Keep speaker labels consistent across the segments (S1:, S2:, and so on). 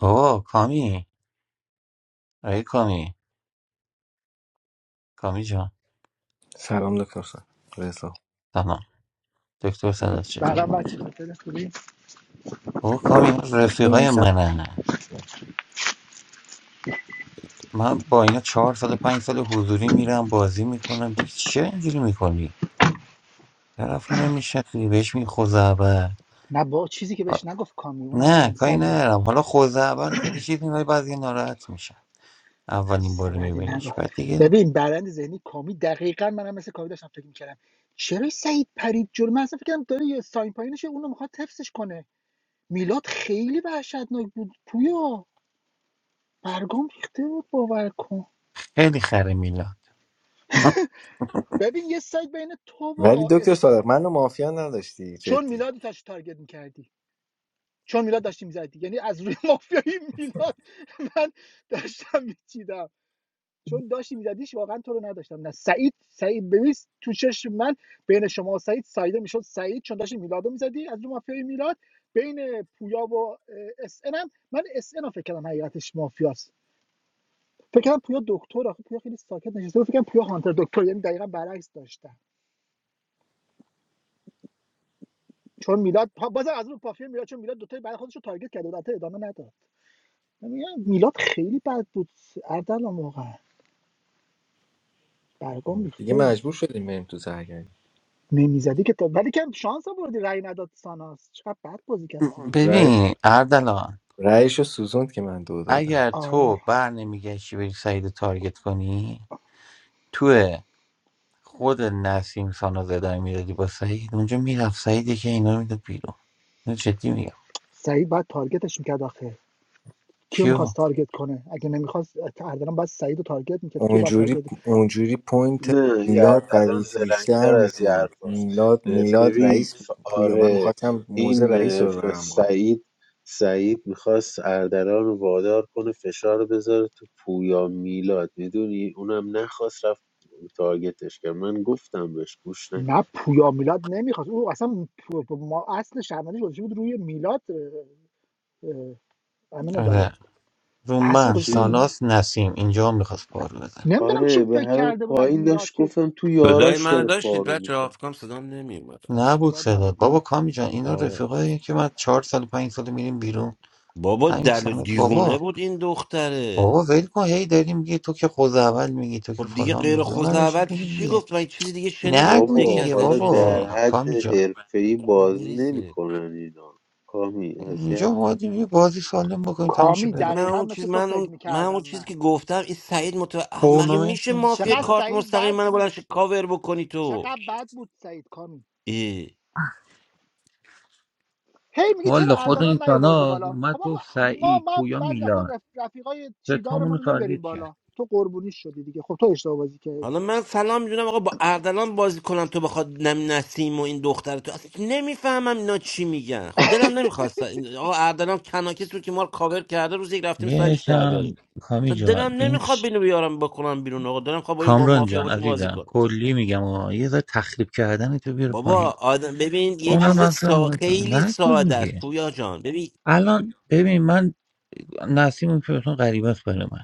S1: اوه کامی ای کامی کامی جان
S2: Salam doctor sir, well
S1: سلام دکتر صدات
S3: فقط
S1: چطوری
S3: باید به خاطر خوبی
S1: او کامی اینا
S2: hello.
S1: رفیقای منن من با اینا چهار سال پنج سال حضوری میرم بازی میکنم دیگه چه اینجوری میکنی طرف نمیشه بهش میگی خوزعبل
S3: نه با چیزی که
S1: آ،
S3: بهش نگفت کامی اونم
S1: نه
S3: کم
S1: کاری
S3: صبره
S1: ندارم حالا خوزعبل خیلی چیز میبری بعضی ناراحت میشه اولین
S3: عجیبه،
S1: بار
S3: بعد
S1: میبینیش
S3: نگفت
S1: بعد دیگه
S3: ببین برند ذهنی کامی دقیقا منم مثل کامی داشتم فکر میکردم چرا سعید پرید جلو من اصلا فکر کردم داره یه ساین پایینشه اونو میخواد حفظش کنه میلاد خیلی وحشتناک بود پویا برگام ریخته بود باور کن
S1: خیلی خره میلاد
S3: ببین یه سایت بین تو
S2: Well,
S3: و
S2: doctor
S3: اس...
S2: sir, I'm no mafia, no, that's true.
S3: چون میلاد داشتی تارگت میکردی چون میلاد داشتی میزدی یعنی از روی مافیایی میلاد من داشتم میچیدم چون داشتی میزدیش واقعا تو رو نداشتم نه سعید سعید ببین تو چشم من بین شما و سعید سعیده میشد سعید چون داشتی میلادو میزدی از رو مافیای میلاد بین پویا و اه، اس ان هم من اس ان رو فکر کردم حقیقتش مافیاست فکر کردم پویا دکتر آخه پویا خیلی ساکت نشسته بود. فکر کردم پویا هانتر دکتر یعنی دقیقا برعکس داشتم چون میلاد بازم از اون پافیا میلاد چون میلاد دوتای برای خودش رو تارگت کرده بود البته ادامه نداد من میلاد خیلی بد بود اردلان واقعا برگام ریخته
S2: Because I'm
S3: بود.
S2: a free man to say,
S3: نمیزدی که تا ولی که شانس آوردی رأی نداد ساناس چقدر بد بازی کرد ساناس
S2: right?
S1: ببین اردلان
S2: Rice or suzand that I gave you.
S1: اگر
S3: آره
S1: تو بر نمیگشتی بری سعید رو تارگت کنی تو خود نسیم سانا زدن میدادی با سعید اونجا میرفت سعیدی که اینا رو میداد بیرون اینو جدی میگم
S3: سعید بعد تارگتش میکرد آخه کیو
S1: کیو
S3: میخواست تارگت کنه اگه نمیخواست اردلان باید سعید رو تارگت میکرد کیو باید
S2: Onjuri,
S3: تارگت
S2: onjuri point,
S4: نه یه
S2: Milad,
S4: حرف-
S2: what
S4: الان
S2: did you say?
S4: زلنگتر از یه حرف هست.
S2: Milad, Milad,
S4: ببین
S2: rice,
S4: ف-
S2: boy. I
S4: آره
S2: wanted to make
S4: این
S2: rice,
S4: اه،
S2: sir.
S4: ف-
S2: I'm old.
S4: سعید سعید میخواست اردلان رو وادار کنه فشار رو بذاره تو پویا میلاد میدونی اونم نخواست رفت تارگتش کرد من گفتم بهش گوش
S3: نه
S4: نکرد
S3: پویا میلاد نمیخواست او اصلا ما اصل شرمندش گذاشته بود روی میلاد اه، اه، امین
S1: آره
S3: عدالت
S1: رو
S3: اصل
S1: من
S3: گذاشته
S4: کی
S3: بود
S1: ساناس نسیم اینجا میخواست پار بزن
S3: نمیدونم چی
S4: آره به
S3: فکر
S4: هر حال
S3: کرده بود از
S4: پایین
S3: میلاد
S4: داشت
S3: که
S4: گفتم تو
S5: صدای
S3: میگفت
S4: یاراش
S5: منو
S4: داره
S5: داشتید
S4: پارو
S5: بچه
S4: میزن
S5: آفکام صدام نمی اومد
S3: نه
S5: اصلا.
S1: نبود
S3: صدات
S1: صدا
S3: نبود
S1: بابا
S3: نه
S1: کامی جان اینا
S5: آره
S1: رفیقایی که من چهار سال پنج سال میریم بیرون
S5: بابا
S1: همین
S5: دل و
S1: ساناس بابا
S5: دیوونه بود این دختره
S1: بابا ول کن هی داری میگی تو که خود اول میگی تو که
S5: خب دیگه
S1: فلان
S5: غیر
S1: میگی اونم یه چیز
S5: اول چی
S1: میگی
S5: چی
S1: دیگه
S5: گفت من چیزی دیگه شنیدی تو
S1: نگو
S5: دیگه
S4: بابا
S1: دیگه
S4: حالا
S5: ازش
S1: بابا
S5: آجی
S4: در
S1: کامی
S4: حد
S1: جان
S4: حرفه‌ای
S5: اون
S4: بازی
S5: بریزه
S4: نمیکنن اینا کامی
S1: اینجا
S4: اذیت
S1: ما بازی سالم بکنیم تماشا
S3: کامی
S5: ولی
S1: پیدا
S5: من
S1: کنیم
S3: دقیقا
S5: اون چیز
S3: مثل تو
S5: من
S3: فکر
S5: اون من اون
S3: میکردم
S5: چیزی
S3: من
S5: که گفتم این سعید متو مگه
S1: تورنمنت
S5: میشه
S1: نیست
S5: مافیا
S3: چقدر
S5: کارت
S3: سعید
S5: مستقیم
S3: بد
S5: منو
S3: بود
S5: بلنش کاور بکنی تو
S3: چقدر بد بود سعید کامی هی میگه چرا
S1: والا خود این
S3: اردلان نیاوردی
S1: کانال
S3: بالا
S1: اومد
S3: خب
S1: گفت
S3: آقا ما
S1: سعید
S3: ما
S1: پویا
S3: بعضی وقتا
S1: میلاد
S3: رف... رفیقای
S1: به تامون
S3: چیدارمون
S1: رو
S3: رو نمیاریم
S1: تارگت کرد
S3: بالا تو قربونی شدی دیگه خب تو اشتباه بازی کردی
S5: حالا من سلام جونم آقا با اردلان بازی کنم تو بخواد نم نسیم و این دختر تو اصلا نمیفهمم اینا چی میگن خب دلم نمیخواست این آقا اردلان کناکس بود که ما رو کاور کرده روز یک رفتیم سایدش در
S1: یکم
S5: بیاریم
S1: کامی
S5: اصلا
S1: جان
S5: دلم
S1: این
S5: نمیخواد
S1: چ-
S5: بینو بیارم بکنم بیرون آقا دلم خواد با این با
S1: کامران
S5: مافیا
S1: جان
S5: باشه بازی
S1: عزیزم
S5: کنم
S1: کلی میگم آه. یه ذره تخریب کردن تو بیار پایین
S5: بابا آدم ببین یه
S1: اون هم
S5: چیز
S1: اصلا
S5: سا...
S1: مهم
S5: خیلی
S1: نکن
S5: ساده است
S1: میگه
S5: پویا جان ببین
S1: الان ببین من نسیم که اصلا غریبه است برای من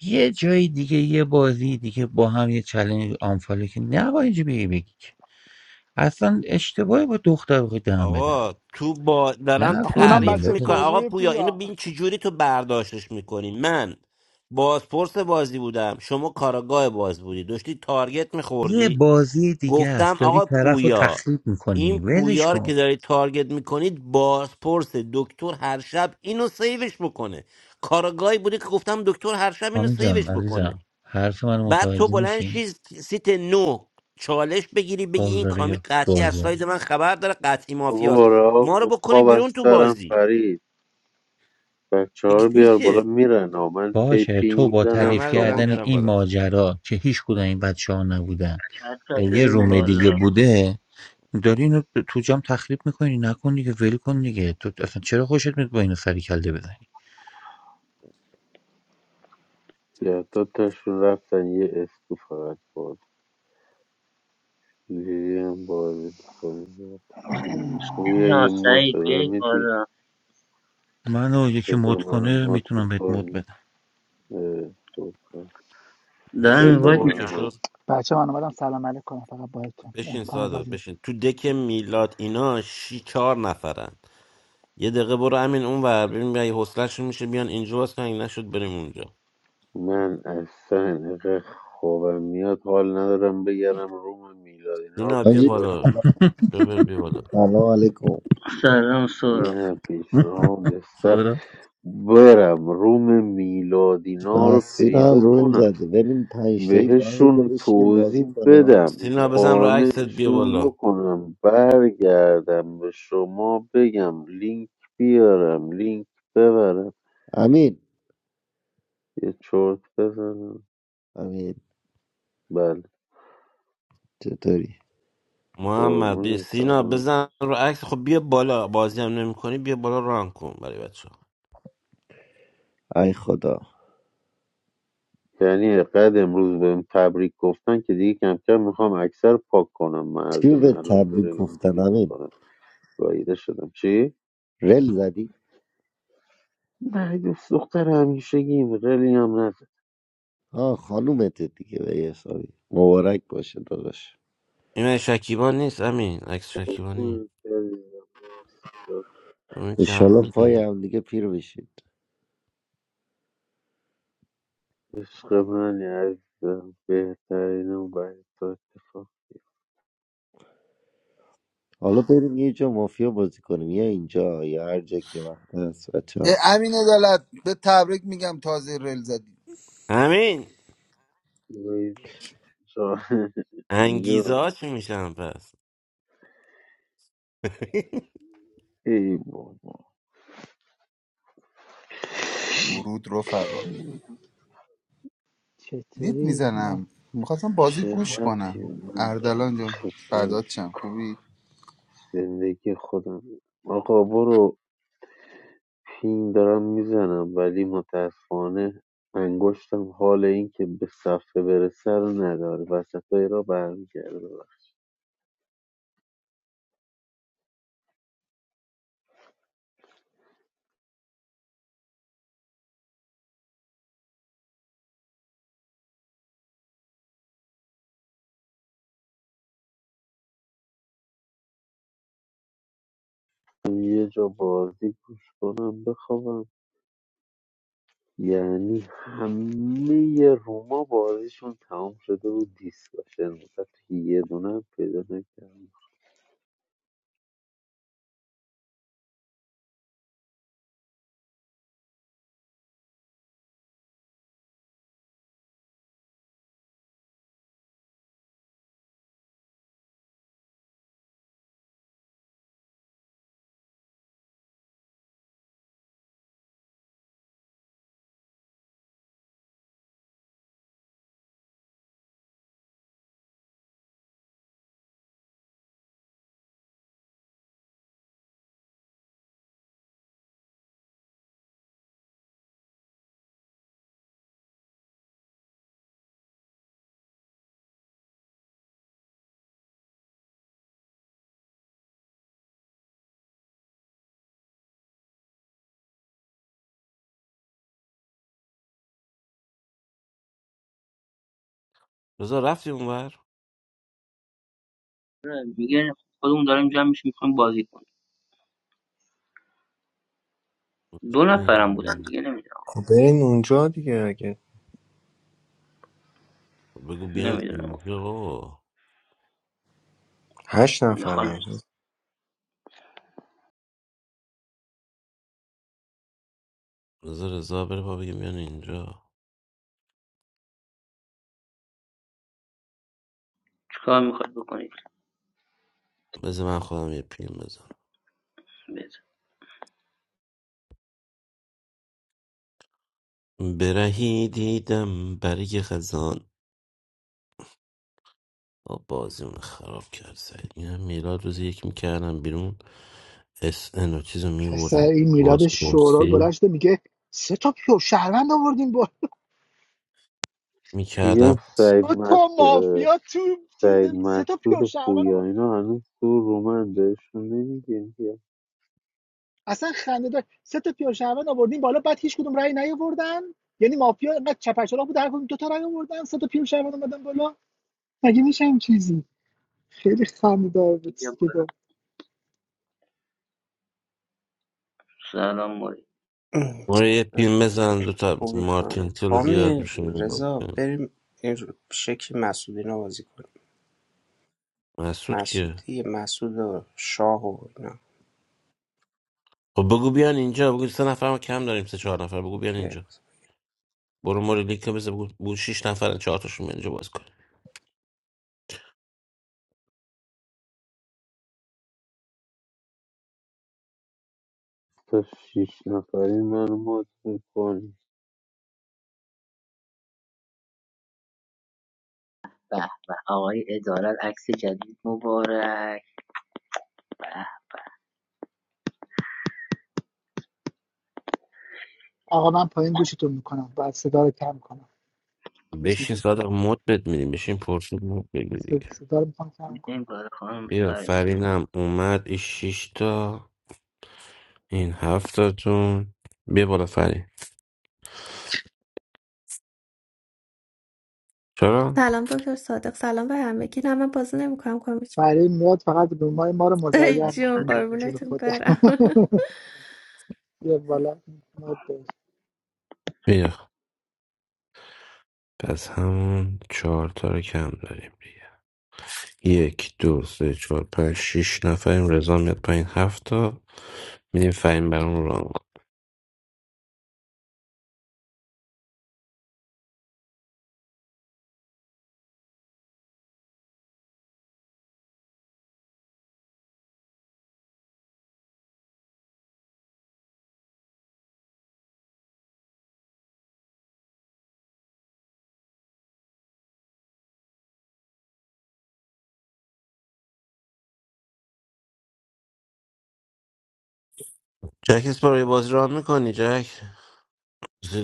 S1: یه جای دیگه یه بازی دیگه با هم یه چلنج آنفالو که نباید اینجا بگی بگی که. اصلا اشتباهی با دختر بخوای دهن بدم
S5: آقا تو با دارم
S3: آخ،
S1: نکن
S3: اونم
S1: این
S5: تعریف
S3: بچه
S5: میکنم
S1: ملت
S3: پر
S5: آقا
S3: روی
S5: پویا اینو
S3: پویا
S5: ببین چجوری تو برداشتش میکنی من بازپرس بازی بودم شما کاراگاه باز بودی داشتی تارگت
S1: یه
S5: میخوردی
S1: بازی دیگه است
S5: گفتم
S1: داری
S5: آقا
S1: طرف رو
S5: پویا
S1: تخریب میکنی
S5: این
S1: ولش
S5: پویا رو
S1: کن
S5: که داری تارگت میکنید بازپرس دکتر هر شب اینو سیوش بکنه کاراگاهی بوده که گفتم دکتر هر شب اینو
S1: آمی جان
S5: سیوش بکنه
S1: عزیزم حرف من
S5: بعد تو
S1: متوجه
S5: بلند
S1: میشی
S5: شی سیت نو چالش بگیری بگی این کامی
S1: بازاری
S5: قطعی از
S1: بازی
S5: ساید من خبر داره قطعی مافیاست
S4: بابا رها
S5: ما رو
S4: کن
S5: بکنی
S4: خواب از
S5: بیرون تو
S4: سرم
S5: بازی
S4: پرید بچه ها
S5: بگی
S4: رو بیار بالا
S5: میشه
S4: میرن ها من پی
S1: باشه
S4: پی
S1: تو با
S4: میزنم
S1: تعریف
S5: همه رو دارن
S4: شما
S1: کردن
S5: میارن
S1: این
S5: بالا
S1: ماجرا که هیچ کدوم این بچه ها نبودن
S6: حتی
S1: یه
S6: بیایم
S1: روم دیگه
S6: بالا
S1: بوده داری اینو تو جام تخریب میکنی نکن دیگه ول کن دیگه تو اصلا چرا خوشت میاد با اینو سری کله بزنی
S4: یه دو تاشون رفتن یه اسکو فقط باز لیلی هم بازی کنیم پویا
S6: نه
S4: یه مد
S6: سعید
S4: به من
S6: بیاید
S4: میدی
S6: بالا
S1: منو یکی
S4: بذار
S1: مد
S4: من
S1: کنه
S4: مد
S1: میتونم بهت مد
S4: میکنی
S1: بدم
S6: دارم
S5: بشین
S4: بذار
S6: اینوایت
S4: من
S6: میدم
S5: ترکشو
S4: مد
S3: بچه من اومدم سلام علیک کنم فقط بایدتون
S5: بشین
S3: امکان
S5: ساده
S3: بازی نه.
S5: بشین تو دک میلاد اینا شی چهار نفرن یه دقیقه برو همین اون ور ببین اگه حوصله‌شون میشه بیان اینجا باز که اگه نشد بریم اونجا
S4: من اصلا اینقدر خوابم میاد حال ندارم بگرم روم میلاد اینا رو
S5: سینا بیا
S7: حاجی
S4: پیدا
S5: بالا
S4: کنم
S5: شوبر بیا بالا
S7: سلام علیکم
S6: سلام سورا
S4: این پیشنهاد
S1: سورا
S4: برم روم میلادینا رو
S7: مسعود هم
S4: پیدا
S7: روم
S4: کنم
S7: زده ببین پنج تایی با هم یه جا
S4: بهشون
S7: بشینیم بازی
S4: توضیح
S7: کنه هم
S4: بدم
S5: سینا
S7: پوریا
S5: بزن رو عکست بیا
S4: قانعشون
S5: بالا
S4: بکنم برگردم به شما بگم لینک بیارم لینک ببرم
S7: امین
S4: یه چرت بزنم
S7: امین
S4: بله
S7: چطوری
S5: محمد بیا
S4: قربون
S5: سینا
S4: سلام
S5: بزن رو عکس خب بیا بالا بازی هم نمی کنی بیا بالا ران کن برای بچه ها
S7: ای خدا
S4: یعنی قد امروز بهم تبریک گفتن که دیگه کم کم میخوام اکثر پاک کنم
S7: چی به
S4: مردونه الان
S7: تبریک
S4: برم
S7: گفتن
S4: دیلیت
S7: امین
S4: میکنم گاییده شدم چی؟
S7: رل زدی
S4: نه دوست دختر همیشگیم رلی هم نزن
S7: آه خانومت دیگه به یه حسابی مبارک باشه داداش
S5: این من شکیبا نیست امین عکس شکیبا نیست
S4: ام، عزیزم، مرسی.
S5: امین که هم
S7: انشالله پای
S5: میدونه
S7: هم دیگه پیر بشید
S4: عشق منی عزیزم بهترین و باید تو اتفاق
S7: حالا بریم یه جا مافیا بازی کنیم یا اینجا یا هر جا که وقت هست بچه ها.
S8: اه، امین عدالت به تبریک میگم تازه رل زدی
S5: امین
S4: گویی بشم. جان
S5: انگیزه
S4: جان،
S5: ها چی میشن پس
S4: ای بابا
S8: درود رفقا دید
S3: چطوری سینا
S8: میزنم میخواستم بازی
S4: چه
S8: گوش
S3: آه.
S4: ربطی
S8: کنم
S4: به من دارم
S8: اردلان جان
S4: آخه من
S8: فدات شم خوبی
S4: زندگی خودم آقا برو پینگ دارم میزنم ولی متاسفانه انگشتم حال این که به صفحه برسه رو نداره وسط را برمیگرده یه جا بازی گوش کنم بخوابم یعنی همه روما بازیشون تمام شده و دیسکاشن بود حتی یه دونه هم پیدا نکردم
S5: رضا رفتی اونور
S6: میگه خودمون داریم جمع میشیم میخوایم بازی کنیم
S5: گفت
S6: دو
S5: بیان
S6: نفرم بودن
S5: اینجا.
S6: دیگه نمیدونم
S2: Oh, but in that place,
S5: بگو بیان
S6: نمیدونم
S5: اینجا بابا
S2: because eight, no
S6: نخوام
S2: friends.
S5: رضا رضا بره با بگه بیان اینجا
S6: چیکار میخواد بکنید
S5: بذار من خودم یه پیم
S6: بذار.
S5: بزنم برهی دیدم برگ خزان آب بازیمون خراب کرد سعید میگم میلاد روز یک میکردم بیرون اس ان و چیز رو
S3: پسر
S5: میبردم
S3: این میلاد شورال بلند
S5: بازپرسی
S3: شده میگه سه تا پیور شهروند آوردیم با
S4: میگم
S5: میکردم
S3: دو
S4: سعید مط...
S3: تا
S4: اه،
S3: مافیا تو چیز
S4: سعید
S3: سه تا
S4: مطرود
S3: پیور
S4: و
S3: شهروند
S4: پویا
S3: آوردیم
S4: اینا هنوز تو رومن بهشون نمیگیم که
S3: اصلا خنده دار سه تا پیاده شهروند آوردیم بالا بعد هیچ کدوم رأی نیاوردن یعنی مافیا اینقدر چپرچلاق بود هر کدوم دو تا رأی آوردن سه تا پیاده شهروند اومدن بالا مگه میشه این چیزی خیلی خنده دار بود
S6: بیا
S3: که
S6: بالا
S3: دو
S6: سلام موری
S5: ما رو یه پین بزن دو تا
S9: خوبی
S5: مارتین
S9: کنید
S5: تلو بیاد
S9: حامی
S5: روشون رو
S9: رضا
S5: بکنیم.
S9: بریم این رو- به شکل مسعودینا بازی کنیم
S5: مسعود
S9: مسعود
S5: که
S9: دیگه مسعود و شاه و اینا
S5: خب بگو بیان اینجا بگو سه نفر ما کم داریم سه چهار نفر بگو بیان اینجا
S9: اوکی
S5: برو ما رو لینک بزن بگو بگو شیش نفر چهار تاشون بیان اینجا باز کن
S4: تا شیش نفری منو مات میکنی
S6: به به آقای ادارت عکس جدید مبارک به
S3: آقا من پایین گوشتون میکنم بعد صدا رو کم کنم
S5: بشین
S3: میشنم
S5: صادق مد بد میدیم بشین پرسید مد بگیر دیگه
S3: صدا رو میخوام کم
S6: بیایم
S3: کنم
S6: بالا خانم
S5: بیا
S6: فریم بیا
S5: فرینم اومد این شیش تا این هفتاتون بیا بالا فری چرا؟
S10: سلام دکتر صادق سلام به همگی نه من بازی نمیکنم کامیش
S3: برای میاد فقط به ما ما رو
S10: ای
S3: مزین
S10: جون
S3: میکنه به وجود
S10: قربونتون
S3: خود
S10: برم
S3: یه بالا مود
S5: بیا پس همون چهار تا رو کم داریم دیگه یک دو سه چهار پنج شیش نفریم رضا میاد پایین هفت تا میدیم فهیم بر اون ران کن جک اسپارو یه بازی ران میکنی جک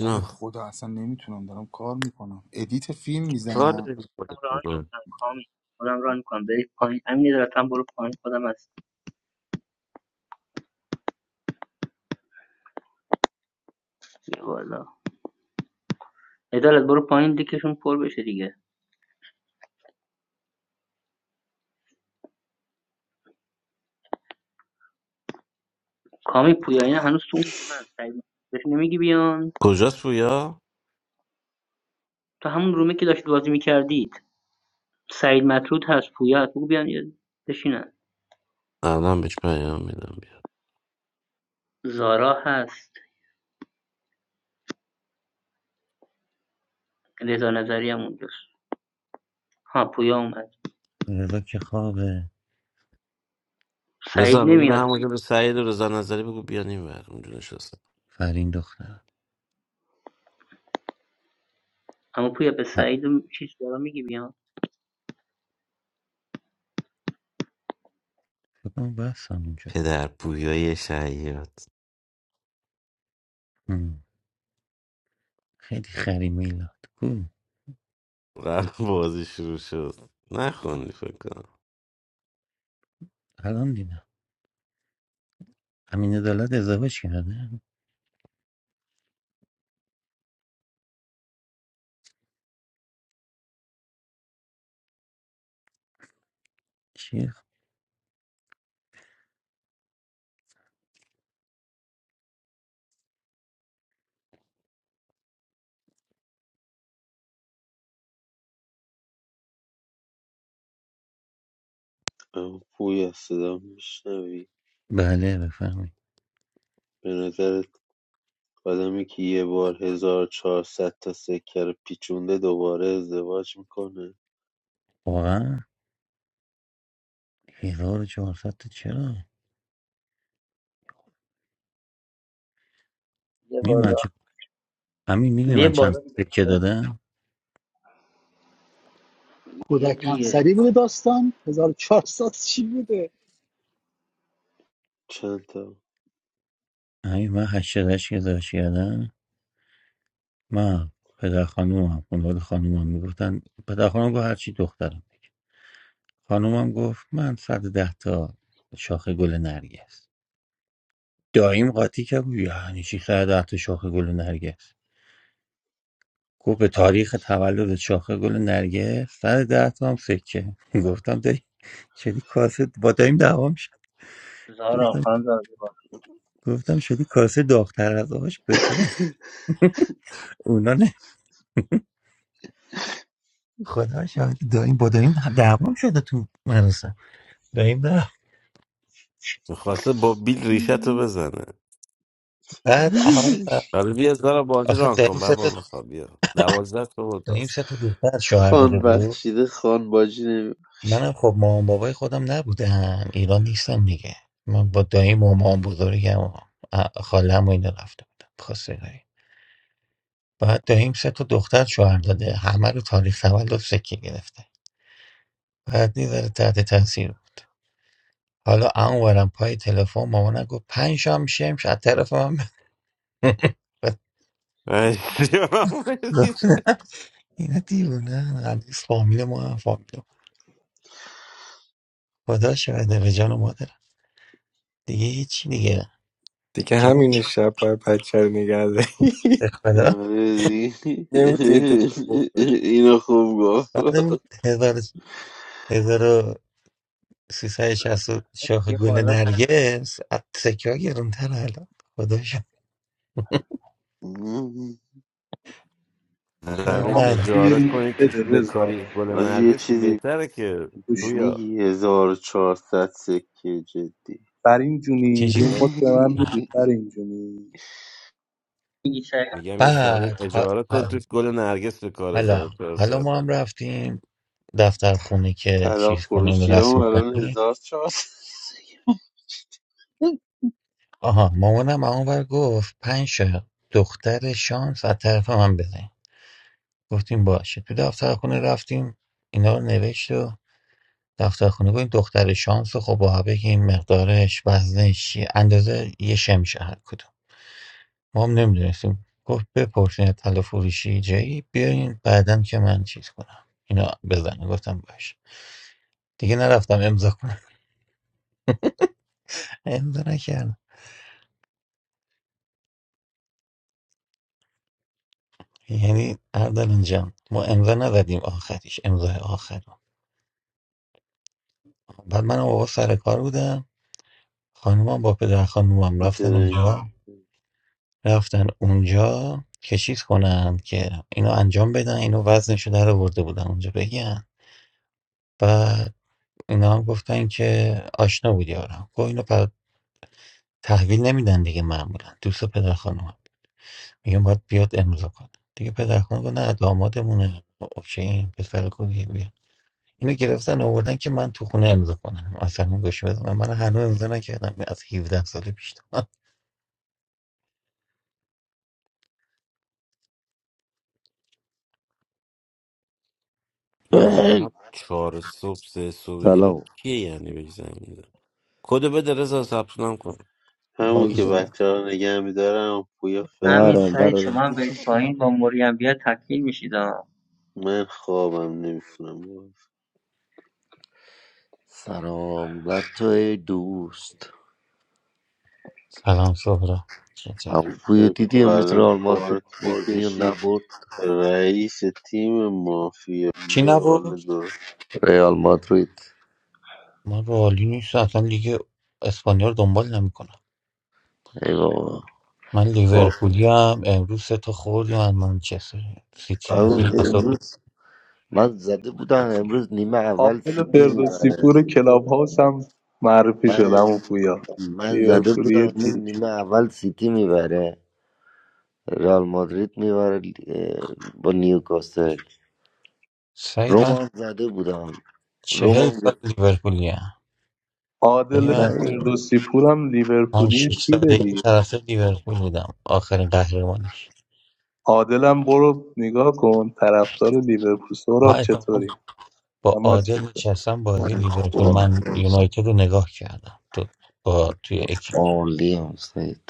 S8: نه به خدا اصلا نمیتونم دارم کار میکنم ادیت فیلم
S5: کار
S8: میزنم
S5: داریم
S6: خودم ران
S5: میکنیم
S6: میکنم کامی خودم ران میکنم برید پایین همین ادالت هم برو پایین خودم هست بیا بالا ادالت برو پایین دیکشون پر بشه دیگه کامی پویا پویاییان هنوز تو اون رومن سعید بهش نمیگی بیان
S5: کجاست پویا؟
S6: تو همون رومه که داشتید بازی میکردید سعید مطرود هست پویا هست بگو بیان یه- بشینن
S5: الان بهش پیام میدم بیاد
S6: زارا هست رضا نظری هم اونجاست ها پویا اومد
S1: رضا که خوابه
S6: سعید
S5: رضا میگه به
S6: نمیاد
S5: همون که به سعید و رضا نظری بگو بیان این ور اونجا نشستم
S1: فرین دختر
S6: اما پویا به سعید و چیز زارا میگی بیان
S1: کتم بستم اونجا
S5: پدر پویای شهیات
S1: هم. خیلی خری میلاد کو
S5: قبل بازی شروع شد نخوندی فکر کنم
S1: الان دیدم امین عدالت ازدواج کرده چی
S4: اما پویا صدا میشنوی
S1: بله بفرمایید
S4: به نظرت آدمی که یه بار 1400 تا سکه رو پیچونده دوباره ازدواج میکنه
S1: واقعا 1400 تا چرا
S6: یه
S1: می من
S6: بالا
S1: چه همین میدونی
S6: یه
S1: من چند
S6: بالا دیگه.
S1: سکه دادم
S6: یا
S3: کودک
S6: دیگه
S3: همسری بوده داستان 1400 چی بوده
S4: چند تا
S1: همین من 88 ازدواج کردم من پدر خانومم خانواده خانومم میگفتن پدر خانومم گفت هرچی دخترم خانومم گفت من 110 تا شاخه گل نرگس داییم قاطی کرد گفت یعنی چی 110 تا شاخه گل نرگس گفت به تاریخ تولد شاخه گل نرگس سر ده تا هم سکه گفتم داری شدی کاسه با داریم دعوا میشه
S6: زارا
S1: گفتم
S6: خان زارا بیا بالا
S1: گفتم شدی کاسه داغتر از آش به تو اونا نه خدا شاهد داریم با داریم دعوام شده تو مراسم داریم نه
S5: میخواسته با بیل ریشه تو بزنه
S1: بعد اما
S5: حالا بیا زارا بازی
S1: آخه
S5: ران کن
S1: داریم سه
S5: بابا
S1: تا
S5: بخواب بیا دوازده تا بود
S1: داریم
S5: هست
S1: سه تا دختر شوهر داده
S4: خان
S1: بود
S4: بخشیده خان باجی نمی
S1: منم خب مامان بابای خودم نبودن ایران نیستم دیگه من با دایم و مامان بزرگم و خالم و اینا رفته بودم بعد داییم سه تا دختر شوهر داده همه رو تاریخ تولد سکه گرفته بعد میذاره تحت تاثیر حالا اونورم پای تلفن مامانم گفت پنج شام شمش از طرف من به-
S5: ای،
S1: اینا دیوونه هنوز فامیل ما هم فامیل ما. خدا شده به جان و مادرم دیگه هیچی دیگه
S2: Because
S1: جان
S2: everyone is a player, player. Don't tell me
S1: به خدا
S4: آره دیگه.
S2: that you're old.
S4: اینو خوب گفت
S1: بعد اون هزار هزار و سیصد شصت و شاخ
S6: یه
S1: گل
S6: بالا دیگه
S1: نرگس از سکه ها گرونتر الان خدا شد یه
S5: زمین
S6: سلام
S11: آقا
S6: سلام
S1: مرد
S11: یه
S5: اجاره
S11: مد
S5: کنی توش
S11: بده رضا
S5: بکاری گل
S4: حاجی یه
S5: نرگس که
S4: چیزی
S5: بهتره که
S11: گوش بده.
S5: تویا
S4: میگی 1400 سکه جدی
S11: فرین جونی یه
S1: چجوری بی...
S5: یه-
S11: مد به من میدی فرین جونی
S6: میگی سعید
S5: میگم یه زمین
S1: بعد ها-
S5: اجاره کن توش گل نرگس به کار
S1: حالا
S5: هزار
S1: حالا
S5: چهارصد
S1: ما هم رفتیم دفتر خونه که
S4: طلا
S1: چیز کنیم
S4: فروشی هم
S1: رسم
S4: الان
S1: کنیم
S4: هزار چهار
S1: آها مامانم اونور گفت پنج تا دختر شانس از طرف من بزن گفتیم باشه تو دفتر خونه رفتیم اینا رو نوشت و دفتر خونه گفتیم دختر شانس رو خب با بگیم مقدارش وزنش چیه اندازه یه شمشه هر کدوم ما هم نمیدونستیم گفت بپرسین از طلا فروشی جایی بیاین بعدا که من چیز کنم اینا بزنه گفتم باشه دیگه نرفتم امضا کنم امضا نکردم یعنی اردلان جان ما امضا نزدیم آخریش امضای آخر بعد من و بابا سر کار بودم خانومم با پدر خانومم رفتن
S4: درنگ
S1: اونجا رفتن اونجا که چیز کنن که اینو انجام بدن اینو وزنشو در آورده بودن اونجا بگن بعد اینا هم گفتن که آشنا بود یارم گفت اینو پر تحویل نمیدن دیگه معمولا دوست پدر خانومم میگم باید بیاد امضا کنه دیگه پدر خانوم گفت نه دامادمونه اوکی پسر خوبیه، اینو گرفتن آوردن که من تو خونه امضا کنم اصلا گوش بزنم من هنوز امضا نکردم از 17 سال پیش
S5: محمد چهار صبح سه صبح ایران
S7: سلام
S5: کیه یعنی بهش زمین میده کدو بده رضا ثبت نام کن
S4: همون
S7: آل
S4: که
S1: اینا.
S7: شما
S4: بچه ها نگه میدارم پویا
S6: همین
S4: فعلا
S6: سعید
S7: آره
S6: شما هم برید پایین با موری هم بیا تکمیل میشید
S4: من خوابم نمیتونم
S7: سلام بر تو ای دوست
S1: سلام سهرا چطور؟
S7: هم بوی
S4: فکر
S7: دیدی
S4: کن
S7: امروز
S4: الان
S7: رئال مادرید
S4: کارت
S7: بازی رو
S4: بکشی
S7: نبرد
S4: رئیس تیم مافیا
S1: چی
S4: بیا بالا
S1: نبود
S7: رئال مادرید
S1: من رو عالی نیست اصلا لیگ اسپانیا رو دنبال نمیکنم
S7: ای بابا
S1: من
S7: با-
S1: لیورپولی هم امروز سه تا خوردیم از منچستر سیتی
S7: هم
S1: اصلا اصلا
S7: امروز من زده بودم امروز نیمه اول
S11: عادل
S7: سیتی
S11: فردوسی
S7: میبره
S11: پور کلاب هاوس هم معرفی
S7: من
S11: شدم و پویا
S7: من زده بودم
S11: لیورپولی
S7: امروز
S11: تیر
S7: نیمه اول سیتی میبره رئال مادرید میبره اه، با نیوکاسل
S1: سعید من
S7: رومان زده بودم
S1: چهل
S7: رومان
S1: سال
S7: گفت
S1: لیورپولی هم یعنی
S11: عادل
S1: من
S7: نه
S11: فردوسی پور هم
S1: پنج
S11: لیورپولی
S1: شیش
S11: تیره
S1: سالگی
S11: دیگه
S1: طرف لیورپول بودم آخرین قهرمانیش
S11: عادلم برو نگاه کن طرفدار لیورپول
S1: من
S11: سهراب
S1: اتفاقا
S11: چطوری
S1: با
S11: اما
S1: عادل
S11: چطور
S1: نشستم بازی
S7: من
S1: لیورپول
S7: خدا
S1: من یونایتد رو نگاه کردم تو با توی اکی
S7: عالی هم سید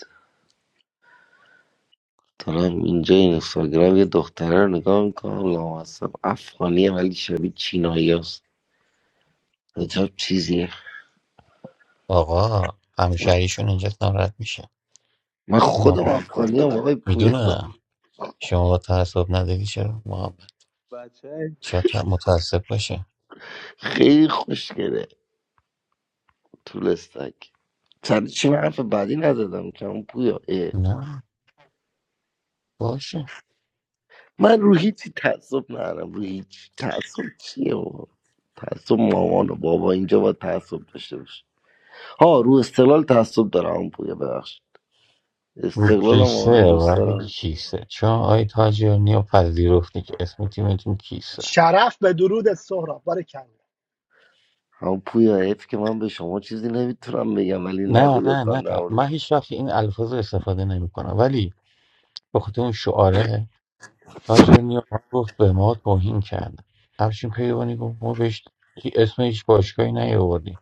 S7: دارم اینجا این اینستاگرام یه دختره رو نگاه میکنم لامصب افغانیه ولی شبیه چینایی هست عجب چیزیه
S1: آقا همشهریشون اینجا ناراحت میشه
S7: من خودم
S1: محمد
S7: افغانی هم آقای پویا
S1: میدونم شما با تعصب نداری چرا محمد
S11: بچه
S1: شاید ت- متعصب باشه
S7: خیلی خوشگله طول استک سر چی من حرف بعدی نزدم که اون پویا اه.
S1: نه باشه
S7: من رو هیچی تعصب ندارم رو هیچ تعصب چیه بابا تعصب مامان و بابا اینجا باید تعصب داشته باشه ها رو استقلال تعصب دارم اون پویا ببخش
S1: رو
S7: استقلالم واقعا
S1: کیسه
S7: دوست
S1: ولی
S7: دارم
S1: کیسه چون آی تاجیانی رو پذیرفتی که اسم تیمتون کیسه
S3: شرف به درود سهراب بارک الله.
S7: همون پویا حیف که من به شما چیزی نمیتونم بگم ولی نگو
S1: نه نه
S7: لطفا
S1: نه
S7: در مورد-
S1: من هیچ وقت این الفاظ رو استفاده نمی کنم ولی به خاطر اون شعاره تاجر نیا گفت به ما توهین کرد افشین پیوانی گفت ما بهش هی- اسم هیچ باشگاهی نیاوردیم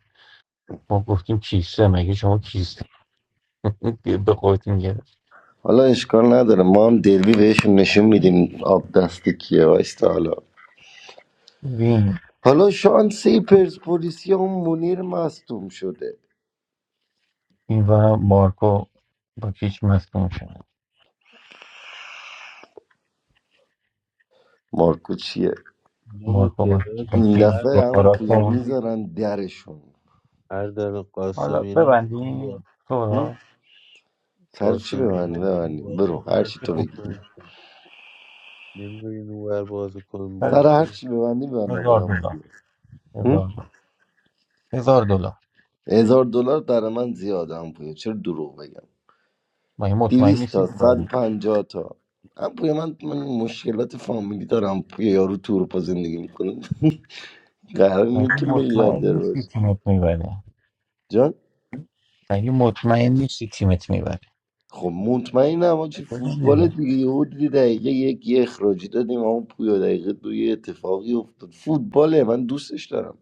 S1: ما گفتیم کیسه مگه شما کیسه به خودتون گرفت
S7: حالا اشکال نداره ما هم دلوی بهشون نشون میدیم آب دست کیه وایستا حالا
S1: وین
S7: حالا شانسی پرسپولیسی اون مونیر مصدوم شده
S1: این و مارکو با کیچ مصدوم شدن
S7: مارکو چیه
S4: اینجا با
S1: مارکو با,
S4: تعداد
S1: با
S4: که
S7: این
S4: تو
S1: کیچ
S7: دفعه
S4: اردل
S7: همون
S1: بخارا
S7: پویا
S1: کن
S4: قاسمیان
S7: میذارن درشون
S4: اردل
S1: حالا
S4: قاسمینا میخوان با
S1: ببندیم
S7: هم؟
S1: سورا
S7: سر چی
S4: قاسمینا
S7: ببندی
S4: میخوان
S7: ببندیم
S4: بازی
S7: برو هر
S4: کنن
S7: چی تو
S4: چهار
S1: خب
S7: بگی
S4: پنج تا نمی‌دونین اونور بازی کن
S1: سر
S7: سر هر
S4: باشون
S7: چی ببندی ببندم
S1: هزار
S7: آدم پویا
S1: دلار
S7: هم؟
S1: هزار دلار هزار دلار
S7: هزار دلار در من زیاده هم پویا چرا دروغ بگم
S1: مگه مطمئن
S7: 200
S1: نیستی
S7: تا صد و
S1: میبری
S7: پنجاه تا من پوی من, من مشکلات فامیلی دارم پوی یارو تورپا زندگی میکنه قرار نیست
S1: مگه
S7: که
S1: مطمئن
S7: میلیاردر
S1: نیستی
S7: باشه
S1: تیمت میبره
S7: جان
S1: مگه مطمئن نیستی تیمت میبره
S7: خب مطمئنم آجی
S1: ببند
S7: فوتبال
S1: دیگه.
S7: دیگه یهو دیدی دقیقه یک یه اخراجی دادیم اما پویا دقیقه دو یه اتفاقی افتاد فوتباله من دوستش دارم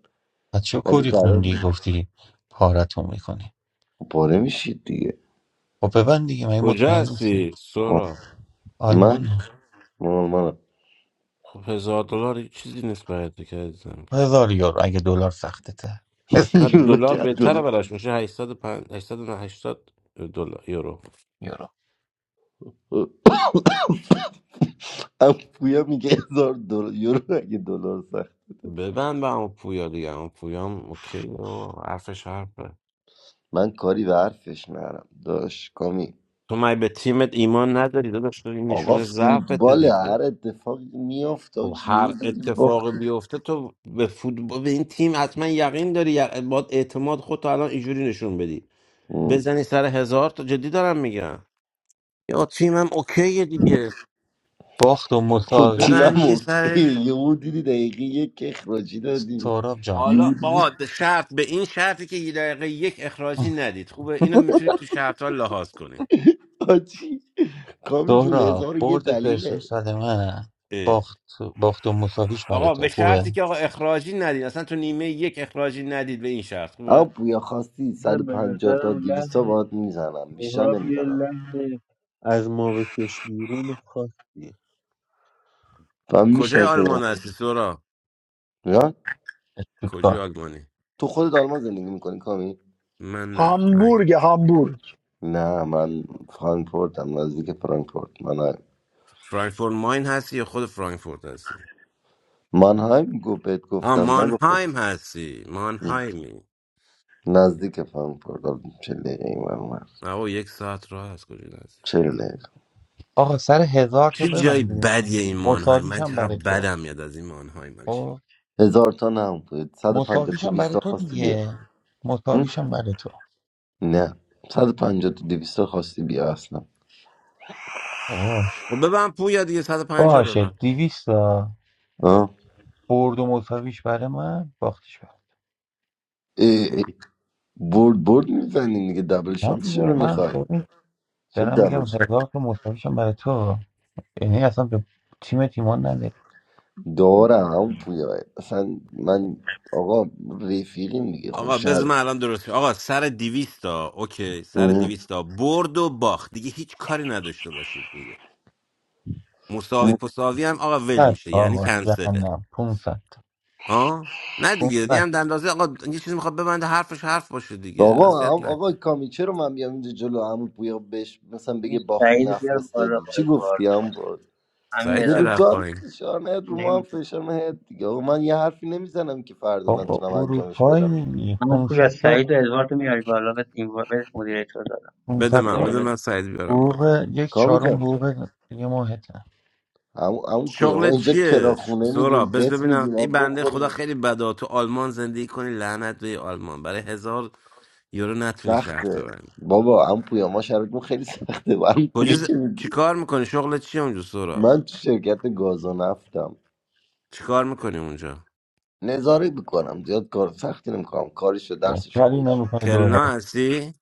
S1: پس چه
S7: ولی
S1: کوری
S7: قرار
S1: خوندی
S7: نیست.
S1: گفتی پارتون میکنی
S7: خب پاره میشید دیگه
S1: خب ببند دیگه مگه
S5: کجا
S1: مطمئن نیستی
S5: هستی
S7: خب
S5: سورا
S1: آلمان
S7: من
S1: ها
S7: من من
S5: خب هزار دلار هیچ چیزی نیست برای تو که عزیزم که
S1: هزار یورو اگه دلار سخته تر هزار
S5: نه
S7: یورو
S5: دلار
S7: که
S5: بهتره
S7: دلار
S5: براش میشه هشتصد و پنج هشتصد نه 880 دلار یورو
S1: یورو
S7: ام پویا میگه هزار دلار یورو اگه دلار
S5: ببند به اون پویا دیگه اون پویا هم اوکی و حرفش حرفه
S7: من کاری به حرفش نرم داشت کامی
S5: تو مگه به تیمت ایمان نداری داداش تو این
S7: آقا
S5: نشونه ضعفت
S7: فوتبال
S5: دیگه
S7: هر اتفاقی میافت
S5: خب
S7: آج یهو
S5: هر
S7: دیدی
S5: اتفاقی
S7: باختی
S5: بیفته تو به فوتبال به این تیم حتما یقین داری یق- باید اعتماد خودتو الان اینجوری نشون بدی
S7: ام.
S5: بزنی سر هزار تا جدی دارم میگم یا تیمم اوکیه دیگه
S1: باخت و
S7: خود تیمم
S1: مساویش
S5: ببندی
S7: اوکی
S5: سرش
S7: یهو دیدی دقیقه یک اخراجی دادیم
S1: سهراب جان
S5: حالا
S7: یهو دیدی
S5: آقا شرط به این شرطی که یه دقیقه یک اخراجی ندید خوبه اینو میتونیم تو شرط ها لحاظ کنیم
S7: آجی کامی جون
S1: سهراب
S7: هزار و یه
S1: برد
S7: دلیله
S1: پرسپولیس برای من
S5: اه.
S1: باخت باخت و مساویش برای
S5: آقا
S1: تو
S5: به
S1: خوبه
S5: شرطی که آقا اخراجی ندید اصلا تو نیمه یک اخراجی ندید به این شرط
S7: اما
S5: خوبه
S7: پویا خواستی
S4: من به
S7: 150 تا
S4: نظرم
S7: 200
S4: لحن
S7: باید میزنم بیشتر
S4: سهراب یه
S7: نمیزنم
S4: لحن از ما بکش بیرون خاصیه
S7: و
S5: کجای
S7: میشه
S5: آلمان هستی سورا
S7: نه
S5: کجای
S1: کار
S5: آلمانی
S7: تو خودت آلمان زندگی میکنی کامی
S5: من نه من
S3: هامبورگ هامبورگ
S7: نه من فرانکفورتم نزدیک فرانکفورت من
S5: فرانکفورت ماین هستی یا خود فرانکفورت هستی
S7: من همین گو بهت
S5: آ
S7: گفتم نگفتم
S5: مانهایم هستی مانهایمی
S7: نزدیک فهم کردم چهل دقیقه این ور اون ور.
S5: آقا یک ساعت راه از کجا هستی
S7: چهل دقیقه
S1: آقا سر هزار تا
S5: چه جای
S1: ببنده
S5: بدیه این مانهایم
S1: مساویش
S5: من
S1: هم
S5: چقدر
S1: برای تو
S5: بدم میاد از این مانهایم
S1: خب
S7: هزار تا نه بود صد و پنجاه
S1: مساویش
S7: تا
S1: هم
S7: بیست
S1: برای
S7: تا
S1: تو
S7: خواستی بیا
S1: دیگه
S7: هم؟
S1: مساویش هم برای
S7: نه صد و پنجاه تا دویست تا خواستی بیا اصلا
S1: تو
S5: خب ببن پویا دیگه 150
S1: باشه
S5: ببن
S1: دیویستا
S7: آه؟
S1: برد و مساویش برای من باختش برای
S7: ای ای. برد برد میزنی دیگه دبل
S1: نه
S7: شانس
S1: دیگه
S7: چرا
S1: من
S7: میخوای
S1: ببین
S7: چرا
S1: دارم
S7: دبل
S1: میگم
S7: شانس
S1: هزار تا مساویشم برای تو یعنی اصلا به تیم تیمان نداری
S7: دارم هم پویا اصلا من آقا رفیقیم دیگه
S5: آقا بذار
S7: خوشحال
S5: من الان درست کنم. آقا سر 200 تا اوکی سر 200 تا برد و باخت دیگه هیچ کاری نداشته باشید دیگه مساوی پساوی هم آقا ول
S1: صد
S5: میشه یعنی
S1: آقا
S5: کنسله
S1: جهنم 500 تا
S5: ها نه دیگه دیگه
S1: 500
S5: هم دندازه آقا یه چیزی میخواد ببنده حرفش حرف باشه دیگه
S7: آقا
S5: اذیت
S7: آ- آقا
S5: نکن
S7: کامی چرا من بیام اینجا جلو عمو بویا بهش مثلا
S6: امین
S7: بگه باختی
S6: سعیدو بیار بالا
S7: نفرستادی
S6: با
S7: چی
S6: ادوارد
S7: گفتی هم بود
S6: امین
S5: سعید
S7: که
S5: چه
S7: رو تو
S5: رفت
S6: عدالت
S7: هم
S5: پایین
S7: فشار نهت رو ما هم
S6: نمیدونم
S7: فشار نهت دیگه آقا من یه حرفی نمیزنم که فردا
S1: بابا
S7: نتونم انجامش بدم دیگه
S1: اروپایی
S6: من پویا
S1: 500 تا
S6: سعید و ادواردو میاری بالا به این ور- به مدیریتور دادم
S5: بده
S1: 500
S5: من
S1: تا
S6: گوجه
S5: بده
S6: بده
S5: من سعید بیارم بالا
S1: حقوق یک
S7: کامی
S1: چهارم
S7: جان
S1: حقوق دیگه ماهتن
S7: عمو عمو پویا ما
S5: شغل
S7: اینجا
S5: چیه
S7: کراخونه
S5: سورا
S7: میدیم
S5: بس
S7: قسط
S5: ببینم
S7: میدیم ما
S5: این بنده خدا
S7: بخوریم
S5: خیلی بدا تو آلمان زندگی کنی لعنت به آلمان برای هزار یورو نتونی شرط
S7: سخته
S5: ببندی
S7: بابا عمو پویا ما شرایطمون خیلی سخته برام
S5: کجا
S7: پولی
S5: ز...
S7: که میگی
S5: چیکار میکنی شغلت چیه اونجا سورا
S7: من تو شرکت گازو نفتم
S5: چیکار میکنی اونجا
S7: نظاره میکنم زیاد کار سختی نمیکنم کارشو
S1: یا
S7: درسشو
S1: کاری
S7: خوندم
S1: نمیکنه دور
S5: کلنا هستی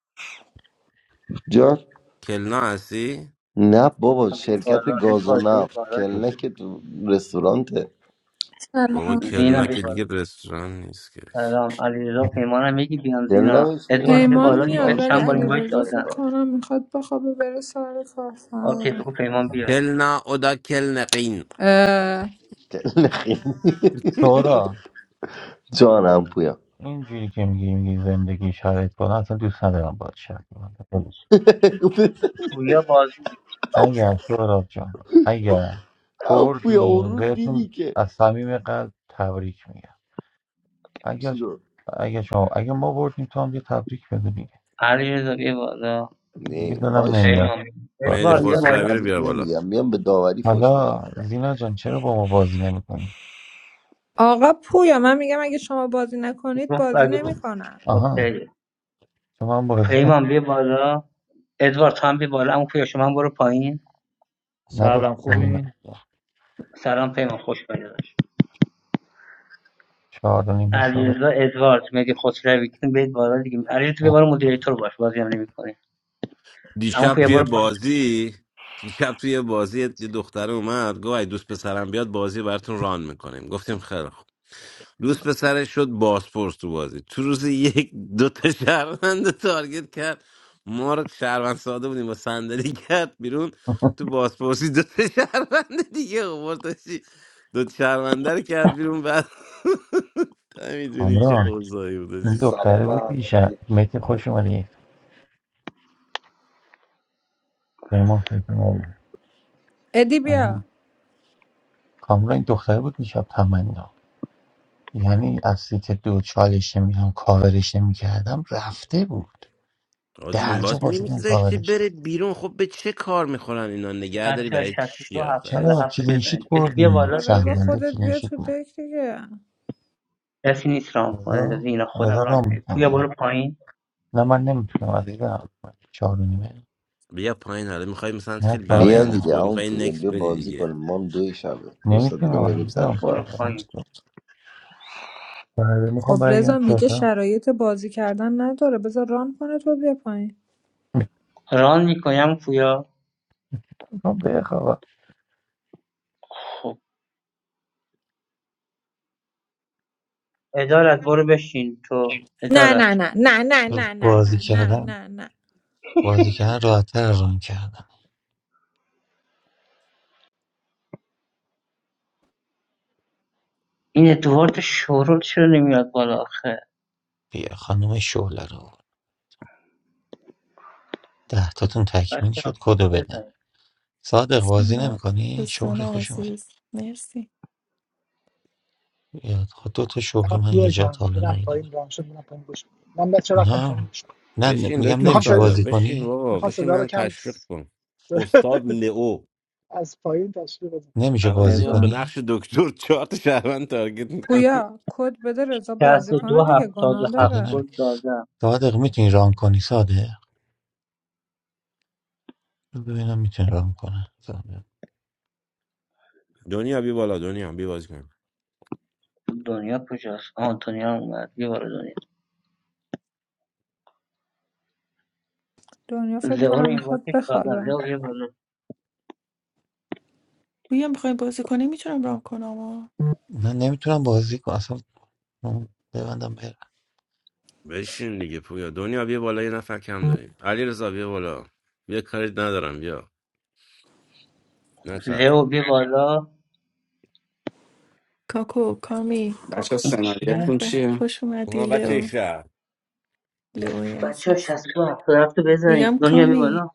S7: جان
S5: کلنا هستی
S7: نه بابا
S6: بیار
S7: شرکت
S6: بالا
S7: گاز و
S6: ادوارد بیار
S7: نفت
S6: بالا
S5: خب،
S7: کلنه
S6: دیگه
S7: که تو رستورانته
S5: بابا
S12: سلام
S6: زینا
S5: کلنا
S6: بیار
S5: که
S6: بالا
S5: دیگه رستوران نیست که
S6: سلام علیرضا
S1: برای.
S6: پیمانم میگی بیان
S7: کلنه
S6: زینا
S7: بهش میگن
S6: ادوارد بیار
S7: تو
S12: پیمان
S6: بالا دیگه
S12: میاد
S6: بهت
S7: رستوران
S12: ولی
S7: تو
S6: چند بار
S7: تو
S6: اینوایت
S7: اینجا
S12: علیرضا
S6: دادم
S12: فکر
S7: کار می‌کنی.
S12: کنم میخواد بخوابه بره سر کار
S6: اوکی
S12: فردا
S6: بگو پیمان بیاد
S5: کلنا اودا کلنقین
S12: اه،
S7: کلنه خیلی
S1: سورا
S7: جان هم پویا
S1: اینجوری که میگی میگی زندگی شرایط کنه اصلا دوست ندارم باید شرایط کنم
S6: پویا بازی می‌کنه.
S1: اگر سهراب جان اگر
S7: هم پویا اون
S1: بردیم
S7: رو دیدی
S1: بهتون
S7: که
S1: از صمیم قلب تبریک میگم
S7: چی
S1: اگر
S7: رو
S1: اگر شما اگر ما بردیم تو هم یه تبریک بده دیگه
S6: علیرضا بیار بالا
S1: دیگه
S7: نه
S1: دلم
S7: باش
S1: نمیاد
S6: پیمان بیا.
S5: مهدی
S6: ادوارد
S1: خاطر
S7: ولی
S6: بیار
S7: من
S6: بالا
S5: خسروی رو
S7: تبریک
S5: بیار بالا
S7: نمیگم میام به داوری فوش
S1: حالا
S7: میدم
S1: زینا جان چرا با ما بازی نمیکنی
S12: آقا پویا من میگم اگه شما بازی نکنید
S6: گفت
S12: بازی
S6: اگه ب-
S12: نمیکنم
S1: آها
S6: اوکی
S1: تو من بازی نمی-
S6: پیمان بیار بالا ادوارد تو هم بیا بالا اما پویا شما هم برو پایین
S1: نه
S13: سلام
S1: دختر
S13: خوبین؟
S6: سلام پیمان خوش اومدی داشت
S1: چهار و نیم حساب
S6: علیرضا ادوارد میگه خسروی کدوم بیت بالا دیگه علیرضا تو یه بار مدیریتور باش بازی هم نمی‌کنی
S5: دیشب
S6: اما یه
S5: توی
S6: بار
S5: بازی دیشب توی بازی یه دختر اومد گفت اگه دوست پسرم بیاد بازی براتون ران میکنیم گفتیم خیلی خوب دوست پسرش شد بازپرس تو بازی تو روز یک دو تا شهروند رو تارگت کرد ما رو شهروند ساده بودیم با صندلی کرد بیرون تو بازپرسی دو تا شهروند دیگه آورداشی دو تا شهرونده رو کرد بیرون بعد میدونی چه
S1: کامران
S5: اوضاعی بود
S1: این
S5: آجی
S14: سلام
S1: دختره
S14: به
S1: بود میشه
S14: همگی
S1: متی خوش اومدی ما
S12: ادی بیا
S1: کامران این دختره بود میشب تمنا یعنی از سیت دو چالش نمیدونم کاورش نمیکردم رفته بود
S5: آجی
S1: درجا
S5: باز
S1: بازی اون
S5: میمیزاشتی
S1: کاورش
S5: بره بیرون خب به چه کار میخورن اینا نگه داری
S6: بچا
S5: برای چی
S6: 62
S5: آخه عزیزم؟
S1: چرا
S6: هفت رو
S1: کلینشیت
S6: بزنید بده بیا
S1: بردی
S12: بابا
S6: بالا
S12: رضا
S6: دیگه
S1: شهرونده
S12: خودت بیا
S1: کلینشیت
S12: تو
S1: بود
S12: دک دیگه
S6: کسی نیست ران کنه از
S1: رضا
S6: اینا خودم
S1: رضا
S6: ران
S1: رام
S6: کنم. پویا برو
S1: میکنه
S6: پایین
S1: نه من نمیتونم عزیزم چهار و نیمه
S5: بیا پایین حالا میخوای مثلا
S1: نه
S5: خیلی
S1: کار
S7: بیا
S5: برایندت
S1: دارم
S7: دیگه
S5: خوبه
S7: هم
S5: میخوای
S7: پویا
S5: نکس
S7: بیا
S5: بدی
S7: بازی
S5: دیگه
S7: کنیم ما هم دوی شبه دوستا دیگه
S1: نمیتونم
S7: میریم سر
S1: عزیزم
S7: کار
S6: برو
S1: چهار و نیمه
S6: پایین
S1: بله
S12: خب
S1: میخوام برگم
S12: رضا میگه
S1: تهران
S12: شرایط بازی کردن نداره بذار ران کنه تو بیا پایین
S6: ران میکنم پویا
S1: میخوام بخوابم
S6: خب ادارت برو بشین تو
S12: نه
S6: ادارت
S12: نه نه نه نه نه نه نه
S1: بازی
S12: نه
S1: کردن
S12: نه نه
S1: بازی کردن راحتتر از ران کردن
S6: این ادوارد شورول چرا نمیاد بالا آخه
S1: بیا خانم شعله رو ده تاتون تکمیل
S6: بچه‌ها
S1: شد
S6: خودتو
S1: کدو بده
S6: بزنید
S1: صادق بازی
S15: سلام
S1: نمیکنی؟
S15: دوستان
S1: شهره خوش اومد
S15: عزیز مرسی
S1: یاد خود دو تا
S3: نه
S1: شهره من
S3: پویا
S1: یه جا تا
S3: جان
S1: حالا
S3: میرم
S1: ندیده
S3: پایین
S1: بودم
S3: رام شد میرم پایین گوش کنم. من بچه رفتم پایین
S1: نه
S3: گوش کنم.
S1: نه نه،
S5: بشین
S1: میگم
S5: دکتر
S3: میخوام
S1: نمیشه
S5: صادق
S3: صدا...
S1: بازی
S5: بشین
S1: کنی
S5: بابا
S3: میخوام
S5: بشین
S3: صدا رو
S5: من
S3: کم
S5: تشویق
S3: س-
S5: کن استاد لئو
S3: از پایین تشریف بزنم
S1: نمیشه
S5: الان
S1: بازی
S5: میاد به
S12: رضا
S1: کنی
S5: نقش دکتر چهار تا شهروند تارگت میکنه
S12: پویا کد بده رضا بازی کنه
S6: 62
S12: دیگه
S1: به
S12: گناه
S6: 77
S1: خدا
S12: داره
S1: نمی
S6: دادم
S1: صادق میتونی ران کنی صادق ببینم میتونی ران کنه صادق.
S5: دنیا بی بالا دنیا بی بازی کن
S6: دنیا کجاست آنتونیا هم اومد بیا بالا دنیا
S12: دنیا فکر
S6: لئو رو
S12: کنم
S6: این
S12: میخواد
S6: واکش کردم
S12: بخوابه
S6: لئو بیا بالا
S15: بویا میخوایم بازی کنیم میتونم رام کنم آه.
S1: نه نمیتونم بازی کنم اصلا اون ببندم برم
S5: بشین دیگه پویا دنیا بیا بالا یه نفر کم داریم علی رضا بی بالا بیا کاری ندارم بیا نه چرخ
S6: لئو بیا بالا
S15: کاکو کامی
S16: بچه
S6: این
S15: به
S6: چیه
S16: سناریتون
S15: به
S16: چیه؟
S15: خوش اومدی
S5: اونا بچه
S15: لئو
S5: شهر
S15: لئوی
S6: بچه ها
S15: عزیز
S6: شست دو هفته هفته بزنید
S15: میگم
S6: دنیا بیا
S15: کامی
S6: بالا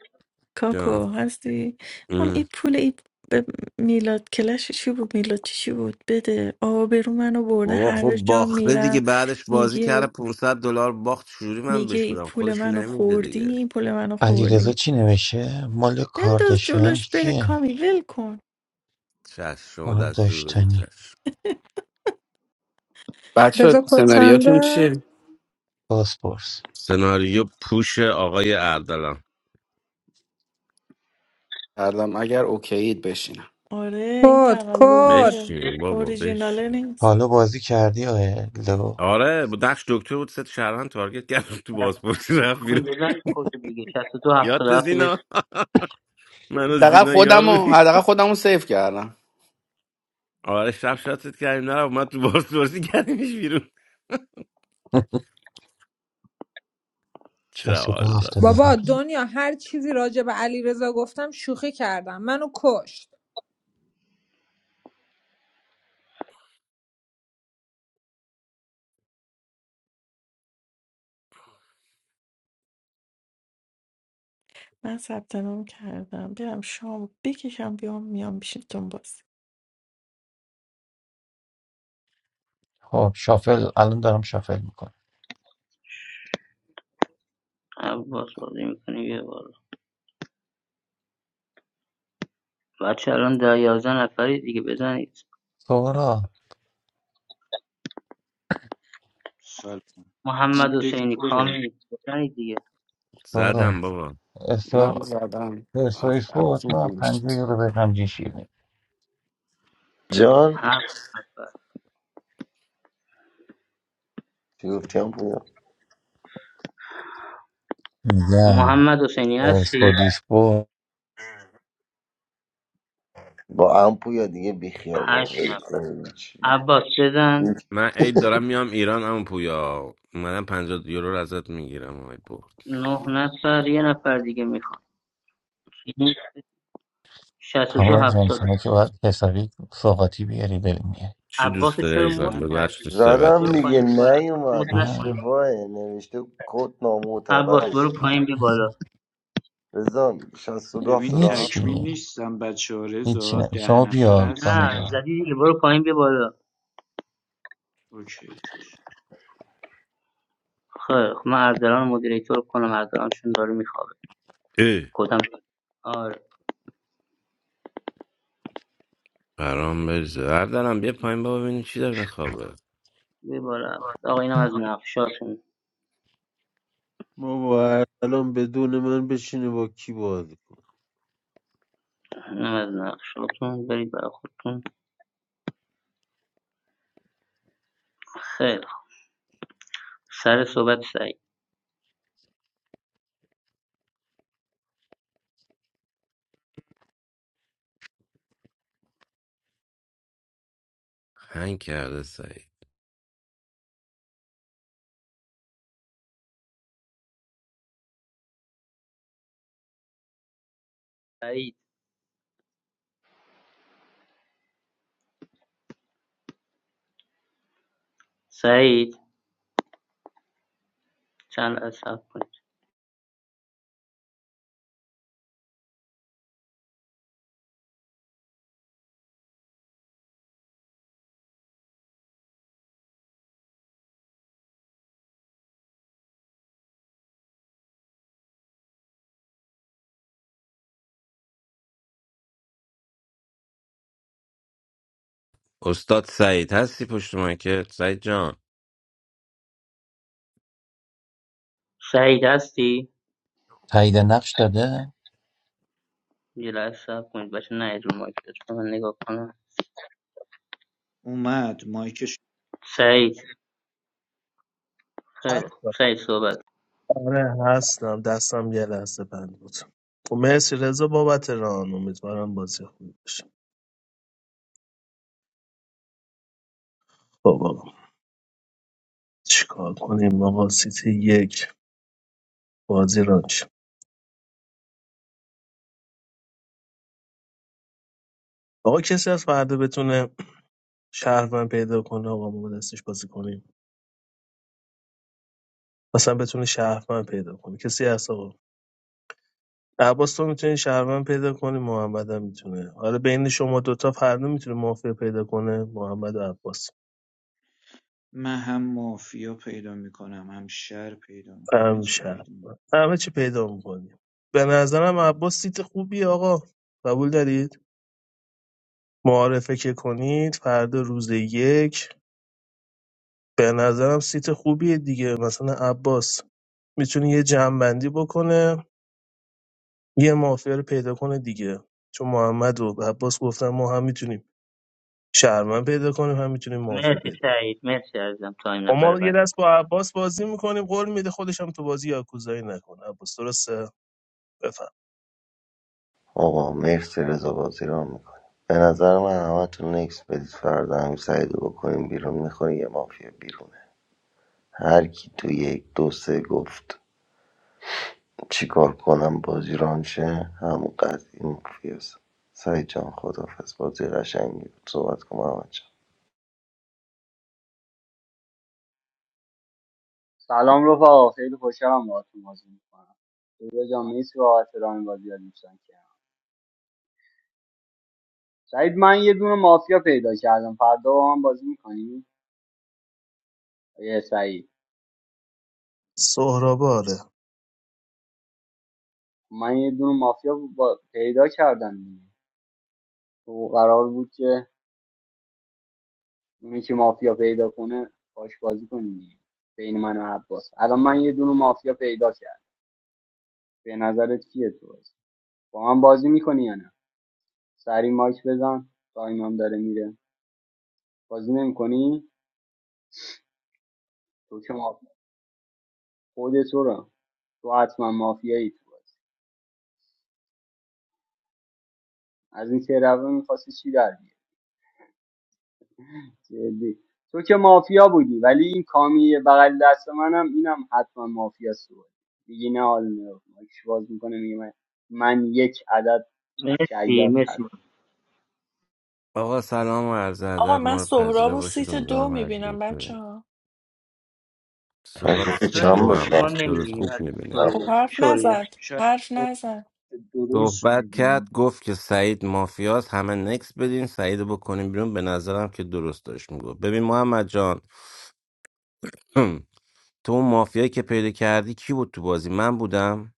S5: جان
S15: کاکو هستی هم این
S5: ام.
S15: پول ای به میلاد کلش چی بود میلاد چی چی بود بده آبرو منو برده
S5: بابا
S15: هر
S5: خب
S15: جا
S5: باخته دیگه
S15: میرم
S5: بعدش بازی کرده
S15: میگه
S5: 500 دلار باخت شوری من
S15: میگه
S5: بهش
S15: این
S5: بدم
S15: پول
S5: خودش
S15: منو
S5: نمیده
S15: خوردی
S5: دیگه
S15: این پول منو
S1: علی رضا
S15: خوردی
S1: چی نوشه مال
S15: بنداز
S1: کارداشیان
S15: جلوش بره
S1: کیه
S15: کامی ول کن
S5: چش شما دستور بدید
S1: کارداشتنی
S5: چش
S12: رضا
S16: بچه
S12: کد
S16: سناریتون
S12: چنده
S16: چیه؟
S1: باسپورس
S5: سناریو پوش آقای اردلان
S16: الان اگر اوکیید بشینم
S15: آره این
S12: کد کد
S15: تقلبیه
S5: بشین بابا
S15: اوریژیناله
S5: بشین
S15: نیست
S1: حالا بازی کردی آیه لو
S5: آره با نقش دکتر بود ست شهروند تارگت کرد تو بازپرسی رفت
S6: کمی
S5: بیرون
S6: بزن کد دیگه شست دو هفته
S5: یادت
S6: هفته بزن
S5: زینا من و
S16: حداقل
S5: زینا یار
S16: خودمو
S5: بودیم
S16: حداقل خودمو سیف کردم
S5: آره شب شاتت کردیم نرفت من تو بازپرسی کردیمش بیرون
S1: 62
S5: چالا
S12: بابا
S1: 77
S12: دنیا هر چیزی راجع به علی رضا گفتم شوخی کردم منو کشت
S15: من ثبت نام کردم برم شام بکشم بیام میام پیشتون باز
S1: خب شافل الان دارم شافل میکنم
S6: عباس بازی میکنی بیا بالا بچه الان در یازده نفری دیگه بزنید
S1: سورا
S17: سلام فکر کنم
S6: محمد
S17: دک
S6: حسینی
S17: پره
S6: کامی بزنید دیگه
S1: سورا
S5: زدم بابا
S16: من زدم
S1: استوریس
S16: اف-
S1: بود
S16: افزود
S1: من
S16: نمی‌شد.
S1: پنجه یورو بگم جی شیرینی
S7: جان
S6: هفت نفر
S7: چی گفتی هم پویا
S1: میگم
S6: محمد حسینی هستی
S1: پرسپولیس بود
S7: با هم پویا دیگه بیخیال بابا
S6: هشت
S7: ول
S6: نفر
S7: کن.
S6: عباس بزن
S5: من عید دارم میام ایران اما پویا اومدم 50 یورو رو ازت میگیرم آی برد
S6: نه نفر یه نفر دیگه میخواد یعنی 62
S1: کامران جان
S6: هفتاد.
S1: شما که باید حسابی سوغاتی بیاری بریم میاری
S5: چی
S6: عباس
S5: دوست
S6: رو
S5: داری
S6: چرا
S5: عزیزم
S6: مد
S5: بگو
S17: من
S5: هر چی
S6: کردی
S5: دوست داری
S6: عباس
S5: باید
S7: زدم
S6: برو
S5: بیارم
S7: دیگه
S6: پایین بیا بالا عباس رو مد
S7: نیومد
S6: نکن
S1: آه.
S7: اشتباهه نوشته کد
S6: عباس برو
S7: نامعتبرشه
S6: پایین بیا بالا
S7: رضا 62
S17: ببین
S7: 77
S17: تکمیل
S1: هیچی
S17: نیستم بچه ها
S1: هیچی
S17: رضا
S1: نه
S17: ده
S1: شما
S17: نفر
S1: بیار کامی
S17: هستن
S6: نه
S1: جان
S6: زدی دیگه برو پایین بیا بالا
S17: اوکی
S6: خیر خب من اردلان رو مدیریتور کنم اردلان چون داره میخوابه
S5: ای
S6: کدام آره
S5: برام بریزه بردارم بیا پایین بابا ببینیم چی داره خوابه
S6: بیا بالا آقا اینم از نقشاتون
S4: ما با اردلان بدون من بشینه با کی بازی کنه
S6: اینم از نقشاتون برید برای خودتون خیلی خوب. سر صحبت سعید
S5: هنگ کرده سعید
S6: سعید سعید چند لحظه صبر کنید
S5: استاد سعید هستی پشت که سعید جان
S6: سعید هستی
S1: تایید نقش داده
S6: یه لحظه صبر کنید بچه نه رو مایک لطفاً. من نگاه کنم
S17: اومد مایکش
S6: سعید
S17: رضا
S6: خیلی خوب.
S18: هستم
S6: سعید صحبت
S18: آره هستم دستم یه لحظه بند بود خب مرسی رضا بابت ران امیدوارم بازی خوبی باشه خب آقا چیکار کنیم آقا سیتی یک بازی ران شه. آقا کسی از فردا بتونه شهرمن پیدا کنه آقا ما با دستش بازی کنیم مثلا بتونه شهرمن پیدا کنه کسی هست آقا عباس تو میتونی شهرمن پیدا کنی محمد هم میتونه حالا بین شما دوتا فردا میتونه مافیا پیدا کنه محمد و عباس
S17: من هم مافیا پیدا میکنم هم شر پیدا می- همه
S18: همین
S17: چی
S18: شهر
S17: پیدا
S18: همه چی پیدا میکنیم به نظرم
S17: میکنم
S18: عباس سیت خوبی آقا قبول دارید معارفه که کنید فردا روز یک به نظرم سیت خوبیه دیگه مثلا عباس میتونه یه جمعبندی بکنه یه مافیا رو پیدا کنه دیگه چون محمد و عباس گفتن ما هم میتونیم شهرمن پیدا کنیم هم میتونیم مافیا
S6: مرسی
S18: پیدا کنیم
S6: سعید مرسی عزیزم تا این
S18: خب
S6: نفر
S18: ما یه
S6: بعدی
S18: دست با عباس بازی میکنیم قول میده خودش هم تو بازی یاکوزایی نکنه عباس درسته بفهم
S7: آقا مرسی رضا بازی رو میکنی به نظر من همه تو نکس بدید فردا هم سعید رو بکنیم بیرون میخوری یه مافیا بیرونه هر کی تو یک دو سه گفت چیکار کنم بازی رانشه همون قضیه مافیاست سعید جان خدافز بازی قشنگی بود صحبت کنم همه جان
S19: سلام رفقا خیلی خوشحالم باهاتون بازی میکنم رضا جان مرسی بابت ران بازی از دوستان کردم سعید من یه دونه مافیا پیدا کردم فردا با من بازی میکنی یه سعید
S18: سهراب آره.
S19: من یه دونه مافیا با... پیدا کردم دیگه تو قرار بود که اونی که مافیا پیدا کنه باش بازی کنیم دیگه. بین من و عباس الان من یه دونه مافیا پیدا کردم به نظرت کیه تو بازی با من بازی میکنی یا نه سری مایک بزن تایمم داره میره بازی نمیکنی تو که مافیا خودت رو تو حتما مافیایی تو بازی از این سه روه میخواستی چی در بیاری جدی تو که مافیا بودی ولی این کامی بغل دست منم اینم حتما مافیا سو بازی دیگه نه حال نه. مایکش باز میکنه میگه من من یک عدد
S6: مرسی
S19: شیاد
S6: مرسی
S19: هست
S5: آقا سلام و عرض
S15: آقا
S5: ادب
S15: من
S5: ما رو
S15: سهراب
S5: پذیرا
S15: و
S5: باشید
S15: سیت دو
S5: امیدوارم هر کی
S15: میبینم
S5: بود
S15: بچه
S5: بریم
S15: ها
S5: سهراب
S7: فرشت
S5: سیت
S6: جایی
S7: چند
S5: دو هم
S6: ما
S7: باشم
S5: هست درست
S6: نمیگیریم
S5: خوب میبینه
S6: شوری
S15: خب
S6: جان
S15: حرف
S6: شوری جان
S15: نزد
S17: شاید
S15: حرف نزد
S17: درست
S5: صحبت کرد
S17: میبینیم
S5: گفت که سعید مافیاست همه نکس بدین سعید رو بکنیم بیرون به نظرم که درست داشت میگفت ببین محمد جان تو اون مافیایی که پیدا کردی کی بود تو بازی من بودم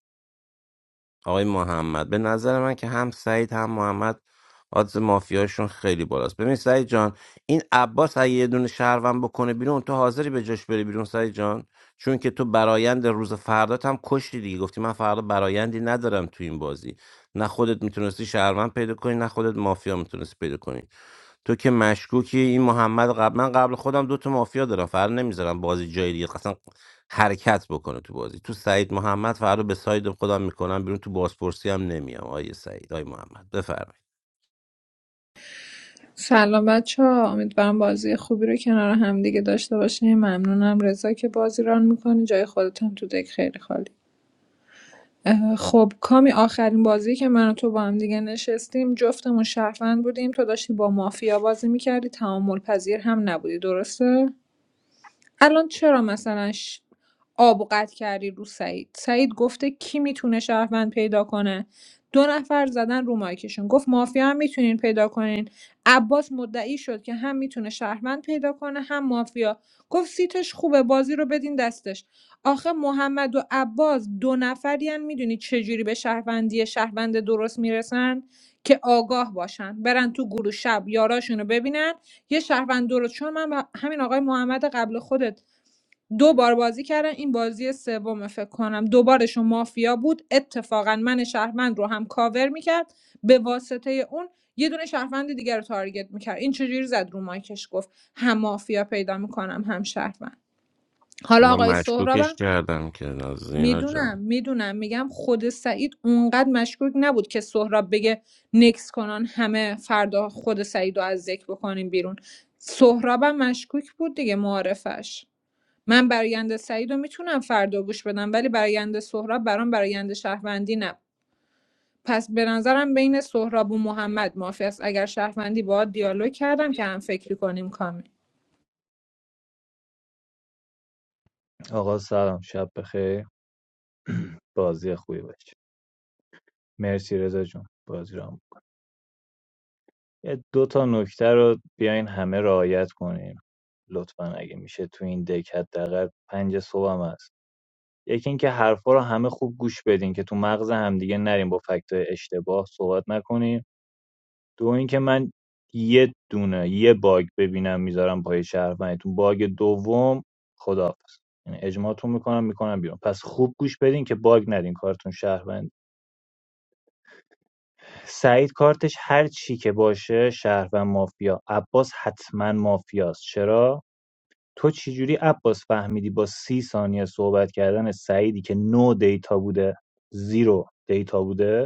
S5: آقای محمد به نظر من که هم سعید هم محمد آدز مافیاشون خیلی بالاست ببین سعید جان این عباس اگه یه دونه شهروند بکنه بیرون تو حاضری به جاش بری بیرون سعید جان چون که تو برایند روز فردات هم کشتی دیگه گفتی من فردا برایندی ندارم تو این بازی نه خودت میتونستی شهروند پیدا کنی نه خودت مافیا میتونستی پیدا کنی تو که مشکوکی این محمد قبل من قبل خودم دو تا مافیا دارم فردا نمیذارم بازی جای دیگه اصلا حرکت بکنه تو بازی تو سعید محمد فردا به ساید خودم میکنم بیرون تو بازپرسی هم نمیام آیه سعید آیه محمد بفرمایید
S12: سلام بچه ها امیدوارم بازی خوبی رو کنار هم دیگه داشته باشیم ممنونم رضا که بازی ران میکنی جای خودت هم تو دک خیلی خالی اه، خب کامی آخرین بازی که من و تو با هم دیگه نشستیم جفتمون شهروند بودیم تو داشتی با مافیا بازی میکردی تعامل پذیر هم نبودی درسته الان چرا مثلا ش- آب و قطع کردی رو سعید سعید گفته کی میتونه شهروند پیدا کنه دو نفر زدن رو مایکشون گفت مافیا هم میتونین پیدا کنین عباس مدعی شد که هم میتونه شهروند پیدا کنه هم مافیا گفت سیتش خوبه بازی رو بدین دستش آخه محمد و عباس دو نفرین میدونی چجوری به شهروندی شهروند درست میرسن که آگاه باشن برن تو گروه شب یاراشونو ببینن یه شهروند درست چون من و همین آقای محمد قبل خودت دو بار بازی کردن این بازی سوم فکر کنم دوبارشون مافیا بود اتفاقا من شهروند رو هم کاور میکرد به واسطه اون یه دونه شهروند دیگر رو تارگت میکرد این چجوری زد رو مایکش گفت هم مافیا پیدا میکنم هم شهروند
S5: خب
S12: حالا آقای
S5: من
S12: سهرابم
S5: مشکوکش کردم که نازینا
S12: میدونم
S5: جان
S12: میدونم میگم خود سعید اونقدر مشکوک نبود که سهراب بگه نکس کنن همه فردا خود سعید رو از ذکر بکنیم بیرون سهرابم مشکوک بود دیگه معارفش من براینده سعید رو میتونم فردا گوش بدم ولی براینده سهراب برام براینده شهروندی نبود پس به نظرم بین سهراب و محمد معافی است اگر شهروندی باهات دیالوگ کردم که هم فکری کنیم کامی
S13: آقا سلام شب بخیر بازی خوبی باشه مرسی رضا جون بازی رو هم. یه دو تا نکته رو بیاین همه رعایت کنیم لطفا اگه میشه تو این دک حداقل پنج صبح هم هست یکی اینکه حرفا رو همه خوب گوش بدین که تو مغز همدیگه نریم با فکت اشتباه صحبت نکنیم دو اینکه من یه دونه یه باگ ببینم میذارم پای شهروندتون باگ دوم خداحافظ یعنی اجماعتون میکنم میکنم بیرون پس خوب گوش بدین که باگ ندین کارتون شهروند سعید کارتش هر چی که باشه شهروند مافیا عباس حتما مافیاست چرا تو چی جوری عباس فهمیدی با سی ثانیه صحبت کردن سعیدی که نو دیتا بوده زیرو دیتا بوده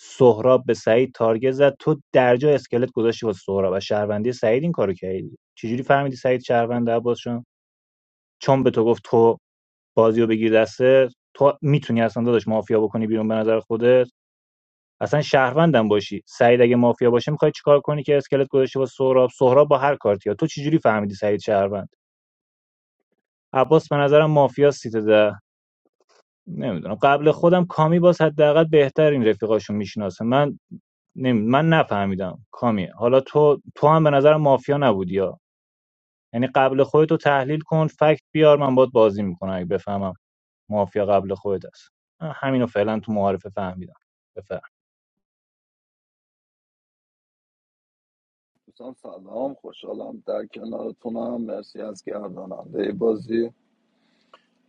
S13: سهراب به سعید تارگت زد تو در جا اسکلت گذاشتی واسه سهراب و شهروندی سعید این کارو کردی چجوری فهمیدی سعید شهرونده عباس چون به تو گفت تو بازی بگیر دسته تو میتونی اصلا داداش مافیا بکنی بیرون به نظر خودت اصلا شهروندم باشی سعید اگه مافیا باشه میخوای چیکار کنی که اسکلت گذاشتی واسه سهراب سهراب با هر کارتیا تو چجوری فهمیدی سعید شهروند عباس به نظرم مافیا سیت ده نمیدونم قبل خودم کامی باز حداقل بهتر این رفیقاشون میشناسه من نمی... من نفهمیدم کامی حالا تو تو هم به نظر مافیا نبودی یا یعنی قبل خودتو تحلیل کن فکت بیار من باید بازی میکنم اگه بفهمم مافیا قبل خودت است من همینو فعلا تو معارفه فهمیدم بفهم
S14: دوستان سلام خوشحالم در کنارتونم مرسی از گرداننده بازی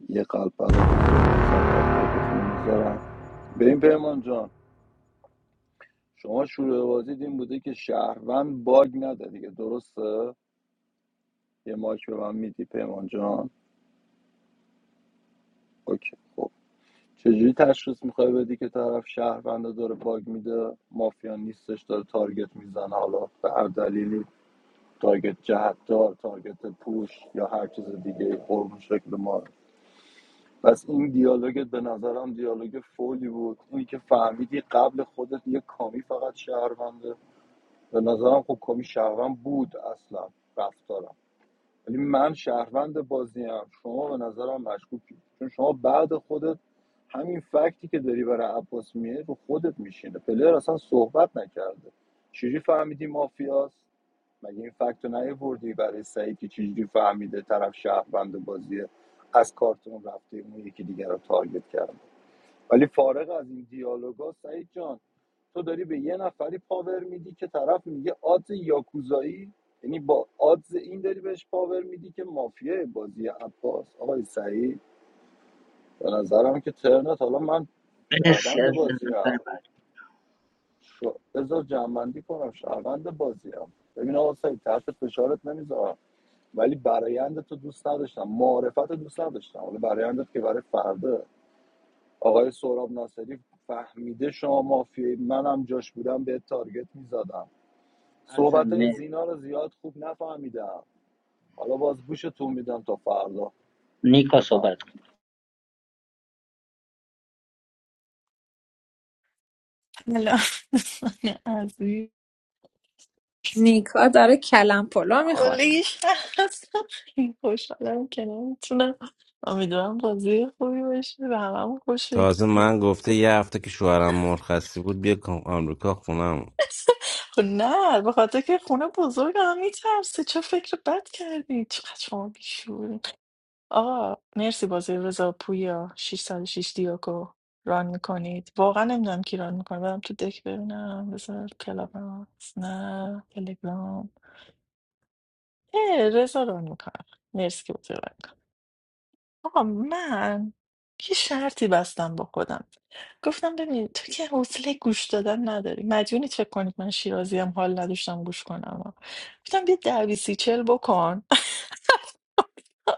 S14: یه قلب برای بزرگ به این پیمان جان شما شروع بازی این بوده که شهروند باگ نده دیگه درسته یه ماک به من میدی پیمان جان اوکی خب چجوری تشخیص میخوای بدی که طرف شهروند رو داره باگ میده مافیا نیستش داره تارگت میزنه حالا به هر دلیلی تارگت جهتدار تارگت پوش یا هر چیز دیگه قربون شکل ما پس این دیالوگت به نظرم دیالوگ فولی بود اینی که فهمیدی قبل خودت یه کامی فقط شهرونده به نظرم خب کامی شهروند بود اصلا رفتارم ولی من شهروند بازیم شما به نظرم مشکوکی چون شما بعد خودت همین فکتی که داری برای عباس میه رو خودت میشینه پلر اصلا صحبت نکرده چجوری فهمیدی مافیاست مگه این فکت رو نیاوردی برای سعید که چجوری فهمیده طرف شهروند بازیه از کارتون رفته اون یکی دیگر رو تارگت کرده ولی فارغ از این دیالوگا سعید جان تو داری به یه نفری پاور میدی که طرف میگه آدز یاکوزایی یعنی با آدز این داری بهش پاور میدی که مافیای بازی عباس آقای سعید به نظرم که ترنت حالا من
S6: مرسی
S14: شهروند
S6: عزیزم
S14: بازی
S6: نفر
S14: هم
S6: بعد
S14: شو... بذار جنبندی کنم شهروند بازی هم ببین آقا سعید تحت فشارت نمیذارم ولی برایند تو دوست نداشتم معرفت دوست نداشتم حالا برایندت که برای فرده آقای سهراب ناصری فهمیده شما مافیایی منم جاش بودم به تارگت میزدم
S6: عزیزم
S14: صحبت های
S6: مرسی
S14: زینا رو زیاد خوب نفهمیدم حالا باز گوشتون میدم تا فردا
S6: نیکا
S14: بفهم
S6: صحبت کن
S15: الان عزیز
S12: نیکا داره کلم پلا میخوره
S15: اولیش هست این خوشحالم که نمیتونم امیدوارم بازی خوبی باشه و همه خوش
S5: تازه
S15: بگذره.
S5: من گفته یه هفته که شوهرم مرخصی بود بیا کام- آمریکا خونم
S15: خب نه به خاطر که خونه بزرگ هم میترسه چه فکر بد کردی چقدر شما آقا مرسی بازی رضا پویا 606 دیوکو ران میکنید واقعا نمیدونم کی ران میکنه برم تو دک ببینم بذار کلاب هاوس، نه تلگرام اه رضا ران میکنه مرسی که بازی ران می‌کنه. آقا من یه شرطی بستم با خودم گفتم ببین تو که حوصله گوش دادن نداری مدیونی فکر کنید من شیرازی هم حال نداشتم گوش کنم گفتم بیا ده بیسی چل بکن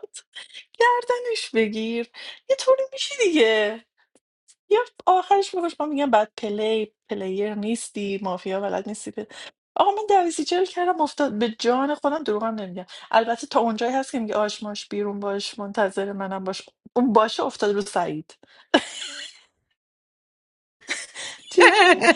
S15: گردنش بگیر یه طوری میشی دیگه یا آخرش میگوش ما میگم بعد پلی پلیر نیستی مافیا بلد نیستی پل... آقا من دویسی جل کردم افتاد به جان خودم دروغم نمیگم البته تا اونجایی هست که میگه آشماش بیرون باش منتظر منم باش اون باشه افتاد رو سعید جدی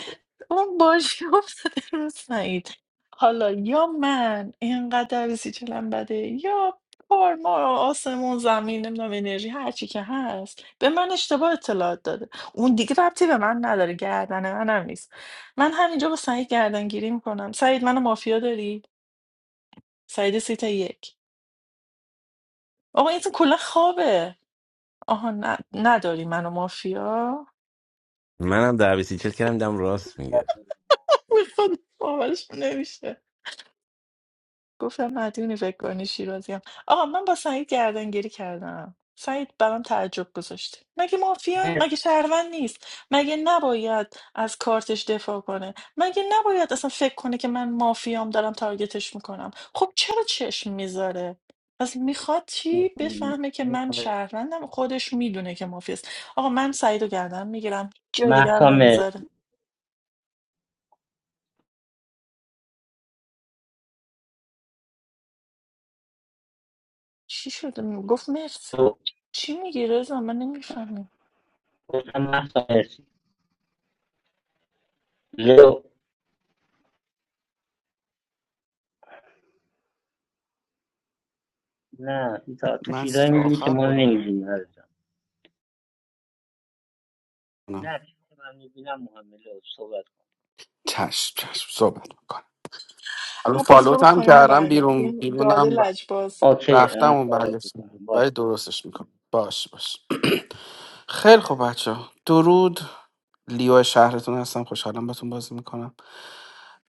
S15: اون باشی افتاده رو سعید حالا یا من اینقدر سیچلم بده یا کار ما آسمون زمین نمیدونم انرژی هر چی که هست به من اشتباه اطلاعات داده اون دیگه ربطی به من نداره گردن منم نیست من همینجا با سعید گردنگیری گیری میکنم سعید منو مافیا داری سعید سیت یک آقا این اصلا کلا خوابه آها نه نداری منو مافیا
S5: منم در چل کردم دیدم راست میگه
S15: میخواد باورش نمیشه گفتم مدیونی فکر کنی شیرازیم آقا من با سعید گردنگیری کردم سعید برام تعجب گذاشته مگه مافیا مگه
S6: مرسی
S15: شهروند نیست مگه نباید از کارتش دفاع کنه مگه نباید اصلا فکر کنه که من مافیام دارم تارگتش میکنم خب چرا چشم میذاره پس میخواد چی بفهمه که من شهروندم خودش میدونه که مافیاست آقا من سعید رو گردن میگیرم جای دیگه هم
S6: محسا مرسی
S15: نمیذاره چی شده گفت مرسی
S6: تو
S15: چی میگی رضا من نمیفهمم
S6: گفتم مهسا مرسی لو نه ایتا تو
S16: من
S6: چیزایی
S16: سیف
S6: میبینی که
S16: آخر
S6: ما
S16: خودمو
S6: نمیبینیم عزیزم
S16: کنم
S6: نه چیزی که من میبینم مهمه لو صحبت کن
S16: چشم چشم صحبت میکنم الان
S15: عباس
S16: فالوت
S15: برو
S16: هم
S15: پایین و
S16: کردم بیرون
S15: برگردیم داده
S16: بیرونم ر-
S15: لجباز
S6: اوکی
S16: رفتم
S6: من
S16: و
S6: کارت
S16: برگشتم
S6: میکنم
S16: ولی
S6: باشه
S16: درستش میکنم باش باش خیلی خوب بچه درود لیو شهرتون هستم خوشحالم باتون بازی میکنم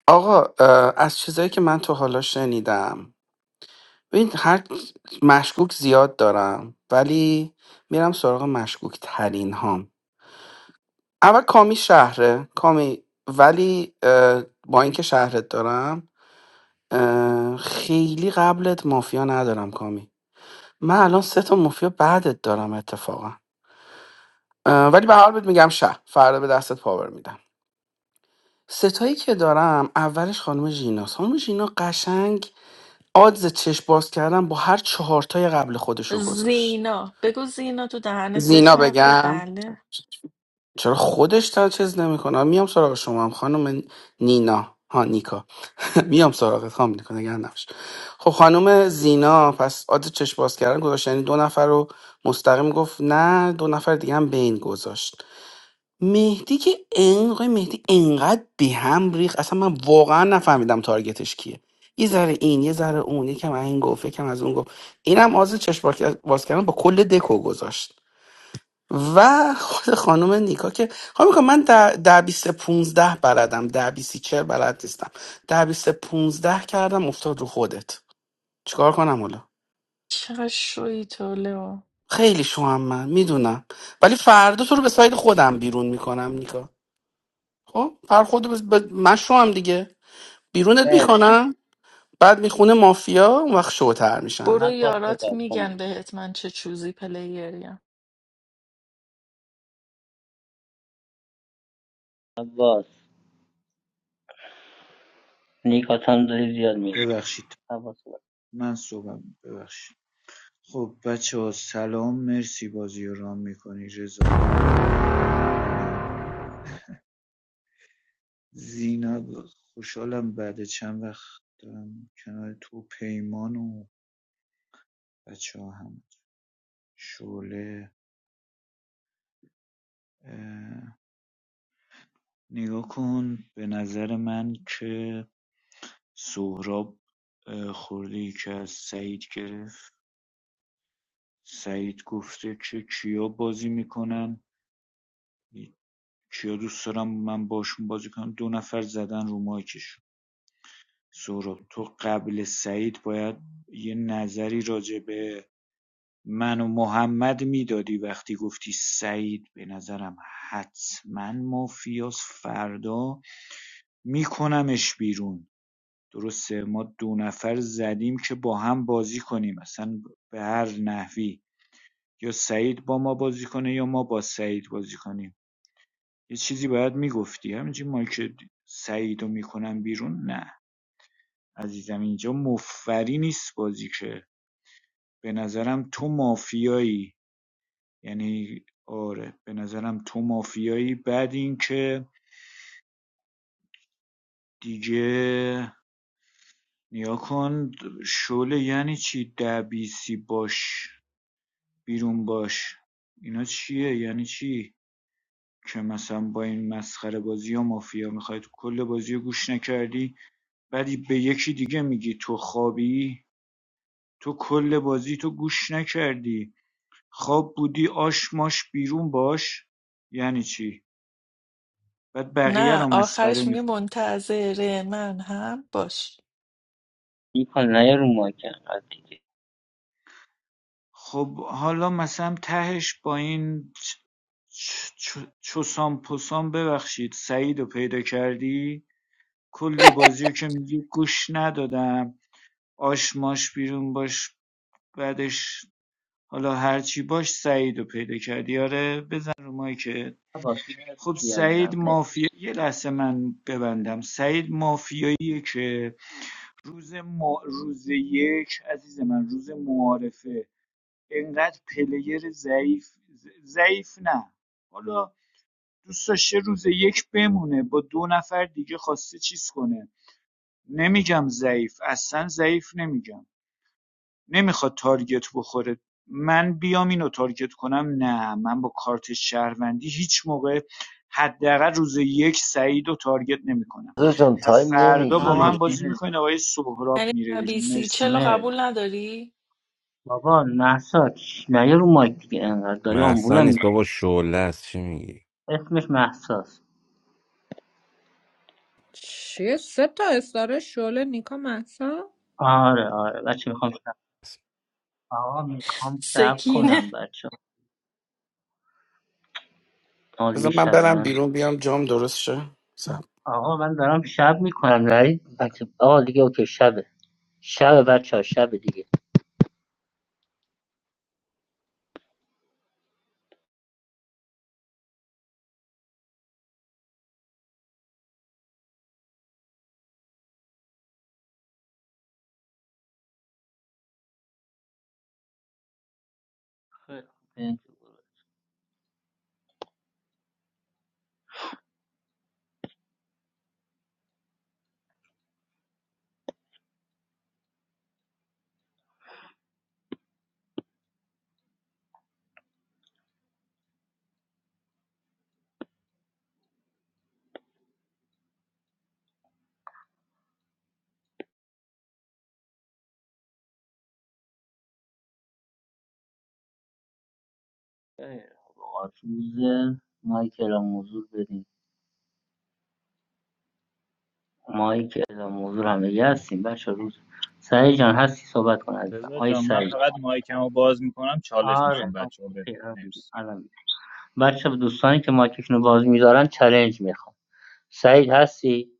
S16: آقا اه، از چیزایی که من تا حالا شنیدم ببین هر مشکوک زیاد دارم ولی میرم سراغ مشکوک ترین هام اول کامی شهره کامی ولی اه، با اینکه شهرت دارم اه، خیلی قبلت مافیا ندارم کامی من الان سه تا مافیا بعدت دارم اتفاقا اه، ولی به هر حال بهت میگم شهر فردا به دستت پاور میدم ستایی که دارم اولش خانم ژینا خانم ژینا قشنگ آدز چشم باز کردن با هر چهارتای قبل خودشو گذاشت
S15: زینا بگو زینا تو دهنت
S16: زینا
S15: بچرخه
S16: بگم
S15: بله
S16: چرا خودش تا چیز نمیکنه میام سراغ شما هم خانم نینا ها نیکا میام سراغت خانم نیکا نگران نباش خب خانم زینا پس آدز چشم باز کردن گذاشت یعنی دو نفر رو مستقیم گفت نه دو نفر دیگه هم بین گذاشت مهدی که این آقای مهدی انقدر به هم ریخت اصلا من واقعا نفهمیدم تارگتش کیه یه ذره این یه ذره اون یکم از این گفت یکم از اون گفت اینم آز چشم باز باز کردن با کل دکو گذاشت و خود خانم نیکا که خانم نیکا من در در بیست پونزده بلدم در بیست چهل بلد نیستم در بیست پونزده کردم افتاد رو خودت چیکار کنم حالا
S15: چقدر شوی تو لئو
S16: خیلی شوام من میدونم ولی فردا تو رو به سایت خودم بیرون میکنم نیکا خب فر خود من شوام دیگه بیرونت
S6: مرسی
S16: میکنم بعد میخونه مافیا اون وقت شوتر
S15: برو
S16: میشن
S6: عباس
S15: یارات
S6: صحبت کن
S15: میگن
S6: مرسی
S15: بهت من چه چوزی پلیریم
S6: عباس نیکات هم داری زیاد میری
S17: ببخشید
S6: عباس
S17: من صحبت ببخشید خب بچه ها سلام مرسی بازی رو رام میکنی رضا زینب خوشحالم بعد چند وقت دارم کنار تو و پیمان و بچه ها هم شعله نگاه کن به نظر من که سهراب اه، خورده ای که از سعید گرفت سعید گفته که کیا بازی میکنن کیا دوست دارم من باشون بازی کنم دو نفر زدن رو مایکشون سهراب تو قبل سعید باید یه نظری راجع به منو محمد میدادی وقتی گفتی سعید به نظرم حتما مافیاس فردا میکنمش بیرون درسته ما دو نفر زدیم که با هم بازی کنیم اصلا به هر نحوی یا سعید با ما بازی کنه یا ما با سعید بازی کنیم یه چیزی باید میگفتی همینجی ما که سعیدو رو میکنم بیرون نه عزیزم اینجا مفری نیست بازی که به نظرم تو مافیایی یعنی آره به نظرم تو مافیایی بعد این که دیگه نیا کن شله یعنی چی ده بیسی باش بیرون باش اینا چیه یعنی چی که مثلا با این مسخره بازی یا مافیا میخوای تو کل بازی گوش نکردی بعدی به یکی دیگه میگی تو خوابی تو کل بازی تو گوش نکردی خواب بودی آش ماش بیرون باش یعنی چی بعد بقیه
S15: نه
S17: رو مسخره
S15: آخرش میگه منتظر من هم باش
S6: نیکا نیا رو مایک انقدر دیگه
S17: خب حالا مثلا تهش با این چوسام پوسام ببخشید سعید رو پیدا کردی کل بازی رو که میگی گوش ندادم آشماش بیرون باش بعدش حالا هرچی باش سعید رو پیدا کردی آره بزن رو مایکت
S6: عباس
S17: خب
S6: مرسی
S17: سعید
S6: عزیزم مرسی.
S17: مافیا یه لحظه من ببندم سعید مافیاییه که روز ما... روز یک عزیز من روز معارفه اینقدر پلیر ضعیف ضعیف نه حالا دوست داشته روز یک بمونه با دو نفر دیگه خواسته چیز کنه نمیگم ضعیف اصلا ضعیف نمیگم نمیخواد تارگت بخوره من بیام اینو تارگت کنم نه من با کارت شهروندی هیچ موقع حداقل روز یک سعید و تارگت نمیکنم
S7: رضا جان تایم
S17: پس فردا با
S6: عباس
S7: نمیگیری
S17: من بازی
S6: مرسی
S17: میکنین آقای سهراب میره
S15: یعنی
S17: بیرون
S15: سی چلو
S17: مرسی
S6: مرسی.
S15: قبول نداری
S6: بابا محسا نیا رو مایک دیگه انقدر داری
S5: محسا
S6: آمبولم
S5: نیست
S6: می‌کنی.
S5: بابا شعله است چی میگی
S6: اسمش محساس
S12: چیه سه تا استاره شعله نیکا مهسا
S6: آره آره بچه میخوام شب آقا میخوام شب
S15: سکینه
S6: کنم بچه آقا دیگه
S16: بذار من
S6: شبه
S16: برم
S6: من
S16: بیرون بیام جام درست شه سب.
S6: آقا من دارم شب میکنم نرید بچه آقا دیگه اوکی شبه شبه بچه ها شبه دیگه خیلی خوب. خیلی خب آقا روز مایک اعلام موضوع بدیم مایک اعلام موضوع هم دیگه هستیم بچه روز سعید جان هستی صحبت کن عزیزم
S13: رضا
S6: آی
S13: جان من
S6: سعید
S13: فقط مایکمو باز میکنم چالش میخوام
S6: آره آه،
S13: بچه‌ها بدم
S6: اوکی، الان
S13: مرسی
S6: بچه دوستانی که مایکشون رو باز می‌دارن چالش میخوام سعید هستی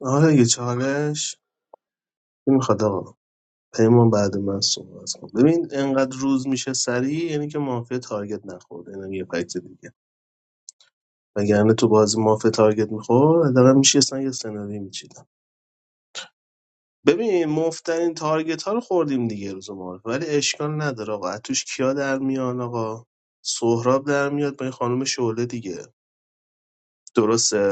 S18: آره یه چالش کی میخواد آقا پیمان بعد من صحبت کن ببین انقدر روز میشه سریع یعنی که مافیا تارگت نخورده اینم یه فکت دیگه وگرنه تو بازی مافیا تارگت میخورد حداقل میشستن یه سناریو میچیدم ببین مفترین تارگت ها رو خوردیم دیگه روز معارف ولی اشکال نداره آقا از توش کیا در میان آقا سهراب در میاد با این خانم شعله دیگه درسته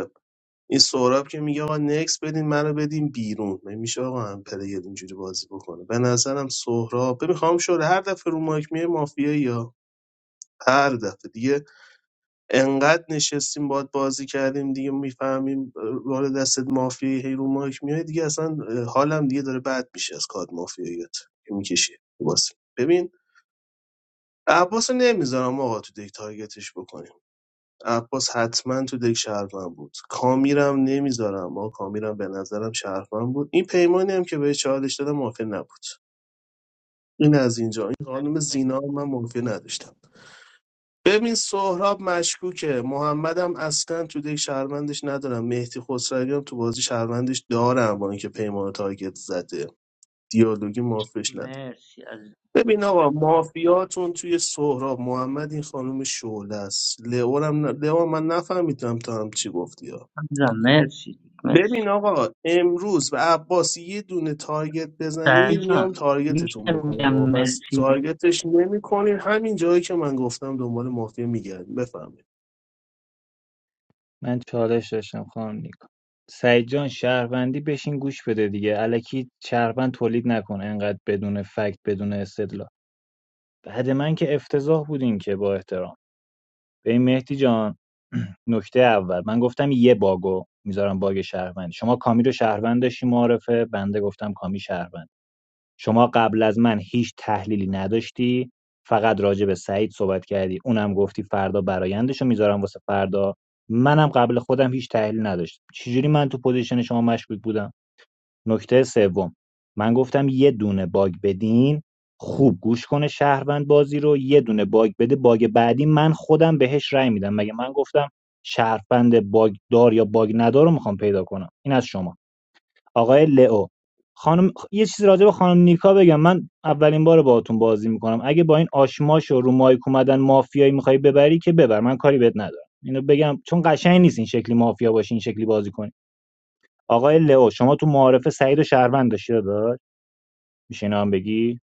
S18: این سهراب که میگه آقا نکس بدین منو بدین بیرون من میشه آقا هم پلیر اینجوری بازی بکنه به نظرم سهراب میخوام شده هر دفعه رو مایک میای مافیا یا هر دفعه دیگه انقدر نشستیم باد بازی کردیم دیگه میفهمیم راه دستت مافیایی هی رو مایک میای دیگه اصلا اه، حالم دیگه داره بد میشه از کارت مافیاییت که میکشی بازی ببین عباس رو نمیذارم آقا تو دیگه تارگتش بکنیم عباس حتما تو دک شهروند بود کامیرم نمیذارم با کامیرم به نظرم شهروند بود این پیمانی هم که به چالش دادم موافق نبود این از اینجا این خانم زینا هم من موافق نداشتم ببین سهراب مشکوکه محمدم اصلا تو دک شهروندش ندارم مهدی خسروی هم تو بازی شهروندش دارم با اینکه پیمان رو تارگت زده دیالوگی مافش نداره
S6: مرسی عزیزم
S18: ببین آقا مافیاتون توی سهراب محمد این خانم شعله است لئو رو هم ن... لئو هم من نفهمیدم تا هم چی گفتی
S6: عزیزم، مرسی
S18: ببین
S6: مرسی
S18: آقا امروز به عباس یه دونه تارگت
S6: سعید
S18: بزنید میام
S6: جان
S18: تارگتتون
S6: میشه میگم
S18: بکنم آقا پس
S6: مرسی
S18: تارگتش نمی کنید، همین جایی که من گفتم دنبال مافیا میگردیم بفهمید
S13: من چالش داشتم خانم نیکو سعید جان شهروندی بشین گوش بده دیگه الکی شهروند تولید نکن انقدر بدون فکت بدون استدلال بعد من که افتضاح بودین که با احترام ببین مهدی جان نکته اول من گفتم یه باگو میذارم باگ شهروند شما کامی رو شهروند داشتی معارفه بنده گفتم کامی شهروند شما قبل از من هیچ تحلیلی نداشتی فقط راجع به سعید صحبت کردی اونم گفتی فردا برایندشو میذارم واسه فردا منم قبل خودم هیچ تحلیلی نداشتم چجوری من تو پوزیشن شما مشکوک بودم نکته سوم من گفتم یه دونه باگ بدین خوب گوش کنه شهروند بازی رو یه دونه باگ بده باگ بعدی من خودم بهش رأی میدم مگه من گفتم شهروند باگ دار یا باگ ندار رو میخوام پیدا کنم این از شما آقای لئو خانم یه چیزی راجع به خانم نیکا بگم من اولین بار باهاتون بازی میکنم اگه با این آشماش و رو مایک اومدن مافیایی میخوای ببری که ببر من کاری بهت ندارم اینو بگم چون قشنگ نیست این شکلی مافیا باشی این شکلی بازی کنی آقای لئو شما تو معارفه سعید و شهروند داشتی داشت میشه اینا هم بگی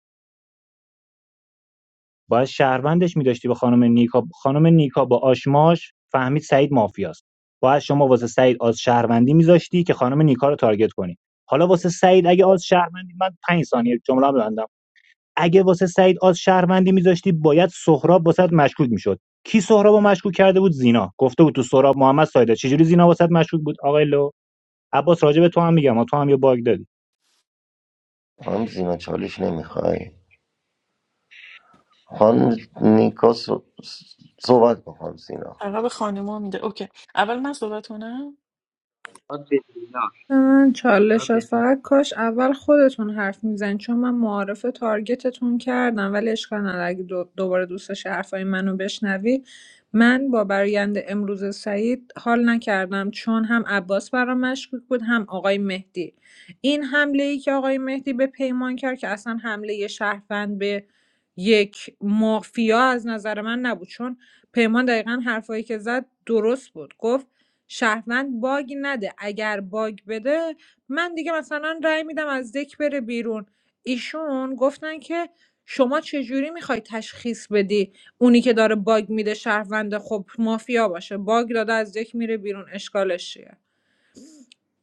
S13: باید شهروندش میداشتی به خانم نیکا خانم نیکا با آشماش فهمید سعید مافیاست باید شما واسه سعید آز شهروندی میذاشتی که خانم نیکا رو تارگت کنی حالا واسه
S6: مرسی
S13: سعید اگه آز شهروندی من 5 ثانیه جمله ببندم اگه واسه سعید آز شهروندی میذاشتی باید سهراب واسه مشکوک میشد کی سهراب مشکوک کرده بود زینا گفته بود تو سهراب محمد سایده چجوری زینا واسه مشکوک بود آقای لو عباس راجب تو هم میگم تو هم یه باگ داری
S7: خانم زینا چالش نمیخوای خانم نیکا ص- صحبت با خانم زینا
S15: عقب خانوما میده اوکی اول من صحبت کنم
S6: باد بدون
S12: من
S6: حالا
S12: چالش هست
S6: بدون.
S12: فقط کاش اول خودتون حرف میزنید چون من معارف تارگتتون کردم ولی اشکال نداره اگه دو- دوباره دوستش داشتی حرفای منو بشنوی من با برایند امروز سعید حال نکردم چون هم عباس برام مشکوک بود هم آقای مهدی این حمله ای که آقای مهدی به پیمان کرد که اصلا حمله یه شهروند به یک مافیا از نظر من نبود چون پیمان دقیقا حرفایی که زد درست بود گفت شهروند باگ نده اگر باگ بده من دیگه مثلا رأی میدم از دک بره بیرون ایشون گفتن که شما چجوری میخوای تشخیص بدی اونی که داره باگ میده شهروند خب مافیا باشه باگ داده از دک میره بیرون اشکالش چیه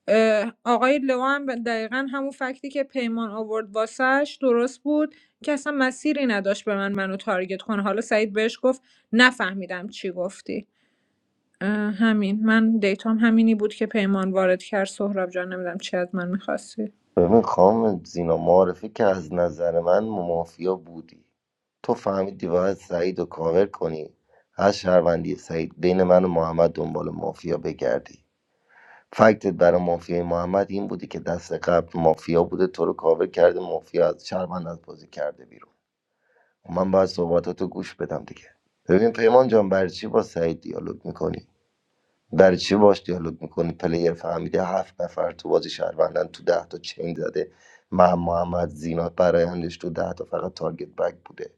S12: اه، آقای لو هم دقیقا همون فکتی که پیمان آورد واسش درست بود که اصلا مسیری نداشت به من منو تارگت کنه حالا سعید بهش گفت نفهمیدم چی گفتی اه، همین من دیتام همینی بود که پیمان وارد کرد سهراب جان نمیدونم چی از من میخواستی
S7: ببین خانم زینا معرفی که از نظر من مافیا بودی تو فهمیدی باید سعید رو کاور کنی از شهروندی سعید بین من و محمد دنبال مافیا بگردی فکتت برای مافیای محمد این بودی که دست قبل مافیا بوده تو رو کاور کرده مافیا از شهروند از بازی کرده بیرون من باید صحبتاتو گوش بدم دیگه ببین پیمان جان برای چی با سعید دیالوگ میکنی برای چی باش دیالوگ میکنی پلیر فهمیده هفت نفر تو بازی شهروندن تو ده تا چین زده من محمد زینا برایندش تو ده تا فقط تارگت بک بوده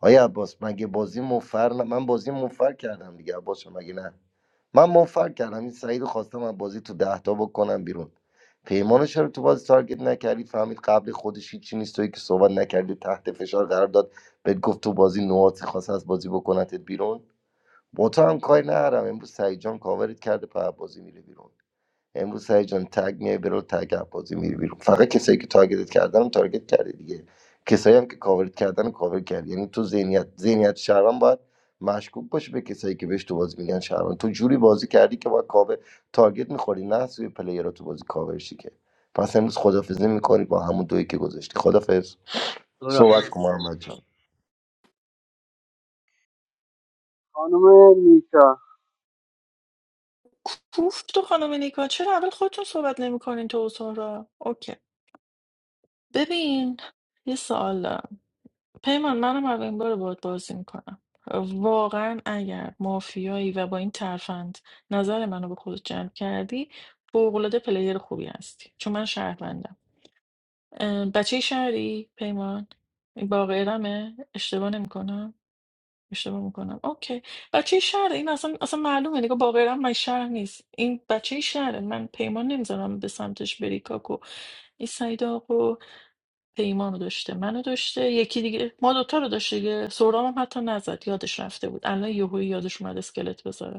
S7: آیا عباس مگه بازی مفر نه؟ من بازی مفر کردم دیگه عباس جان، مگه نه من مفر کردم این سعید رو خواستم از بازی تو ده تا بکنم بیرون پیمانو چرا تو بازی تارگت نکردی فهمید قبل خودش هیچی نیست توی که صحبت نکردی تحت فشار قرار داد بهت گفت تو بازی نوازی خواست از بازی بکنتت بیرون با تو هم کاری ندارم امروز سعید جان کاورت کرده په بازی میره بیرون امروز سعید جان تگ میای برو تگ بازی میره بیرون فقط کسایی که تارگت کردن تارگت کردی دیگه کسایی هم که کاورت کردن کاور کردی یعنی تو ذهنیت ذهنیت شهروند باید مشکوک باشه به کسایی که بهش تو بازی میگن شهروند تو جوری بازی کردی که با کاور تارگت میخوری نه سوی پلیر تو بازی کاور شی که پس امروز خدافظی میکنی با همون دویی که گذاشتی خدافظ
S6: تو را
S7: صحبت
S6: مرسی
S7: کن محمد جان
S19: خانم نیکا
S15: کوفت تو خانم نیکا چرا اول خودتون صحبت نمیکنین تو و سارا اوکی ببین یه سوال دارم پیمان منم اولین بار باهات بازی میکنم واقعا اگر مافیایی و با این ترفند نظر منو به خودت جلب کردی فوق‌العاده پلیر خوبی هستی چون من شهروندم اه، بچه شهری پیمان با غیرمه اشتباه نمیکنم اشتباه میکنم اوکی بچه شهر این اصلا اصلا معلومه نگاه باقر هم من شهر نیست این بچه شهره من پیمان نمیذارم به سمتش بری کاکو این سعید آقا پیمان رو داشته منو داشته یکی دیگه ما دوتا رو داشته دیگه سهرام هم حتی نزد یادش رفته بود الان یهویی یادش اومد اسکلت بذاره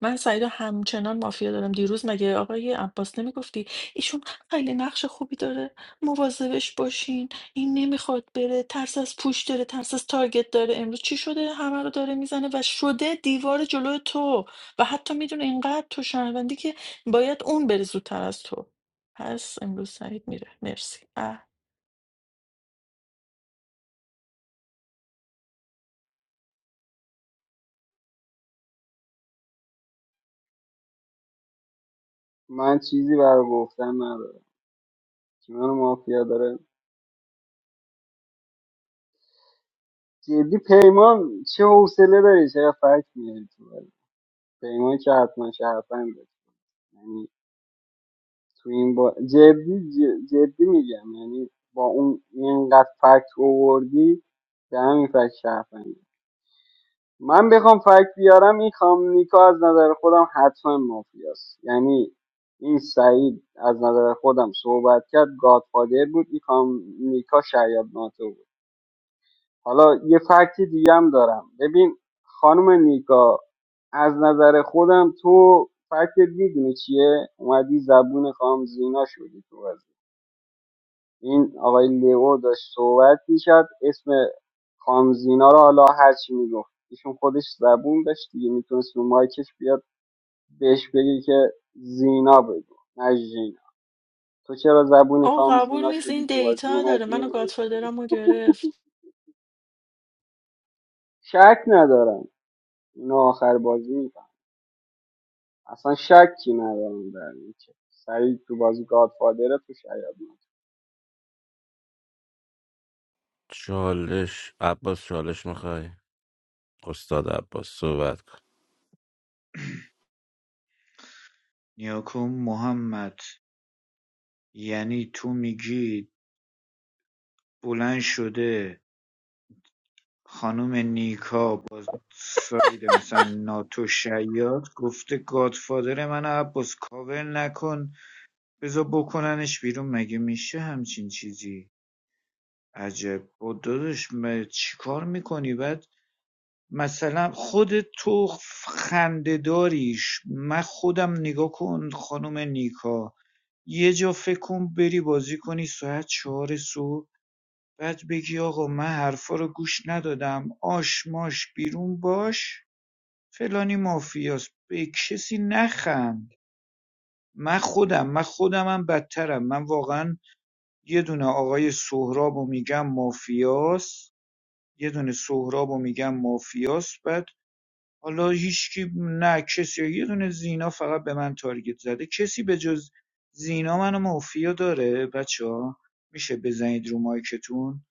S15: من سعیدو همچنان مافیا دارم دیروز مگه آقای عباس نمیگفتی ایشون خیلی نقش خوبی داره مواظبش باشین این نمیخواد بره ترس از پوش داره ترس از تارگت داره امروز چی شده همه رو داره میزنه و شده دیوار جلوی تو و حتی میدونه اینقدر تو شنوندی که باید اون بره زودتر از تو پس امروز سعید میره مرسی اه.
S19: من چیزی برای گفتن ندارم که من مافیا داره جدی پیمان چه حوصله داری چقدر فکر میاری تو بازی پیمان که حتما شهروند بود. تو این با جدی ج- جدی میگم یعنی با اون اینقدر فکت اووردی به همین فکت شرفنده من بخوام فکت بیارم این خام نیکا از نظر خودم حتما مافیاست یعنی این سعید از نظر خودم صحبت کرد گادفادر بود این خام نیکا شاید ناتو بود حالا یه فکت دیگه هم دارم ببین خانم نیکا از نظر خودم تو فکت میدونی چیه اومدی زبون خام زینا شدی تو بازی این آقای لیو داشت صحبت میکرد اسم خانم زینا رو حالا هرچی میگفت ایشون خودش زبون داشت دیگه میتونست رو مایکش بیاد بهش بگی که زینا بگو نه ژینا تو چرا زبونی
S15: آه
S19: خانم
S15: قبول
S19: زینا
S15: نیست
S19: شدی
S15: این
S19: تو بازی
S15: دیتا داره
S19: اومدی
S15: منو گادفادرمو گرفت
S19: شک ندارم اینو آخر بازی میکنم اصلا شکی ندارم در این که سعید تو بازی گادفادره تو شاید
S5: چالش عباس چالش میخوای استاد عباس صحبت
S17: نیا محمد یعنی تو میگی بلند شده خانم نیکا با ساید مثلا ناتو شیاد گفته گادفادر من عباس کاور نکن بذار بکننش بیرون مگه میشه همچین چیزی عجب با داداش م- کار میکنی بعد مثلا خود تو خنده داریش من خودم نگاه کن خانم نیکا یه جا فکر کن بری بازی کنی ساعت چهار صبح بعد بگی آقا من حرفا رو گوش ندادم آش ماش بیرون باش فلانی مافیاست به کسی نخند من خودم من خودمم بدترم من واقعا یه دونه آقای سهراب میگم مافیاست یه دونه سهراب میگم مافیاست بعد حالا هیچکی نه کسی یه دونه زینا فقط به من تارگت زده کسی به جز زینا منو مافیا داره بچه ها میشه بزنید رو مایکتون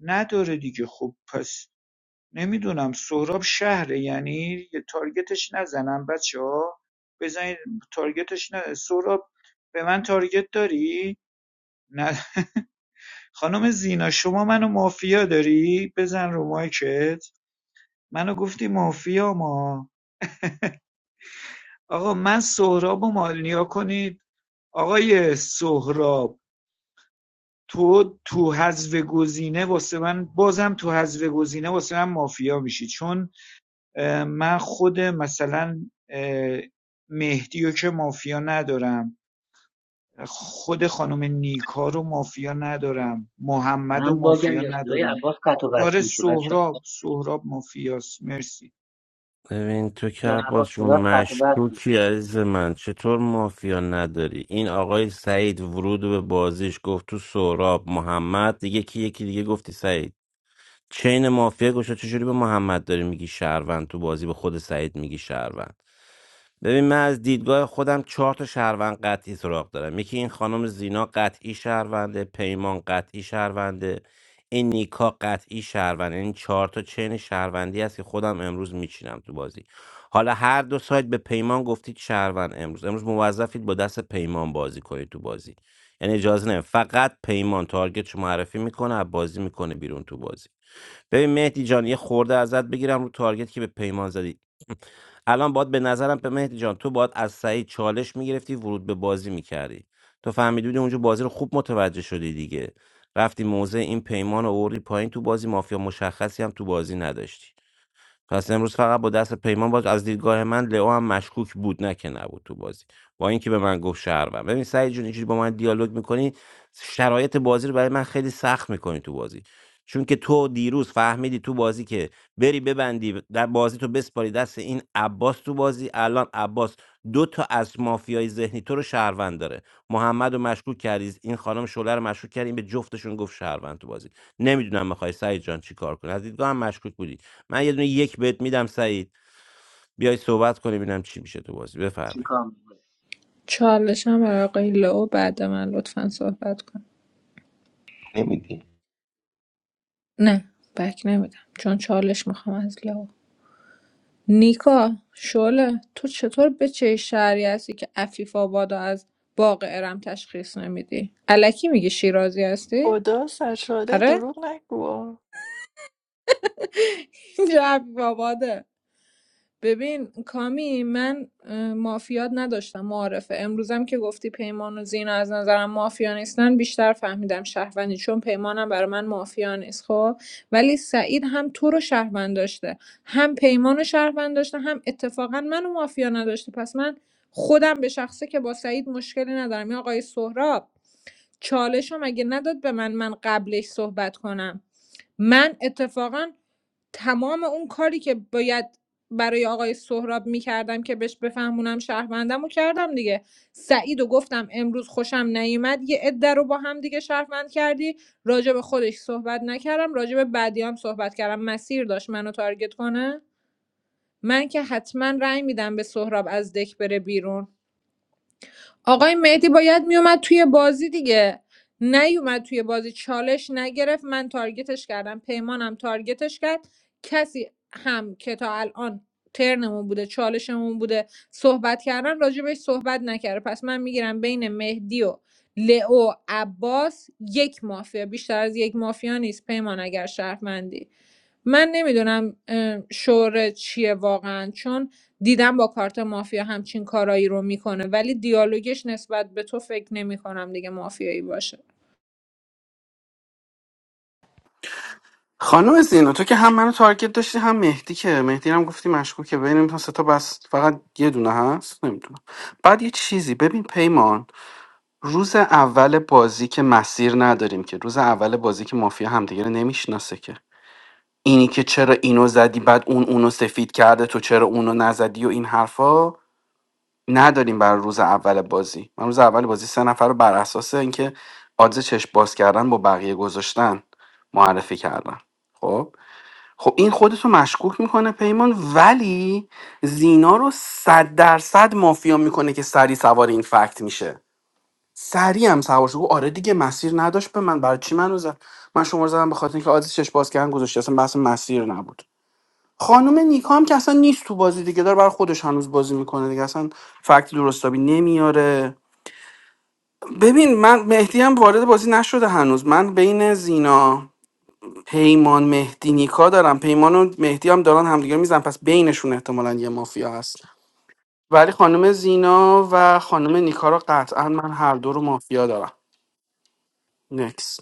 S17: نداره دیگه خب پس نمیدونم سهراب شهره یعنی یه تارگتش نزنم بچه ها بزنید تارگتش نه سهراب به من تارگت داری؟ نه خانم زینا شما منو مافیا داری؟ بزن رو مایکت منو گفتی مافیا ما آقا من سهراب و مالنیا کنید آقای سهراب تو تو حذف گزینه واسه من بازم تو حذف گزینه واسه من مافیا میشی چون من خود مثلا اه، مهدی رو که مافیا ندارم خود خانم نیکا رو مافیا ندارم محمد و
S6: من باگم
S17: مافیا
S6: یا صدای
S17: ندارم
S6: عباس قطع و
S17: آره
S6: وصل میشه بچه
S17: سهراب سهراب مافیاست مرسی
S5: ببین تو که
S6: هوا
S5: عباس جون
S6: صدات قطع و وصل میشه
S5: مشکوکی عزیز من چطور مافیا نداری این آقای سعید ورود به بازیش گفت تو سهراب محمد دیگه کی یکی دیگه گفتی سعید چین مافیا گوشه چجوری به محمد داری میگی شهروند تو بازی به خود سعید میگی شهروند ببین من از دیدگاه خودم چهار تا شهروند قطعی سراغ دارم یکی این خانم زینا قطعی شهرونده پیمان قطعی شهرونده این نیکا قطعی شهرونده این چهار تا چین شهروندی هست که خودم امروز میچینم تو بازی حالا هر دو سایت به پیمان گفتید شهروند امروز امروز موظفید با دست پیمان بازی کنید تو بازی یعنی اجازه نه فقط پیمان تارگت شما معرفی میکنه بازی میکنه بیرون تو بازی ببین مهدی جان یه خورده ازت بگیرم رو تارگت که به پیمان زدی الان باید به نظرم به مهدی جان تو باید از سعید چالش میگرفتی ورود به بازی میکردی تو فهمیدی بودی اونجا بازی رو خوب متوجه شدی دیگه رفتی موزه این پیمان رو آوردی پایین تو بازی مافیا مشخصی هم تو بازی نداشتی پس امروز فقط با دست پیمان باز از دیدگاه من لئو هم مشکوک بود نه که نبود تو بازی با اینکه به من گفت شهروند ببین سعید جون اینجوری با من دیالوگ میکنی شرایط بازی رو برای من خیلی سخت میکنی تو بازی چون که تو دیروز فهمیدی تو بازی که بری ببندی در بازی تو بسپاری دست این عباس تو بازی الان عباس دو تا از مافیای ذهنی تو رو شهروند داره محمد رو مشکوک کردی این خانم شوله رو مشکوک کردی این به جفتشون گفت شهروند تو بازی نمیدونم میخوای سعید جان چی کار کنی از دیدگاه هم مشکوک بودی من یه دونه یک بهت میدم سعید بیای صحبت کنیم ببینم چی میشه تو بازی بفرمایید
S6: چیکار میکنی
S12: چالش هم برای آقای لو بعد من لطفا صحبت کن
S7: نمی‌دی.
S12: نه بک نمیدم چون چالش میخوام از لو نیکا شله تو چطور به چه شهری هستی که عفیف آبادو از باغ ارم تشخیص نمیدی الکی میگی شیرازی هستی
S15: خدا سرشاده
S12: آره
S15: دروغ نگو
S12: اینجا عفیف آباده ببین کامی من اه، مافیات نداشتم معارفه امروزم که گفتی پیمان و زینا از نظرم مافیا نیستن بیشتر فهمیدم شهروندی چون پیمانم برای من مافیا نیست خب ولی سعید هم تو رو شهروند داشته هم پیمان رو شهروند داشته هم اتفاقا منو مافیا نداشته پس من خودم به شخصه که با سعید مشکلی ندارم یا آقای سهراب چالشم اگه نداد به من من قبلش صحبت کنم من اتفاقا تمام اون کاری که باید برای آقای سهراب میکردم که بهش بفهمونم شهروندم و کردم دیگه سعید و گفتم امروز خوشم نیومد یه عده رو با هم دیگه شهروند کردی راجع به خودش صحبت نکردم راجع به بعدی هم صحبت کردم مسیر داشت منو تارگت کنه من که حتما رأی میدم به سهراب از دک بره بیرون آقای مهدی باید میومد توی بازی دیگه نیومد توی بازی چالش نگرفت من تارگتش کردم پیمانم تارگتش کرد کسی هم که تا الان ترنمون بوده چالشمون بوده صحبت کردن راجبش صحبت نکرده پس من میگیرم بین مهدی و لئو عباس یک مافیا بیشتر از یک مافیا نیست پیمان اگر شرفمندی من نمیدونم شوره چیه واقعا چون دیدم با کارت مافیا همچین کارایی رو میکنه ولی دیالوگش نسبت به تو فکر نمیکنم دیگه مافیایی باشه
S16: خانم زینا تو که هم منو تارگت داشتی هم مهدی که مهدی رو هم گفتی مشکوکه ببینیم تا سه تا بس فقط یه دونه هست نمیدونم بعد یه چیزی ببین پیمان روز اول بازی که مسیر نداریم که روز اول بازی که مافیا همدیگه رو نمیشناسه که اینی که چرا اینو زدی بعد اون اونو سفید کرده تو چرا اونو نزدی و این حرفا نداریم برای روز اول بازی من روز اول بازی سه نفر رو بر اساس اینکه آدز چشم باز کردن با بقیه گذاشتن معرفی کردم خب خب این خودتو مشکوک میکنه پیمان ولی زینا رو صد درصد مافیا میکنه که سری سوار این فکت میشه سریع هم سوار شد گفت آره دیگه مسیر نداشت به من برای چی منو زد من شما رو زدم به خاطر اینکه آدز چشم باز کردن گذاشته اصلا بحث مسیر نبود خانم نیکا هم که اصلا نیست تو بازی دیگه داره برای خودش هنوز بازی میکنه دیگه اصلا فکت درستابی نمیاره ببین من مهدی هم وارد بازی نشده هنوز من بین زینا پیمان مهدی نیکا دارم پیمان و مهدی هم دارن همدیگه میزن پس بینشون احتمالا یه مافیا هست ولی خانم زینا و خانم نیکا رو قطعا من هر دو رو مافیا دارم نکس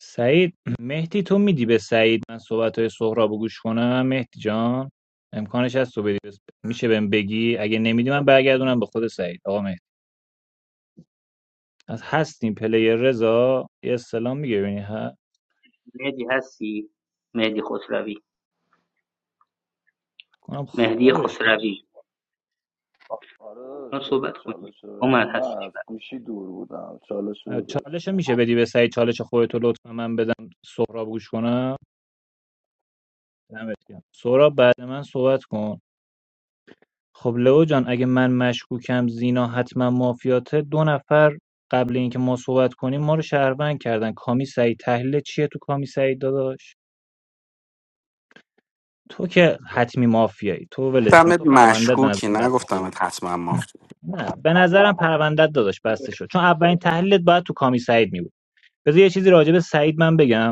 S13: سعید مهدی تو میدی به سعید من صحبت های سهراب رو گوش کنم مهدی جان امکانش هست تو بدی میشه بهم بگی اگه نمیدی من برگردونم به خود سعید آقا مهدی از هستیم پلیر رضا یه سلام میگه ببینی ها
S6: مهدی هستی مهدی خسروی
S13: کنم
S6: مهدی
S13: خوابش بود
S6: خسروی
S14: آره
S6: ما
S14: داداش بده
S6: صحبت کنیم
S14: چالش رو بده
S6: اومد
S14: نه
S6: هستش
S14: از
S6: بعد
S14: گوشی دور بودم چالش رو داشت
S13: چالش میشه بدی به سعید چالش خودتو لطفا من بدم سهراب گوش کنم دمت گرم. سهراب بعد من صحبت کن خب لئو جان اگه من مشکوکم زینا حتما مافیاته دو نفر قبل اینکه ما صحبت کنیم ما رو شهروند کردن کامی سعید تحلیل چیه تو کامی سعید داداش تو که حتمی مافیایی تو ولش کن
S16: دمت
S13: تو پروندت به
S16: مشکوکی
S13: نظرم بسته شده
S16: نگفتمت حتما مافیا
S13: نه به نظرم پروندت داداش بسته شد چون اولین تحلیلت باید تو کامی سعید می بود بذار یه چیزی راجع به سعید من بگم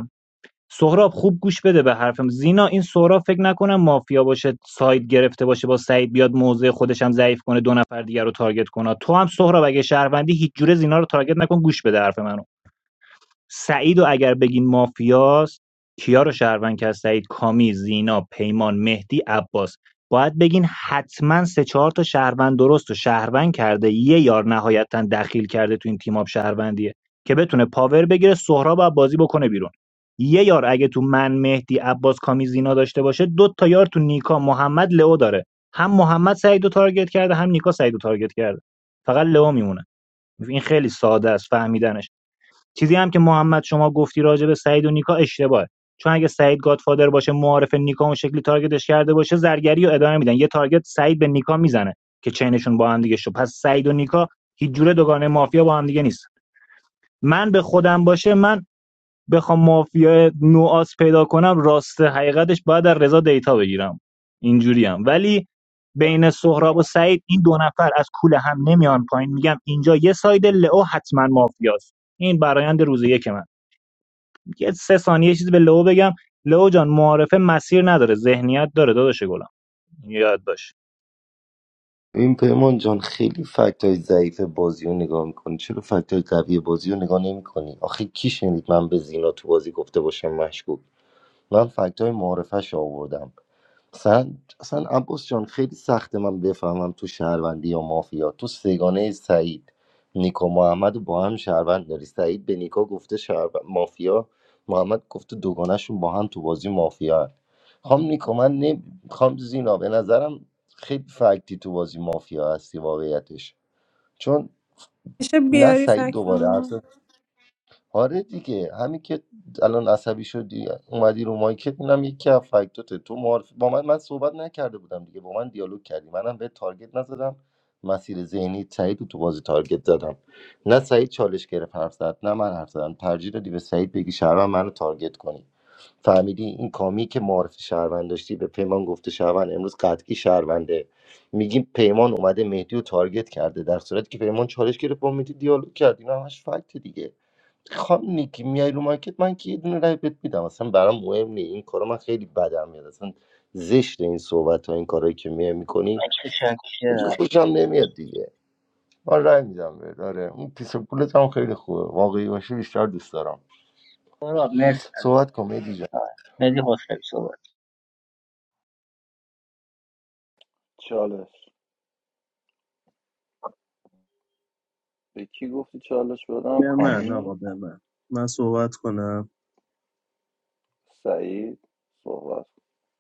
S13: سهراب خوب گوش بده به حرفم زینا این سهراب فکر نکنم مافیا باشه ساید گرفته باشه با سعید بیاد موضع خودش هم ضعیف کنه دو نفر دیگر رو تارگت کنه تو هم سهراب اگه شهروندی هیچ جوره زینا رو تارگت نکن گوش بده حرف من سعیدو اگر بگین مافیاست کیا رو شهروند کرد سعید کامی زینا پیمان مهدی عباس باید بگین حتما سه چهار تا شهروند درست و شهروند کرده یه یار نهایتا دخیل کرده تو این تیم آب شهروندیه که بتونه پاور بگیره سهراب و بازی بکنه بیرون یه یار اگه تو من مهدی عباس کامی زینا داشته باشه دو تا یار تو نیکا محمد لئو داره هم محمد سعیدو تارگت کرده هم نیکا سعیدو تارگت کرده فقط لئو میمونه این خیلی ساده است فهمیدنش چیزی هم که محمد شما گفتی راجع به سعید و نیکا اشتباهه چون اگه سعید گادفادر باشه معارف نیکا اون شکلی تارگتش کرده باشه زرگری رو ادامه میدن یه تارگت سعید به نیکا میزنه که چینشون با هم دیگه شد پس سعید و نیکا هیچ جوره دوگانه مافیا با هم دیگه نیست من به خودم باشه من بخوام مافیا نوآس پیدا کنم راست حقیقتش باید در رضا دیتا بگیرم اینجوری هم ولی بین سهراب و سعید این دو نفر از کوله هم نمیان پایین میگم اینجا یه ساید لئو حتما مافیاست این برایند روز یک من یه سه ثانیه یه چیزی به لئو بگم لئو جان معارفه مسیر نداره ذهنیت داره داداش گلم یاد باش
S7: این پیمان جان خیلی فکت های ضعیف بازی رو نگاه میکنی چرا فکت های قوی بازی رو نگاه نمیکنی آخه کی شنید من به زینا تو بازی گفته باشم مشکوک من فکت های معارفش آوردم اصلا اصلا عباس جان خیلی سخته من بفهمم تو شهروندی یا مافیا تو سگانه سعید نیکو محمد رو با هم شهروند داری سعید به نیکو گفته شهروند مافیا محمد گفته دوگانهشون با هم تو بازی مافیا هن. خام نیکو من نه خام زینا به نظرم خیلی فکتی تو بازی مافیا هستی واقعیتش چون
S12: میشه
S7: نه
S12: بیاری
S7: سعید دوباره
S12: فکرمو
S7: آره دیگه همین که الان عصبی شدی اومدی رو مایکت اینم یکی از فکتاته تو معارف با من من صحبت نکرده بودم دیگه با من دیالوگ کردی منم به تارگت نزدم مسیر ذهنی سعید رو تو بازی تارگت زدم نه سعید چالش گرفت حرف زد نه من حرف زدم ترجیح دادی به سعید بگی شهروند منو تارگت کنی فهمیدی این کامی که معارف شهروند داشتی به پیمان گفته شهروند امروز قطعی شهرونده میگیم پیمان اومده مهدی رو تارگت کرده در صورتی که پیمان چالش گرفت با مهدی دیالوگ کرد اینا همش فکت دیگه خانم نیکی میای رو مارکت من که یه دونه رای بهت میدم اصلا برام مهم نی این کارا من خیلی بدم میاد اصلا زشت این صحبت ها این کارایی که میای میکنی
S6: متشکرم
S7: اونجا خوشم نمیاد دیگه من رای میدم بهت آره اون پیس پولت هم خیلی خوبه واقعی باشه بیشتر دوست دارم
S6: برو مرسی
S7: صحبت کن مهدی جان
S6: آقا. مهدی خسروی صحبت
S14: چالش به کی گفتی چالش بدم
S18: به من
S14: کامی
S18: آقا به من من صحبت کنم
S14: سعید صحبت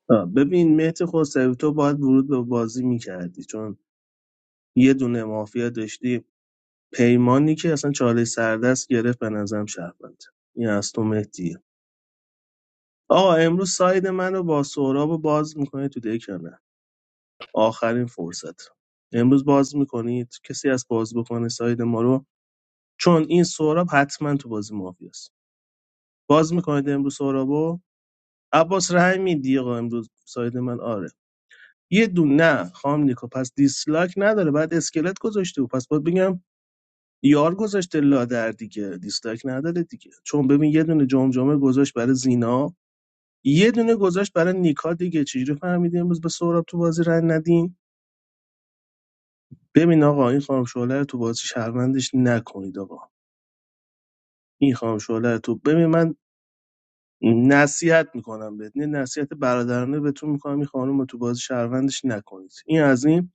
S18: آه، ببین مهدی خسروی تو باید ورود به بازی میکردی چون یه دونه مافیا داشتی پیمانی که اصلا چاله سردست گرفت به نظرم شهروند این از تو مهدیه آقا امروز ساید منو با سهراب باز میکنه تو دک یا نه؟ آخرین فرصت امروز باز میکنید کسی از باز بکنه ساید ما رو چون این سهراب حتما تو بازی مافیاست باز میکنید امروز سهرابو عباس رحم میدی آقا امروز ساید من آره یه دونه نه خام نیکو پس دیسلاک نداره بعد اسکلت گذاشته و پس باید بگم یار گذاشته لادر دیگه دیسلاک نداره دیگه چون ببین یه دونه جمجمه گذاشت برای زینا یه دونه گذاشت برای نیکا دیگه چجوری فهمیدی امروز به سهراب تو بازی رن ندین ببین آقا این خانم شعله رو تو بازی شهروندش نکنید آقا این خانم شعله رو تو ببین من نصیحت میکنم بهت نه نصیحت برادرانه بهتون میکنم این خانم رو تو بازی شهروندش نکنید این از این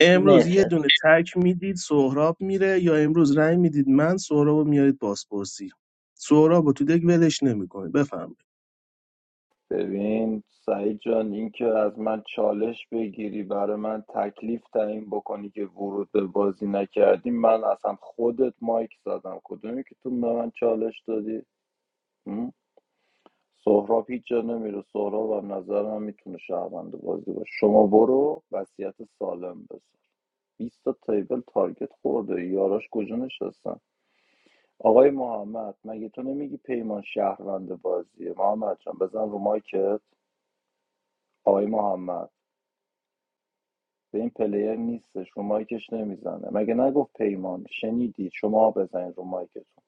S18: امروز
S6: مرسی
S18: یه
S6: از
S18: دونه تک میدید سهراب میره یا امروز رنگ میدید من سهراب رو میارید بازپرسی سهراب رو تو دک ولش نمیکنید بفرمایید
S14: ببین سعید جان اینکه از من چالش بگیری برای من تکلیف تعیین بکنی که ورود به بازی نکردی من اصلا خودت مایک زدم کدومی که تو به من چالش دادی م? سهراب هیچ جا نمیره سهراب از نظر من میتونه شهروند بازی باشه شما برو وصیت سالم بساز 20 تا تیبل تارگت خورده یاراش کجا نشستن آقای محمد مگه تو نمیگی پیمان شهروند بازیه محمد جان بزن رو مایکت آقای محمد به این پلیر نیستش رو مایکش نمیزنه مگه نگفت پیمان شنیدید شما بزنید رو مایکتون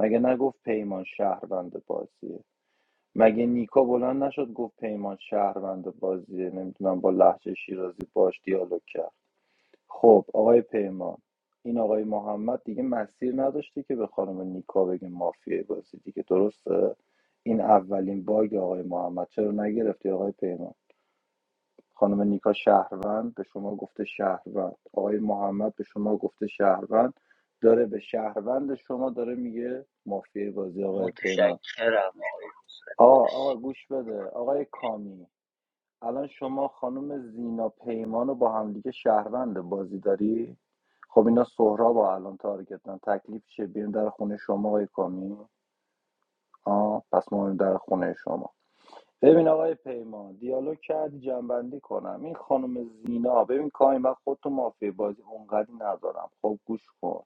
S14: مگه نگفت پیمان شهروند بازیه مگه نیکو بلند نشد گفت پیمان شهروند بازیه نمیدونم با لحجه شیرازی باش دیالوگ کرد خب آقای پیمان این آقای محمد دیگه مسیر نداشته که به خانم نیکا بگه مافیای بازی دیگه درسته این اولین باگ آقای محمد چرا نگرفتی آقای پیمان خانم نیکا شهروند به شما گفته شهروند آقای محمد به شما گفته شهروند داره به شهروند شما داره میگه مافیای بازی آقای پیمان
S6: متشکرم آقای خسروی
S14: آقا آقا گوش بده آقای کامی الان شما خانم زینا پیمان رو با هم دیگه شهروند بازی داری خب اینا سهراب با الان تارگتن تکلیف چیه بیرون در خونه شما آقای کامی آه پس ما بریم در خونه شما ببین آقای پیمان دیالوگ کردی جنبندی کنم این خانم زینا ببین کامی من خودتو مافیه بازی اونقدی ندارم خب گوش کن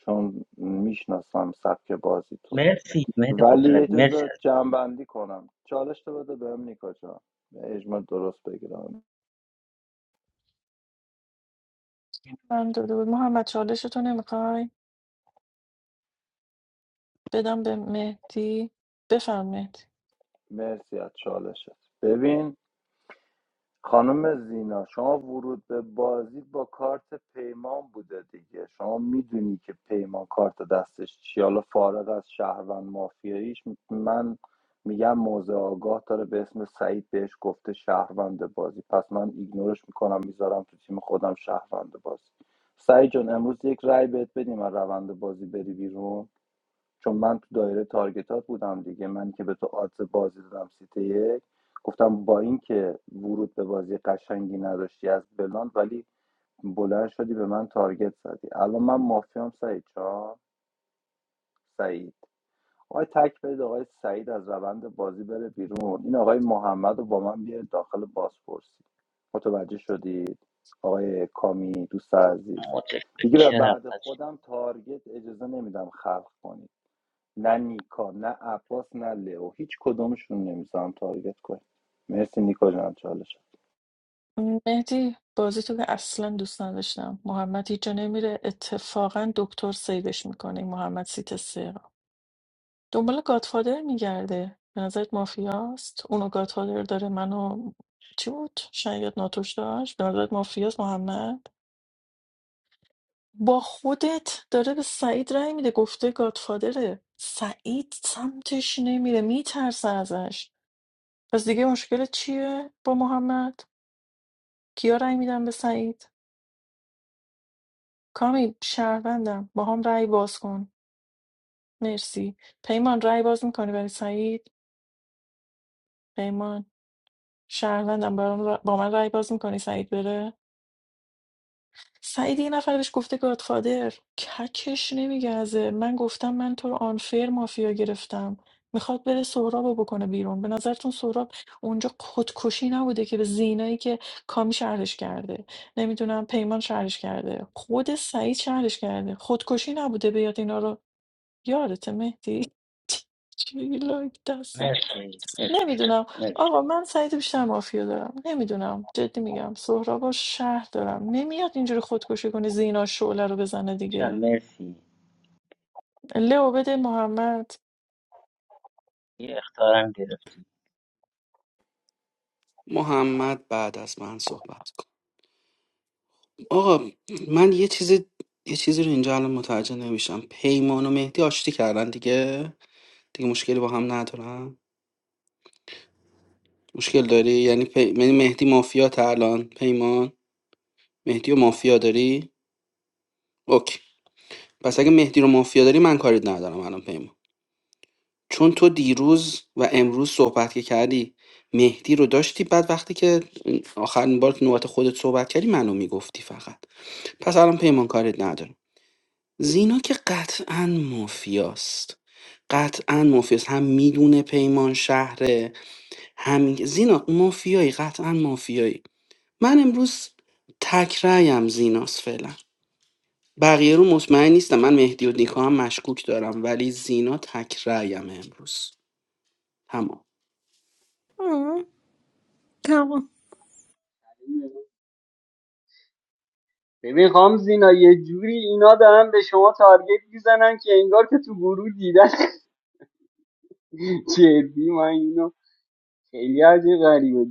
S14: چون میشناسم سبک بازی تو
S6: مرسی مهدی
S14: ولی
S6: خسروی مرسی
S14: اجازه
S6: از
S14: جنبندی کنم چالش تو بده بهم نیکا جان اجماع درست بگیرم
S15: من داده بود محمد چالشتو نمیخوای بدم به مهدی بفرم مهدی
S14: مرسی از چالشت ببین خانم زینا شما ورود به بازی با کارت پیمان بوده دیگه شما میدونی که پیمان کارت دستش چی حالا فارغ از شهروند مافیاییش من میگم موضع آگاه داره به اسم سعید بهش گفته شهروند بازی پس من ایگنورش میکنم میذارم تو تیم خودم شهروند بازی سعید جان امروز یک رای بهت بدیم از روند بازی بری بیرون چون من تو دایره تارگتات بودم دیگه من که به تو آدز بازی دادم سیت یک گفتم با اینکه ورود به بازی قشنگی نداشتی از بلان ولی بلند شدی به من تارگت زدی الان من مافیام سعید چا سعید آقای تک برید آقای سعید از روند بازی بره بیرون این آقای محمد رو با من بیارید داخل بازپرسی متوجه شدید آقای کامی دوست عزیز دیگه به
S6: متشکرم
S14: بعد
S6: از
S14: خودم تارگت اجازه نمیدم خلق کنی. نه نیکا نه عباس نه لئو هیچ کدومشون نمیذارم تارگت کنیم مرسی نیکا جان چالش
S15: مهدی بازی تو که اصلا دوست نداشتم محمد هیچ جا نمیره اتفاقا دکتر سیوش میکنه این محمد سیت سه را دنبال گادفادر میگرده به نظرت مافیاست اونو گادفادر داره منو چی بود شاید ناتوش داشت به نظرت مافیاست محمد با خودت داره به سعید رأی میده گفته گادفادره سعید سمتش نمیره میترسه ازش پس دیگه مشکلت چیه با محمد؟ کیا رأی میدن به سعید؟ کامی شهروندم با هم رأی باز کن مرسی پیمان رأی باز میکنی برای سعید؟ پیمان شهروندم برام ر- با من رأی باز میکنی سعید بره؟ سعید یه نفر بهش گفته گادفادر ککش نمیگزه من گفتم من تو رو آنفر مافیا گرفتم میخواد بره سهراب رو بکنه بیرون به نظرتون سهراب اونجا خودکشی نبوده که به زینایی که کامی شهرش کرده نمیدونم پیمان شهرش کرده خود سعید شهرش کرده خودکشی نبوده بیاد اینا رو یادته مهدی چی لاک دستم.
S6: مرسی مرسی
S15: نمیدونم آقا من سعید بیشتر مافیا دارم نمیدونم جدی میگم سهراب و شهر دارم نمیاد اینجوری خودکشی کنه زینا شعله رو بزنه
S6: مرسی,
S15: دیگه
S6: مرسی.
S15: لئو بده محمد
S6: یه اختارم گرفتی
S16: محمد بعد از من صحبت آقا من یه چیزی یه چیزی رو اینجا الان متوجه نمیشم پیمان و مهدی آشتی کردن دیگه دیگه مشکلی با هم ندارم مشکل داری یعنی پی... یعنی مهدی مافیا الان پیمان مهدی و مافیا داری اوکی پس اگه مهدی رو مافیا داری من کاری ندارم الان پیمان چون تو دیروز و امروز صحبت که کردی مهدی رو داشتی بعد وقتی که آخرین بار که نوبت خودت صحبت کردی منو میگفتی فقط پس الان پیمان کاری ندارم زینا که قطعا مافیاست قطعا مافیاست هم میدونه پیمان شهره هم زینا مافیایی قطعا مافیایی من امروز تک رأیم زیناست فعلا بقیه رو مطمئن نیستم من مهدی و نیکا هم مشکوک دارم ولی زینا تک رأیم امروز تمام
S12: آه، تمام
S19: نکنه. ببین خام زینا یه جوری اینا دارن به شما تارگت میزنن که انگار که تو گروه دیدن جدی من اینو خیلی عجیب غریبه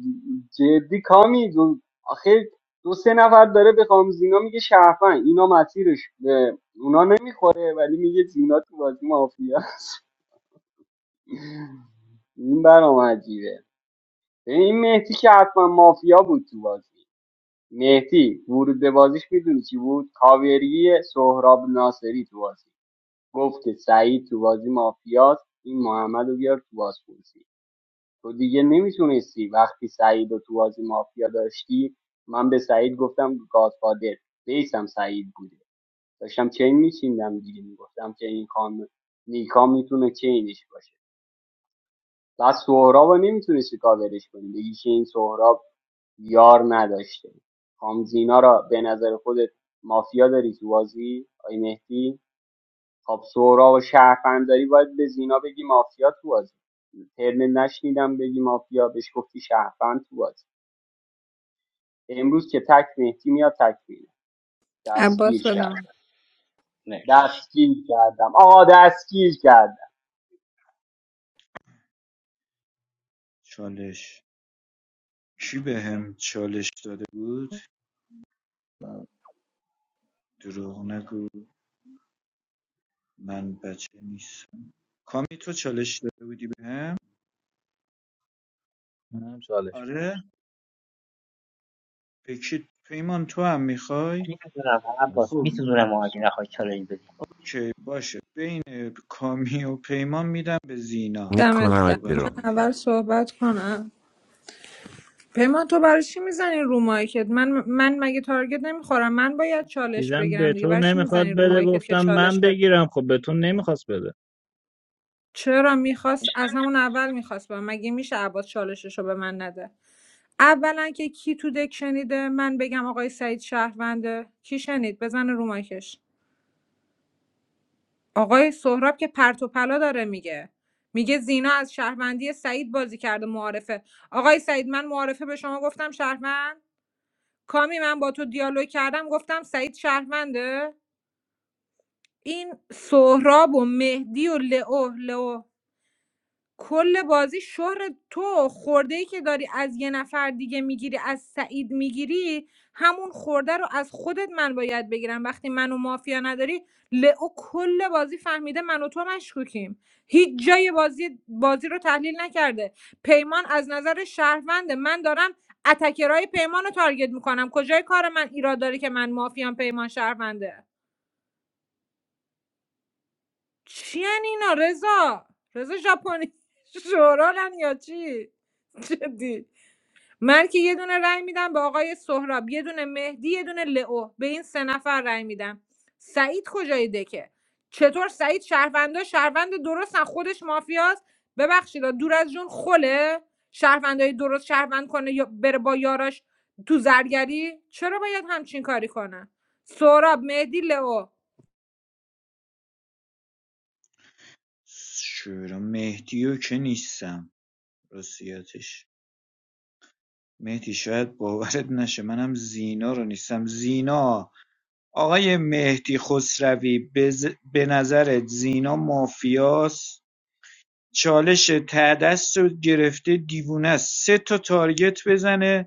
S19: جدی کامی دو آخه دو سه نفر داره به زینا میگه شرفن اینا مسیرش به اونا نمیخوره ولی میگه زینا تو بازی مافیا این برام عجیبه ببین این مهدی که حتما مافیا بود تو بازی مهدی ورود به بازیش میدونی چی بود کاوری سهراب ناصری تو بازی گفت که سعید تو بازی مافیاست این محمد رو بیار تو بازی تو دیگه نمیتونستی وقتی سعید رو تو بازی مافیا داشتی من به سعید گفتم گادفادر بیسم سعید بوده داشتم چین میچیندم دیگه میگفتم که این کام نیکا میتونه چینش باشه بس سهراب رو نمیتونستی کاورش کنی بگی که این سهراب یار نداشته خام زینا را به نظر خودت مافیا داری تو بازی آی مهدی خب سهراب و شهروند داری باید به زینا بگی مافیا تو بازی ترن نشنیدم بگی مافیا بهش گفتی شهروند تو بازی امروز که تک مهدی میاد تک میره
S12: عباس
S19: دستگیر
S6: متشکرم.
S12: بدم
S19: کردم
S6: مرسی
S19: دستگیر کردم آقا دستگیر کردم
S17: چالش کی به هم چالش داده بود
S14: من
S17: دروغ نگو من بچه نیستم کامی تو چالش داده بودی به هم
S13: منم چالش
S17: آره به کی پیمان تو هم میخوای
S6: نمیدونم
S13: می‌کنم.
S6: عباس
S17: خب
S6: میسوزونم اگه نخوای چالش بدی
S17: اوکی باشه بین کامی و پیمان میدم به زینا
S12: دمت گرم
S5: میکنمت
S12: من
S17: صحبت
S5: بیرون
S17: کن
S12: اول
S17: زینا
S12: صحبت کنم پیمان تو برای چی میزنی رو مایکت من من مگه تارگت نمیخورم من باید چالش
S13: دیدم به
S12: بگیرم دیگه
S13: تو
S12: برای چی
S13: نمیخواد
S12: میزنی رو
S13: بده
S12: مایکت که
S13: گفتم من
S12: چالش بره
S13: بگیرم خب به تو نمیخواست بده
S12: چرا میخواست از همون اول میخواست به من. مگه میشه عباس چالشش رو به من نده اولا که کی تو دک شنیده من بگم آقای سعید شهرونده کی شنید بزن رو مایکش آقای سهراب که پرت و پلا داره میگه میگه زینا از شهروندی سعید بازی کرده معارفه آقای سعید من معارفه به شما گفتم شهروند کامی من با تو دیالوگ کردم گفتم سعید شهرونده این سهراب و مهدی و لئو لئو کل بازی شهر تو خورده ای که داری از یه نفر دیگه میگیری از سعید میگیری همون خورده رو از خودت من باید بگیرم وقتی منو مافیا نداری لئو کل بازی فهمیده من و تو مشکوکیم هیچ جای بازی بازی رو تحلیل نکرده پیمان از نظر شهرونده من دارم اتکرای پیمان رو تارگت میکنم کجای کار من ایراد داره که من مافیام پیمان شهرونده چی یعنی اینا رضا رضا ژاپنی شورالن یا چی جدی من که یه دونه رأی میدم به آقای سهراب یه دونه مهدی یه دونه لئو به این سه نفر رأی میدم سعید کجای دکه چطور سعید شهروندا شهروند درستن خودش مافیاست ببخشید دور از جون خله شهروندای درست شهروند کنه یا بره با یاراش تو زرگری چرا باید همچین کاری کنه سهراب مهدی لئو
S17: چرا مهدیو که نیستم راستیاتش مهدی شاید باورت نشه منم زینا رو نیستم زینا آقای مهدی خسروی بز... به نظرت زینا مافیاس چالش تعدست رو گرفته دیوونه است. سه تا تارگت بزنه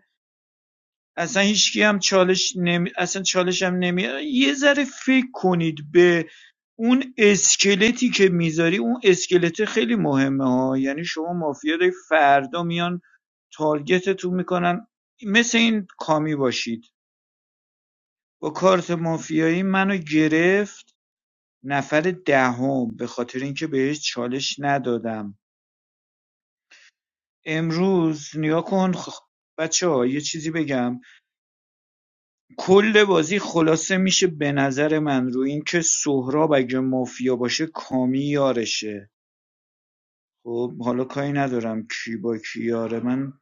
S17: اصلا هیچکی هم چالش نمی... اصلا چالش هم نمی یه ذره فکر کنید به اون اسکلتی که میذاری اون اسکلت خیلی مهمه ها یعنی شما مافیا داری فردا میان تارگتتون میکنن مثل این کامی باشید با کارت مافیایی منو گرفت نفر دهم به خاطر اینکه بهش چالش ندادم امروز نیا کن خ... بچه ها یه چیزی بگم کل بازی خلاصه میشه به نظر من رو این که سهراب اگه مافیا باشه کامی یارشه خب حالا کاری ندارم کی با کی یاره من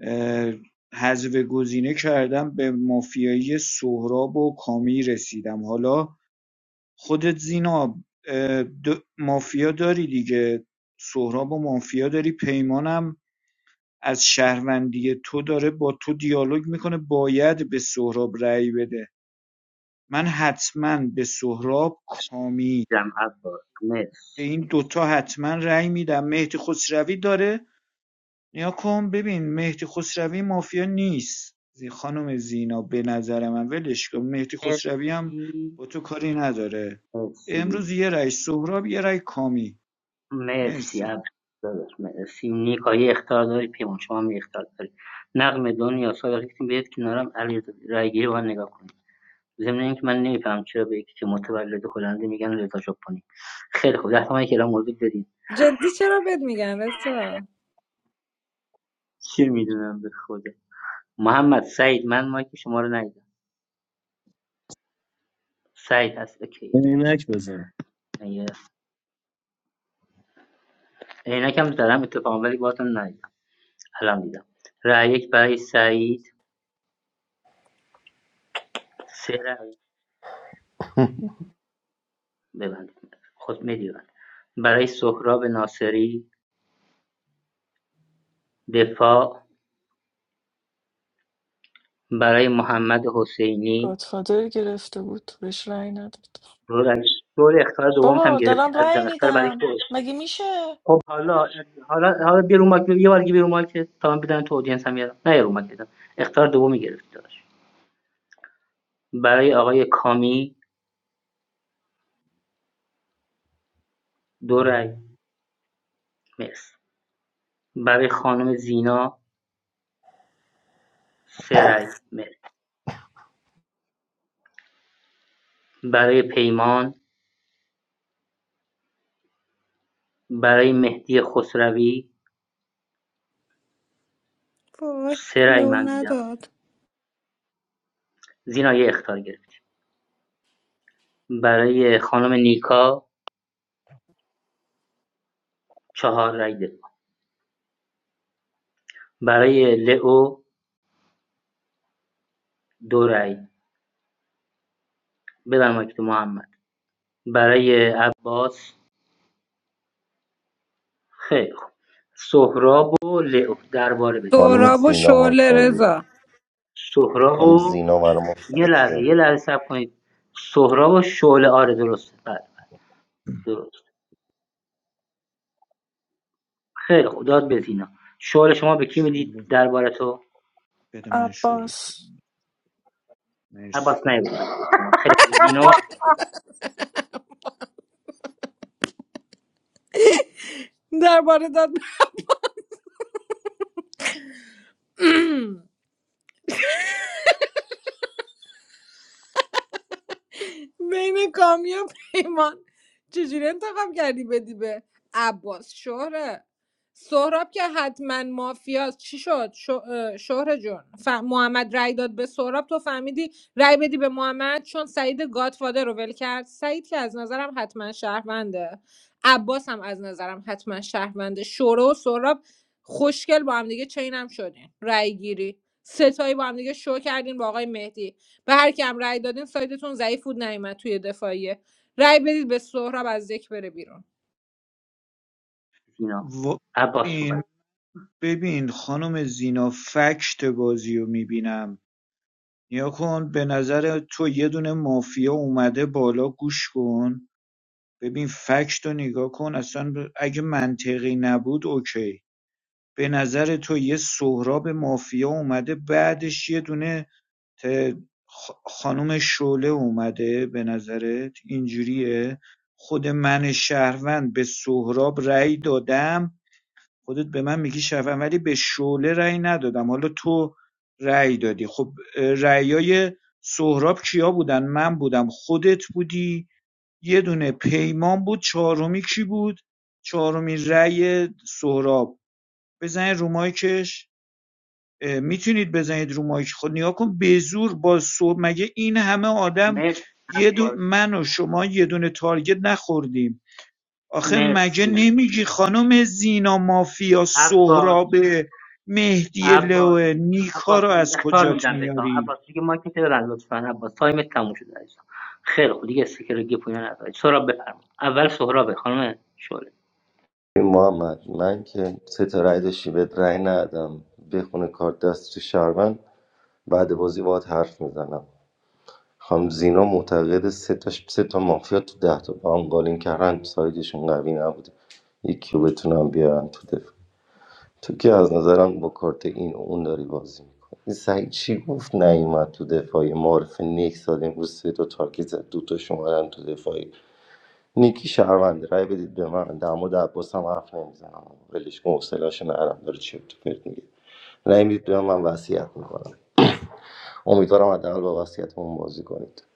S17: اه، حذف گزینه کردم به مافیایی سهراب و کامی رسیدم حالا خودت زینا مافیا داری دیگه سهراب و مافیا داری پیمانم از شهروندی تو داره با تو دیالوگ میکنه باید به سهراب رأی بده من حتما به سهراب کامی
S6: دیدم عباس
S17: به
S6: مرسی
S17: این دوتا حتما رأی میدم مهدی خسروی داره نیا کن ببین مهدی خسروی مافیا نیست زی خانم زینا به نظر من ولش کن مهدی خسروی هم
S6: مرسی
S17: با تو کاری نداره
S6: مرسی
S17: امروز یه رأی سهراب یه رأی کامی
S6: مرسی
S17: مرسی
S6: عباس داداش مرسی نیکا یه اختار داری پیمان شما هم یه اختار داری نقم دنیا صادقی که بیاد کنارم علی رای گیری با هم نگاه کنید ضمن اینکه من نمیفهم چرا به یکی که متولد هلنده میگن رضا شپانی خیلی خوب ده تومانی که الان موضوع بدید
S12: جدی چرا بد میگن رضا
S6: چه میدونم به خدا محمد سعید من مایک شما رو ندیدم سعید هست اوکی
S18: عینک بزن
S6: عینکم زدم اتفاقا ولی بازم ندیدم الان دیدم رأی یک برای سعید سه رأی ببند خود میدیوند برای سهراب ناصری دفاع برای محمد حسینی
S15: گادفادر گرفته بود بهش رأی نداد
S6: دور دور اختار دومت هم
S15: بابا
S6: گرفتی
S15: دارم رأی
S6: عزیزم اختار برای
S15: میدم
S6: تو
S15: مگه میشه
S6: خب حالا حالا حالا بیا رو مایک یه بار دیگه بیا رو مایک تا من بدن تو اودینس هم یادم نه یه رو مایک بدم اختار دومی گرفتی داشت برای آقای کامی دو رأی مرسی برای خانم زینا سه رأی مرسی برای پیمان، برای مهدی خسروی
S12: وای
S6: سه رأی
S12: لو
S6: من دیدم
S12: نداد
S6: زینا یه اختار گرفت برای خانم نیکا چهار رأی دفاع برای لئو دو رأی ببر تو محمد برای عباس خیلی خوب سهراب و لئو درباره بدید
S7: خانم
S12: سهراب و
S7: زینا ما رو
S12: شعله
S7: تارگت-
S12: رضا
S6: سهراب
S7: خانم
S6: و
S7: زینا برای ما
S6: یه لحظه
S7: فرده
S6: یه لحظه صبر کنید سهراب و شعله آره درست بله درست خیلی خوب داد به زینا شعله شما به کی میدید
S17: شوله
S6: درباره تو
S17: بده من شوله بده.
S15: عباس
S17: مرسی
S6: عباس نگو مایکل شما خیلی خوب زینا
S12: درباره داد بین کامی و پیمان چجوری انتخاب کردی بدی به عباس شهره سهراب که حتما مافیاست چی شد شو شهر جون ف... محمد رای داد به سهراب تو فهمیدی رای بدی به محمد چون سعید گادفادر رو ول کرد سعید که از نظرم حتما شهرونده عباس هم از نظرم حتما شهرونده شوره و سهراب خوشگل با هم دیگه چینم شدین رای گیری ستایی با هم دیگه شو کردین با آقای مهدی به هر کیم رأی دادین سایدتون ضعیف بود نیومد توی دفاعیه رأی بدید به سهراب از دک بره بیرون
S6: زینا
S17: و...
S6: عباس
S17: این
S6: صحبت
S17: ببین خانم زینا فکت بازی رو میبینم نیا کن به نظر تو یه دونه مافیا اومده بالا گوش کن ببین فکت رو نگاه کن اصلا اگه منطقی نبود اوکی به نظر تو یه سهراب مافیا اومده بعدش یه دونه ت- خ- خانم شعله اومده به نظرت اینجوریه خود من شهروند به سهراب رأی دادم خودت به من میگی شهروند ولی به شعله رأی ندادم حالا تو رأی دادی خب اه، رأیای سهراب کیا بودن من بودم خودت بودی یه دونه پیمان بود چهارمی کی بود چهارمی رأی سهراب بزنید رو مایکش میتونید بزنید رو مایک خود نیا کن به زور با صبح مگه این همه آدم
S6: مرسی
S17: یه دو...
S6: عباس
S17: من و شما یه دونه تارگت نخوردیم آخه مگه
S6: مرسی
S17: نمیگی خانم زینا مافیا
S6: عباس
S17: سهراب مهدی
S6: عباس
S17: لوه نیکا
S6: عباس
S17: رو از
S6: اختار
S17: کجات
S6: میدم بهتام
S17: میاری
S6: عباس دیگه مایکل تو ببند لطفا عباس تایم تموم شده عزیزم خیلی خوب دیگه سکرگی پوینا نداری سهراب بفرما اول سهراب خانم شعله
S7: این محمد من که سه تا رای داشتی بهت رای ندادم بخونه کارت دست تو شهروند بعد بازی باید حرف میزنم خانم زینا معتقد سه تا سه تا مافیا تو ده تا با هم قالین کردن سایدشون قوی نبوده یکی رو بتونم بیارن تو دفاع تو که از نظرم با کارت این و اون داری بازی میکنی این سعید چی گفت نیومد تو دفاعی معرف نیکس داد امروز سه تا تارگت زد دو تاش اومدن تو دفاعی نیکی شهرونده رای بدید به من در مورد عباس هم حرف نمیزنم ولش کن حوصله‌اشو نرم داره چرت و پرت میگه رای میدید به من من وصیت میکنم امیدوارم حداقل با وصیتمون بازی کنید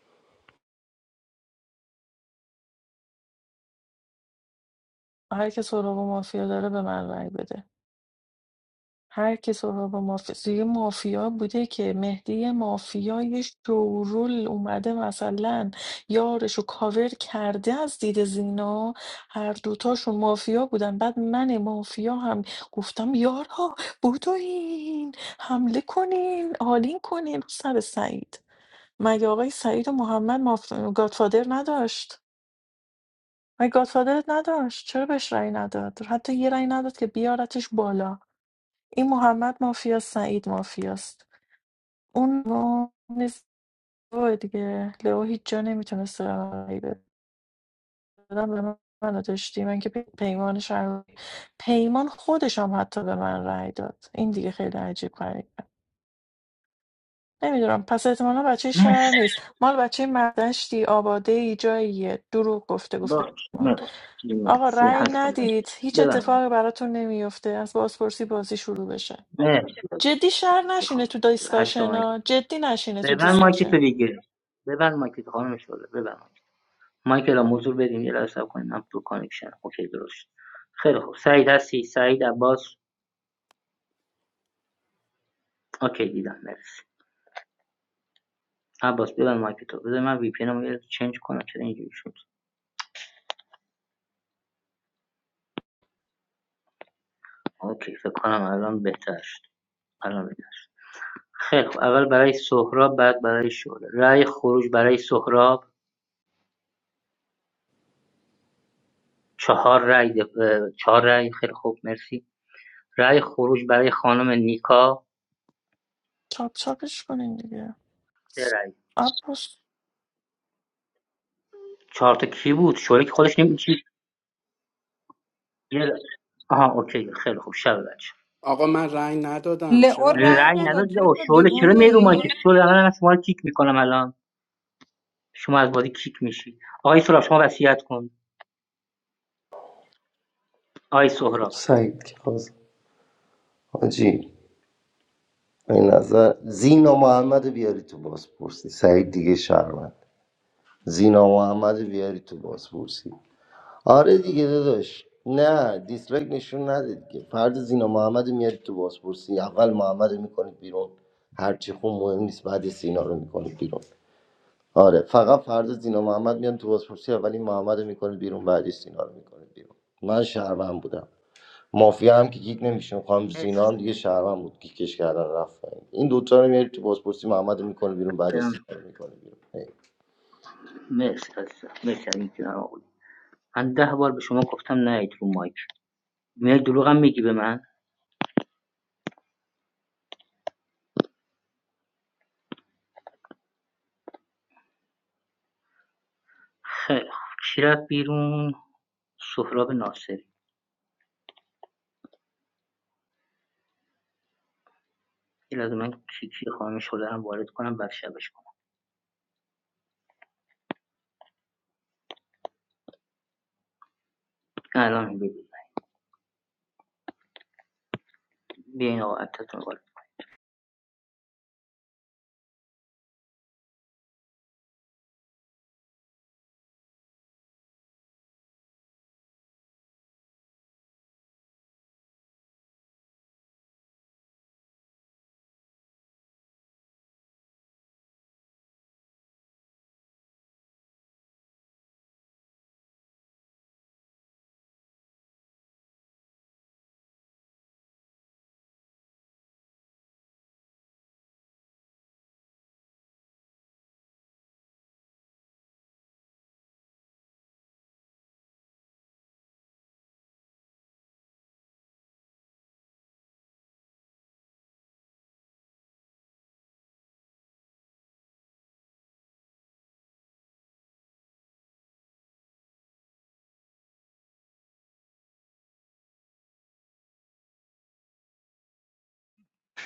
S15: هر که سهراب و مافیا داره به من رأی بده هر کی سراغ مافیا یه مافیا بوده که مهدی مافیا یه شورول اومده مثلا یارشو کاور کرده از دید زینا هر دوتاشون مافیا بودن بعد من مافیا هم گفتم یارها بدوین حمله کنین آلین کنین رو سر سعید مگه آقای سعید و محمد ماف... گادفادر نداشت مگه گادفادرت نداشت چرا بهش رأی نداد حتی یه رأی نداد که بیارتش بالا این محمد مافیاست سعید مافیاست اون لئو نیست لئو دیگه لئو هیچ جا نمیتونست رهایی بده دادم به من منو داشتی من که پی- پیمان شهر پیمان خودش هم حتی به من رأی داد این دیگه خیلی عجیب غریبه نمیدونم پس احتمالا بچه
S6: مرسی
S15: شهر نیست مال بچه مردشتی آباده ای جاییه دروغ گفته گفته
S6: باش
S15: پیمان
S6: مرسی
S15: آقا
S6: مرسی.
S15: رأی
S6: هشت تا مایک
S15: ندید هیچ
S6: ببند
S15: اتفاقی براتون نمیفته از بازپرسی بازی شروع بشه
S6: مرسی
S15: جدی شر نشینه
S6: خانم
S15: تو
S6: شعله هشت تا
S15: دیسکاشن
S6: مایک
S15: ها جدی نشینه تو
S6: ببند مایک تو
S15: دیسکاشن
S6: دیگه ببند مایک تو خانم شعله ببند مایکلان حضور بدین یه لحظه صبر کنین من تو کانکشن اوکی درست شد خیلی خوب سعید هستی سعید عباس اوکی دیدم مرسی عباس ببند مایک تو بذار من وی پی ان رو چنج کنم چرا اینجوری شد اوکی فکر کنم الان بهتر شد الان بهتر شد. خیلی خوب اول برای سهراب بعد برای شعله رأی خروج برای سهراب چهار رأی دف- چهار رأی خیلی خوب مرسی رأی خروج برای خانم نیکا
S15: چاپ چاپش کنین دیگه
S6: سه رأی
S15: آپوس
S6: چهار تا کی بود شعله که خودش نمیچید آها اوکی خیلی خوب شب بخیر.
S16: آقا من رأی ندادم
S12: لئو
S16: چرا
S12: رأی
S6: رأی
S12: نداد
S6: نداد او
S12: رضا
S6: شعله چرا میای رو مایکت شعله الان من شما رو کیک میکنم الان شما از بازی کیک میشی آقای سهراب شما وصیت کن آقای
S7: خب
S6: سهراب
S7: سعید که خواست حاجی این نظر زینا محمد بیاری تو بازپرسی سعید دیگه شرمند زینا محمد بیاری تو بازپرسی آره دیگه داداش نه دیسلایک نشون نده دیگه فرد زینا محمد میاری تو بازپرسی اول محمد رو میکنید بیرون هرچی خون مهم نیست بعد سینا رو میکنید بیرون آره فقط فرد زینا محمد میان تو بازپرسی اول این محمد رو میکنید بیرون بعد سینا رو میکنید بیرون من شهروند بودم مافیا هم که گیگ نمیشه خانم زینا
S6: مرسی
S7: هم دیگه شهروند بود گیگش کردن رفت پایین. این دوتا رو میاری تو بازپرسی محمد میکنه بیرون بعد رو میکنه بیرون هی.
S6: مرسی عزیزم. مرسی از اینکه من آقا بودی. ده بار به شما گفتم نه رو مایک میای دروغم میگی به من خیلی خوب. کی رفت بیرون سهراب ناصری یه لازم من کیکی خانم شعله رو وارد کنم بعد شبش کنم الان ببین بیاین آقا اکتتون رو وارد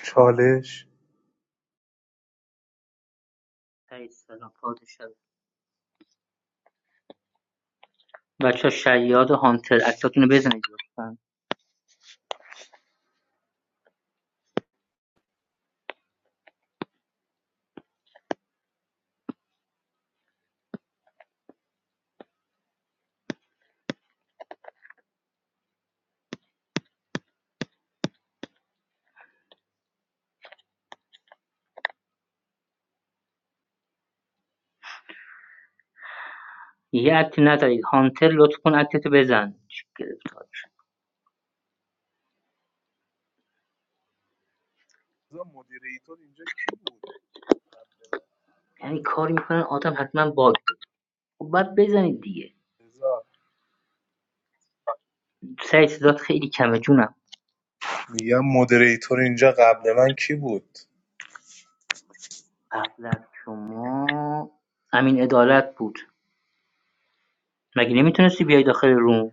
S11: چالش
S6: کنید. سلام پادشاه بچه شیاد هانتر اکتتون رو بزنید لطفاً یه اکتی نزدید هانتر لطف کن اکتتو بزن چه گرفتاری
S11: رضا مدیر ایتور اینجا کی بود
S6: یعنی کاری میکنن آدم حتما باگ خب باید بزنید دیگه
S11: رضا
S6: سعی صدات خیلی کمه جونم
S11: میگم مودریتور اینجا قبل من کی بود
S6: قبل از شما امین عدالت بود مگه
S11: اون یک-
S6: نمیتونستی بیای داخل روم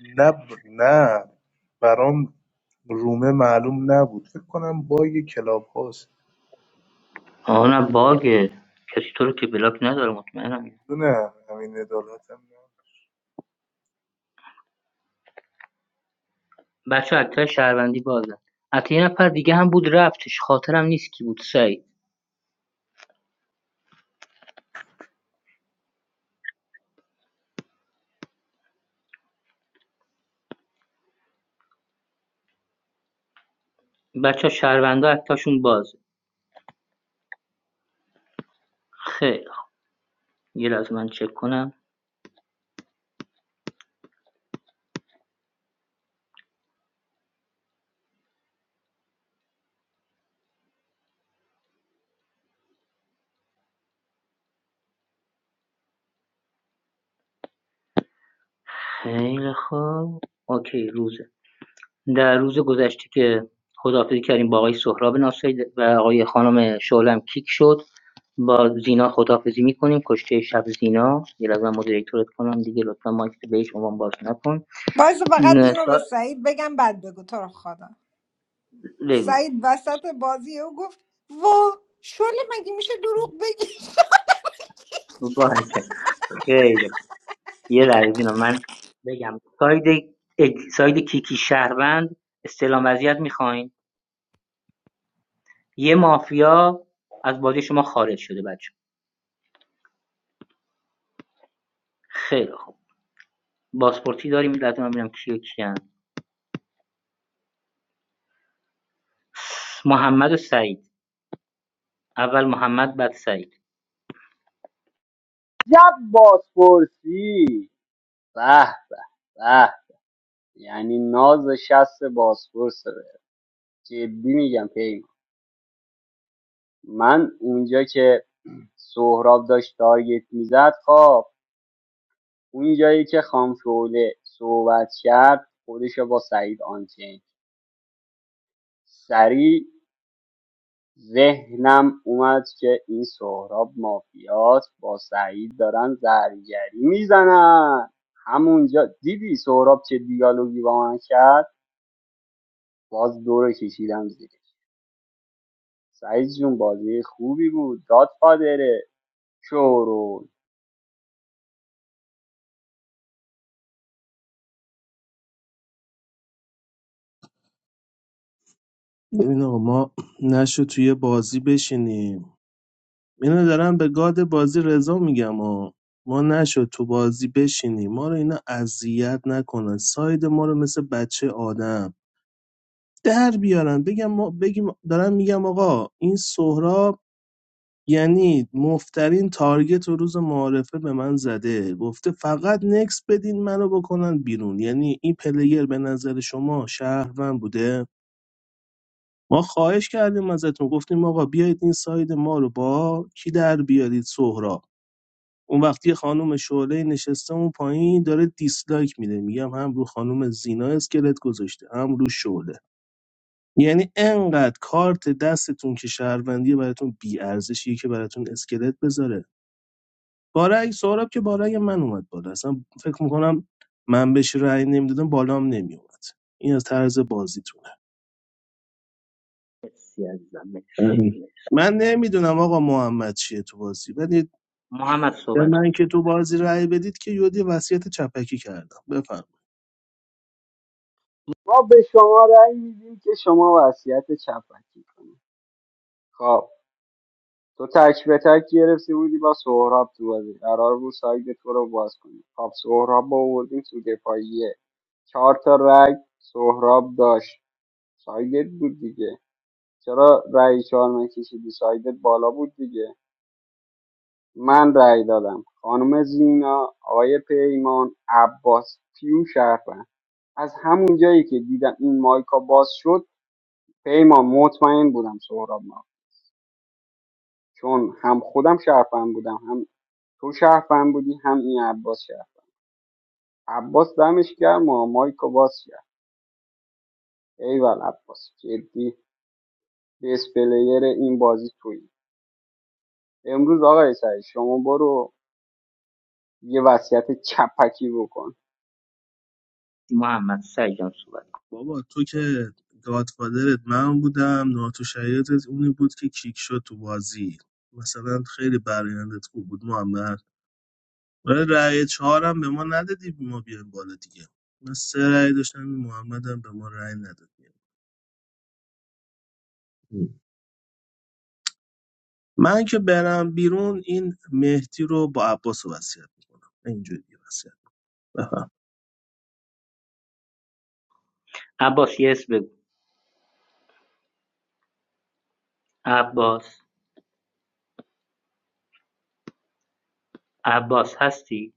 S11: نه نه برام رومه معلوم نبود فکر کنم با یه کلاب هاست
S6: آه نه باگه کسی تو رو که بلاک نداره مطمئنم
S11: نه همین عدالتم
S6: بچه اکتر شهروندی بازن حتی یه نفر دیگه هم بود رفتش خاطرم نیست کی بود سعید بچه ها شهروندا اکتاشون بازه خیلی خوب. یه لحظه من چک کنم خیلی خوب. اوکی روزه. در روز گذشته که خداحافظی کردیم با آقای سهراب ناصری و آقای خانم شعلم کیک شد با زینا خداحافظی میکنیم کشته شب زینا یه لحظه من مدیریتورت کنم دیگه لطفا مایک بهش عنوان باز نکن
S12: باشه فقط
S6: نه،
S12: اینو به
S6: تا-
S12: سعید بگم بعد بگو تو رو خدا
S6: بگو
S12: سعید وسط بازی او گفت وا شله مگه میشه دروغ بگی
S6: باشه خیلی خوب. یه لحظه اینا من بگم ساید اگ- ساید کیکی شهروند استعلام وضعیت میخواین یه مافیا از بازی شما خارج شده بچه خیلی خوب. بازپرسی داریم لازم هم ببینم کیو کیان محمد و سعید اول محمد بعد سعید
S19: جب بازپرسی به به به یعنی ناز شست بازپرسه جدی میگم پیمان من اونجا که سهراب داشت تارگت میزد خب اونجایی که خام شعله صحبت کرد خودش با سعید آنچین سریع ذهنم اومد که این سهراب مافیاست با سعید دارن زرگری میزنن همونجا دیدی سهراب چه دیالوگی با من کرد باز دور کشیدم زیرش سعید جون بازی خوبی بود داد پادره شورون
S18: ببین آقا ما نشد توی بازی بشینیم اینو دارن به گاد بازی رضا میگم و ما نشد تو بازی بشینیم ما رو اینا اذیت نکنن ساید ما رو مثل بچه آدم در بیارن بگم ما بگیم دارم میگم آقا این سهراب یعنی مفترین تارگت و روز معارفه به من زده گفته فقط نکس بدین منو بکنن بیرون یعنی این پلیر به نظر شما شهروند بوده ما خواهش کردیم ازتون گفتیم آقا بیایید این ساید ما رو با کی در بیارید سهراب اون وقتی یه خانم شعله نشسته اون پایین داره دیسلایک میده میگم هم رو خانم زینا اسکلت گذاشته هم رو شعله یعنی انقدر کارت دستتون که شهروندی براتون بی ارزشیه که براتون اسکلت بذاره بارک سهراب که بارک من اومد بالا اصلا فکر میکنم من بهش رأی نمیدادم بالام نمیومد این از طرز بازیتونه
S6: مرسی عزیزم مرسی
S18: من نمیدونم آقا محمد چیه تو بازی ولی
S6: محمد
S18: به
S6: صحبت کن.
S18: من که تو بازی رأی بدید که یودی وصیت چپکی کردم
S19: ما به شما رأی میدیم که شما وصیت چپکی کنید خب تو تک به تک گرفته بودی با سهراب تو بازی قرار بود ساید تو رو باز کنی خب سهراب با آوردیم تو دفاعیه چهار تا رگ سهراب داشت سایدت بود دیگه چرا رأی چهار نکشیدی سایدت بالا بود دیگه من رای دادم خانم زینا آقای پیمان عباس پیو شرفن از همون جایی که دیدم این مایکا باز شد پیمان مطمئن بودم سهراب ما چون هم خودم شرفن بودم هم تو شهروند بودی هم این عباس شهروند عباس دمش گرم و مایکو باز کرد ایول عباس جدی بیس پلیر این بازی تویی امروز آقای سعید شما برو یه وصیت چپکی بکن
S6: محمد سعید جان صحبت کن.
S18: بابا تو که گادفادرت من بودم ناتو شهیدت اونی بود که کیک شد تو بازی مثلا خیلی برایندت خوب بود محمد ولی رأی چهارم به ما ندادی ما بیایم بالا دیگه من سه رأی داشتم این محمد هم به ما رأی نداد من که برم بیرون این مهدی رو با عباس رو وصیت میکنم اینجوری دیگه وصیت بفهم
S6: عباس یس بگو عباس عباس هستی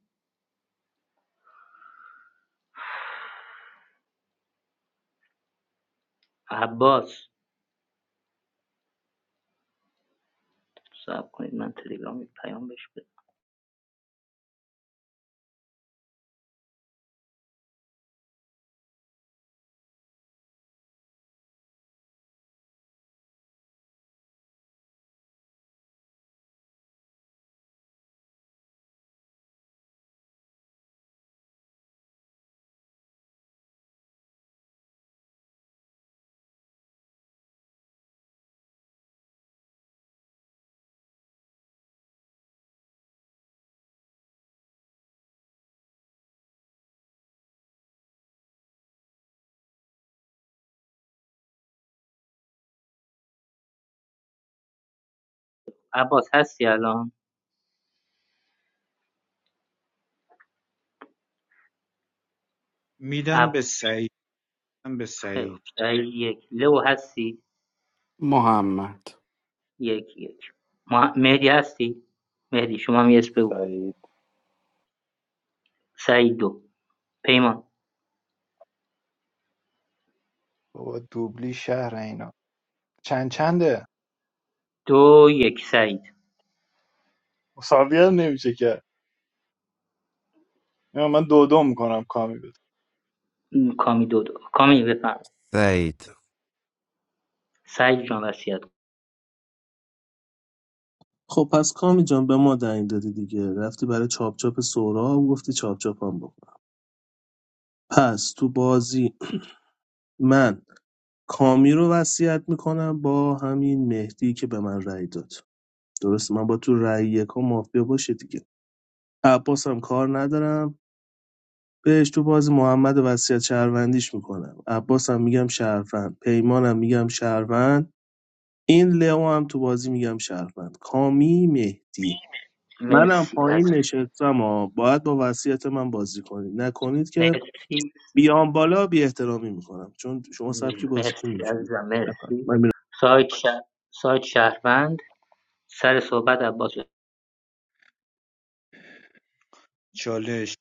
S6: عباس صبر کنید من تلگرام یه پیام بهش بدم عباس هستی الان
S17: میدم
S6: عب
S17: به سعید میدم به
S6: خیلی خوب.
S17: سعید
S6: سعید یک لو هستی
S16: محمد
S6: یک یک مه- مهدی هستی مهدی شما هم یس بگو
S14: سعید
S6: سعید دو پیمان
S13: بابا دوبلی شهر اینا چند چنده
S6: دو یک سعید
S13: مساوی هم نمیشه که نه، من دو دو میکنم کامی بده
S6: م، کامی دو کامی بفهم
S5: سعید
S6: سعید جان وصیت کن.
S18: خب پس کامی جان به ما دنگ دادی دیگه رفتی برای چاپ چاپ سورا و گفتی چاپ چاپ هم بکن پس تو بازی من کامی رو وصیت میکنم با همین مهدی که به من رأی داد درسته من با تو رأی یکا مافیا باشه دیگه عباس هم کار ندارم بهش تو بازی محمد وصیت شهروندیش میکنم عباس هم میگم شهروند پیمانم میگم شهروند این لئو هم تو بازی میگم شهروند کامی مهدی منم
S6: مرسی از
S18: پایین نشستم ها باید با وصیت من بازی کنید نکنید که
S6: مرسی
S18: بیام بالا بی احترامی میکنم چون شما
S6: م،
S18: سبکی بازیتون
S6: مرسی از
S18: اینجوری
S6: مرسی
S18: من
S6: سایت شهر سایت شهروند سر صحبت عباس
S17: چالش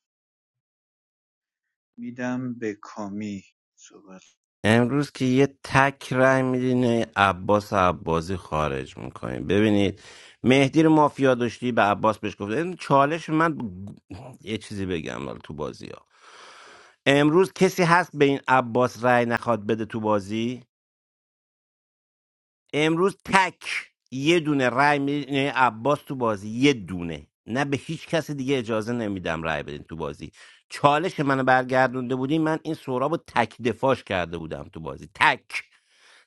S17: میدم به کامی صحبت
S5: امروز که یه تک رای میدین عباس عبازی خارج میکنیم ببینید مهدی رو مافیا داشتی به عباس بهش گفت این چالش من یه چیزی بگم حالا تو بازی ها امروز کسی هست به این عباس رای نخواد بده تو بازی امروز تک یه دونه رای میدین یعنی عباس تو بازی یه دونه نه به هیچ کس دیگه اجازه نمیدم رای بدین تو بازی چالش منو برگردونده بودین من این سهراب رو تک دفاش کرده بودم تو بازی تک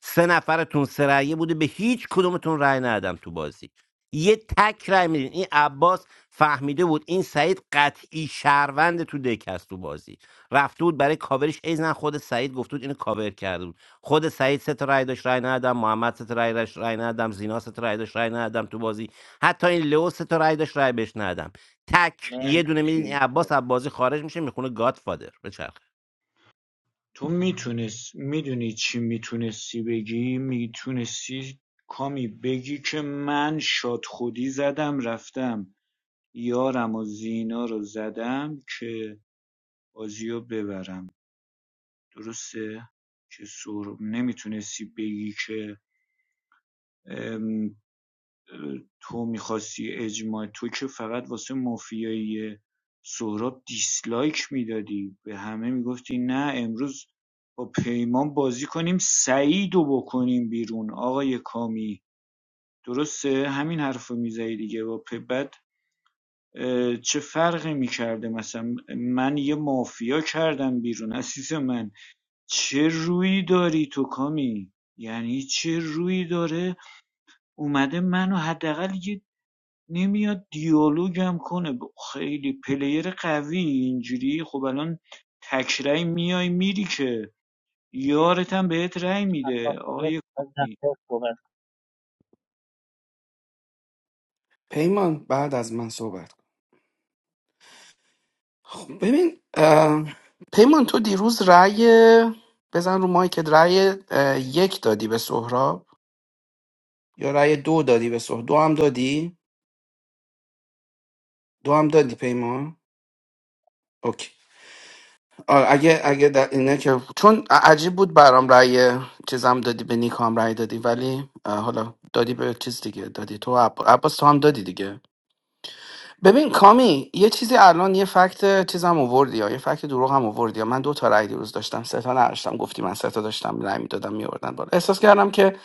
S5: سه نفرتون سه رأیه بوده به هیچ کدومتون رأی ندادم تو بازی یه تک رأی میدین این عباس فهمیده بود این سعید قطعی شهروند تو دکست تو بازی رفته بود برای کاورش ایزن خود سعید گفته بود اینو کاور کرده بود خود سعید سه تا رأی داشت رأی ندادم محمد سه تا رأی داشت رأی ندادم زینا سه تا رأی داشت رأی ندادم تو بازی حتی این لئو سه تا رأی داشت رأی بهش ندادم تک یه دونه میدین این
S6: مرسی
S5: عباس عباسی خارج میشه میخونه گادفادر بچرخه.
S17: تو میتونست میدونی چی میتونستی بگی میتونستی کامی بگی که من شاد خودی زدم رفتم یارم و زینا رو زدم که بازی ببرم درسته که سهراب نمیتونستی بگی که تو میخواستی اجماع تو که فقط واسه مافیایی سهراب دیسلایک میدادی به همه میگفتی نه امروز با پیمان بازی کنیم سعید رو بکنیم بیرون آقای کامی درسته همین حرف رو میزنی دیگه با پ- بعد چه فرقی میکرده مثلا من یه مافیا کردم بیرون عزیز من چه رویی داری تو کامی یعنی چه رویی داره اومده منو حداقل یه نمیاد دیالوگم کنه ب- خیلی پلیر قوی اینجوری خب الان تکرای میای میری که یارتم بهت رأی
S6: عباس
S17: میده آقای
S6: از
S17: کامی
S6: سر صحبت
S16: پیمان بعد از من صحبت خب ببین اه، پیمان تو دیروز رأی بزن رو مایکت رأی اه، یک دادی به سهراب یا رأی دو دادی به سهراب دو هم دادی دو هم دادی پیمان اوکی آه، اگه اگه در اینه که چون عجیب بود برام رأی چیزم دادی به نیک هم رأی دادی ولی اه، حالا دادی به چیز دیگه دادی تو عب- عباس تو هم دادی دیگه ببین کامی یه چیزی الان یه فکت چیزم آوردی یا یه فکت دروغ هم آوردی یا من دو تا رأی دیروز داشتم سه تا نداشتم گفتی من سه تا داشتم رأی میدادم میوردن بالا احساس کردم که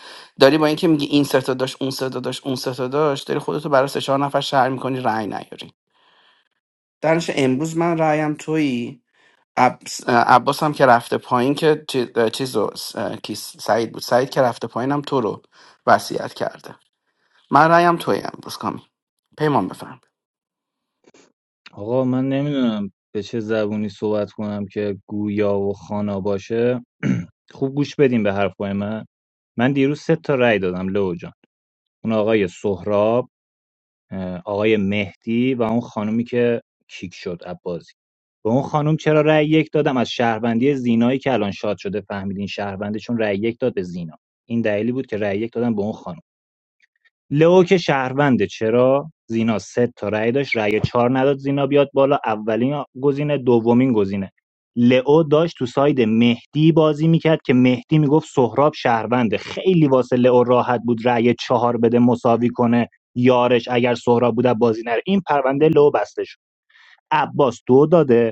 S16: داری با اینکه میگی این سه تا داشت اون سه تا داشت اون سه تا داشت داری خودتو برای سه چهار نفر شهر میکنی رأی نیاری درنش امروز من رأیم تویی عب... عباس هم که رفته پایین که چی- چیز رو کی سعید بود سعید که رفته پایینم تو رو وصیت کرده من رأیم تویی امروز کامی پیمان بفرمایید.
S13: آقا من نمیدونم به چه زبونی صحبت کنم که گویا و خانا باشه خوب گوش بدین به حرفای من من دیروز سه تا رأی دادم لو جان اون آقای سهراب آقای مهدی و اون خانومی که کیک شد عباسی به اون خانم چرا رأی یک دادم از شهروندی زینایی که الان شاد شده فهمیدین شهرونده چون رأی یک داد به زینا این دلیلی بود که رأی یک دادم به اون خانم لئو که شهرونده چرا؟ زینا سه تا رأی داشت رأی چهار نداد زینا بیاد بالا اولین گزینه دومین گزینه لئو داشت تو ساید مهدی بازی میکرد که مهدی میگفت سهراب شهرونده خیلی واسه لئو راحت بود رأی چهار بده مساوی کنه یارش اگر سهراب بود بازی نره این پرونده لئو بسته شد عباس دو داده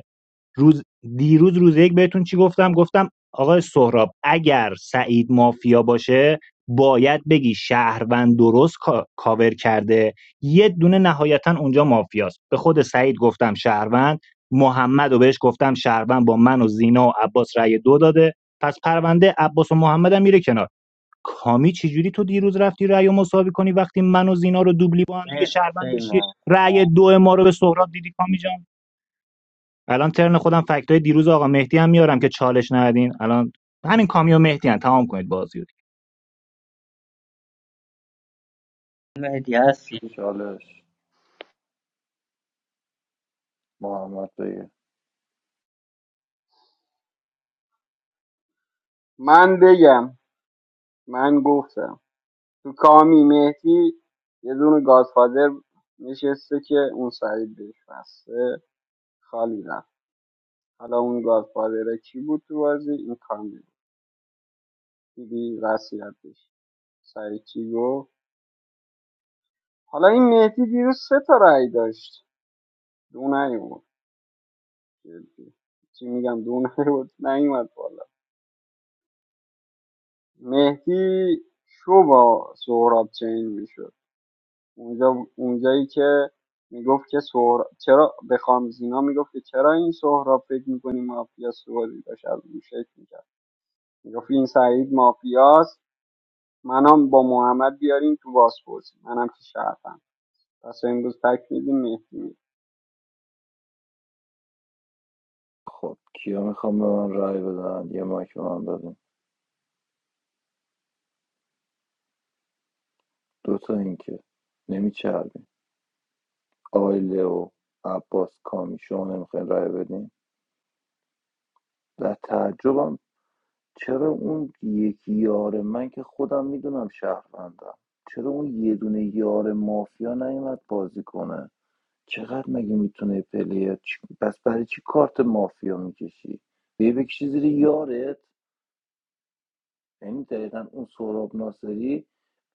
S13: روز دیروز روز یک بهتون چی گفتم گفتم آقای سهراب اگر سعید مافیا باشه باید بگی شهروند درست کا- کاور کرده یه دونه نهایتا اونجا مافیاست به خود سعید گفتم شهروند محمد و بهش گفتم شهروند با من و زینا و عباس رأی دو داده پس پرونده عباس و محمد هم میره کنار کامی چجوری تو دیروز رفتی رأی و مساوی کنی وقتی من و زینا رو دوبلی با هم دیگه
S6: مرسی
S13: شهروند داشتی
S6: پیمان
S13: رأی دو ما رو به سهراب دیدی کامی جان الان ترن خودم فکتای دیروز آقا مهدی هم میارم که چالش ندین الان همین کامیو مهدی هم تمام کنید بازی رو
S6: مهدی هستی
S14: چالش محمد بگه
S19: من بگم من گفتم تو کامی مهدی یه دونه گادفادر نشسته که اون سعید بهش بسته خالی رفت حالا اون گادفادره کی بود تو بازی این کامی بود. دیدی وصیتش سعید چی گفت؟ حالا این مهدی دیروز سه تا رأی داشت دو نیومد جدی. چی میگم دو نیومد نیومد بالا مهدی شو با سهراب چین میشد اونجا اونجایی که میگفت که سهراب چرا به خامزینا میگفت که چرا این سهراب فکر میکنی مافیاس تو بازی داشت از اون شکل میکرد میگفت این سعید مافیاس منم با محمد بیارین تو بازپرسی منم که شرفم پس امروز تک میدیم مهدی میره.
S14: خب کیا میخوام به من رای بدن یه مایک به من بدن دوتا اینکه نمیچربیم آقای لئو عباس کامی شما نمیخواین رای بدین و تعجبم چرا اون یکی یار من که خودم میدونم شهروندم چرا اون یه دونه یار مافیا نیومد بازی کنه چقدر مگه میتونه پلیر چی- پس برای چی کارت مافیا میکشی بیا بکشی زیر یارت یعنی دقیقا اون سهراب ناصری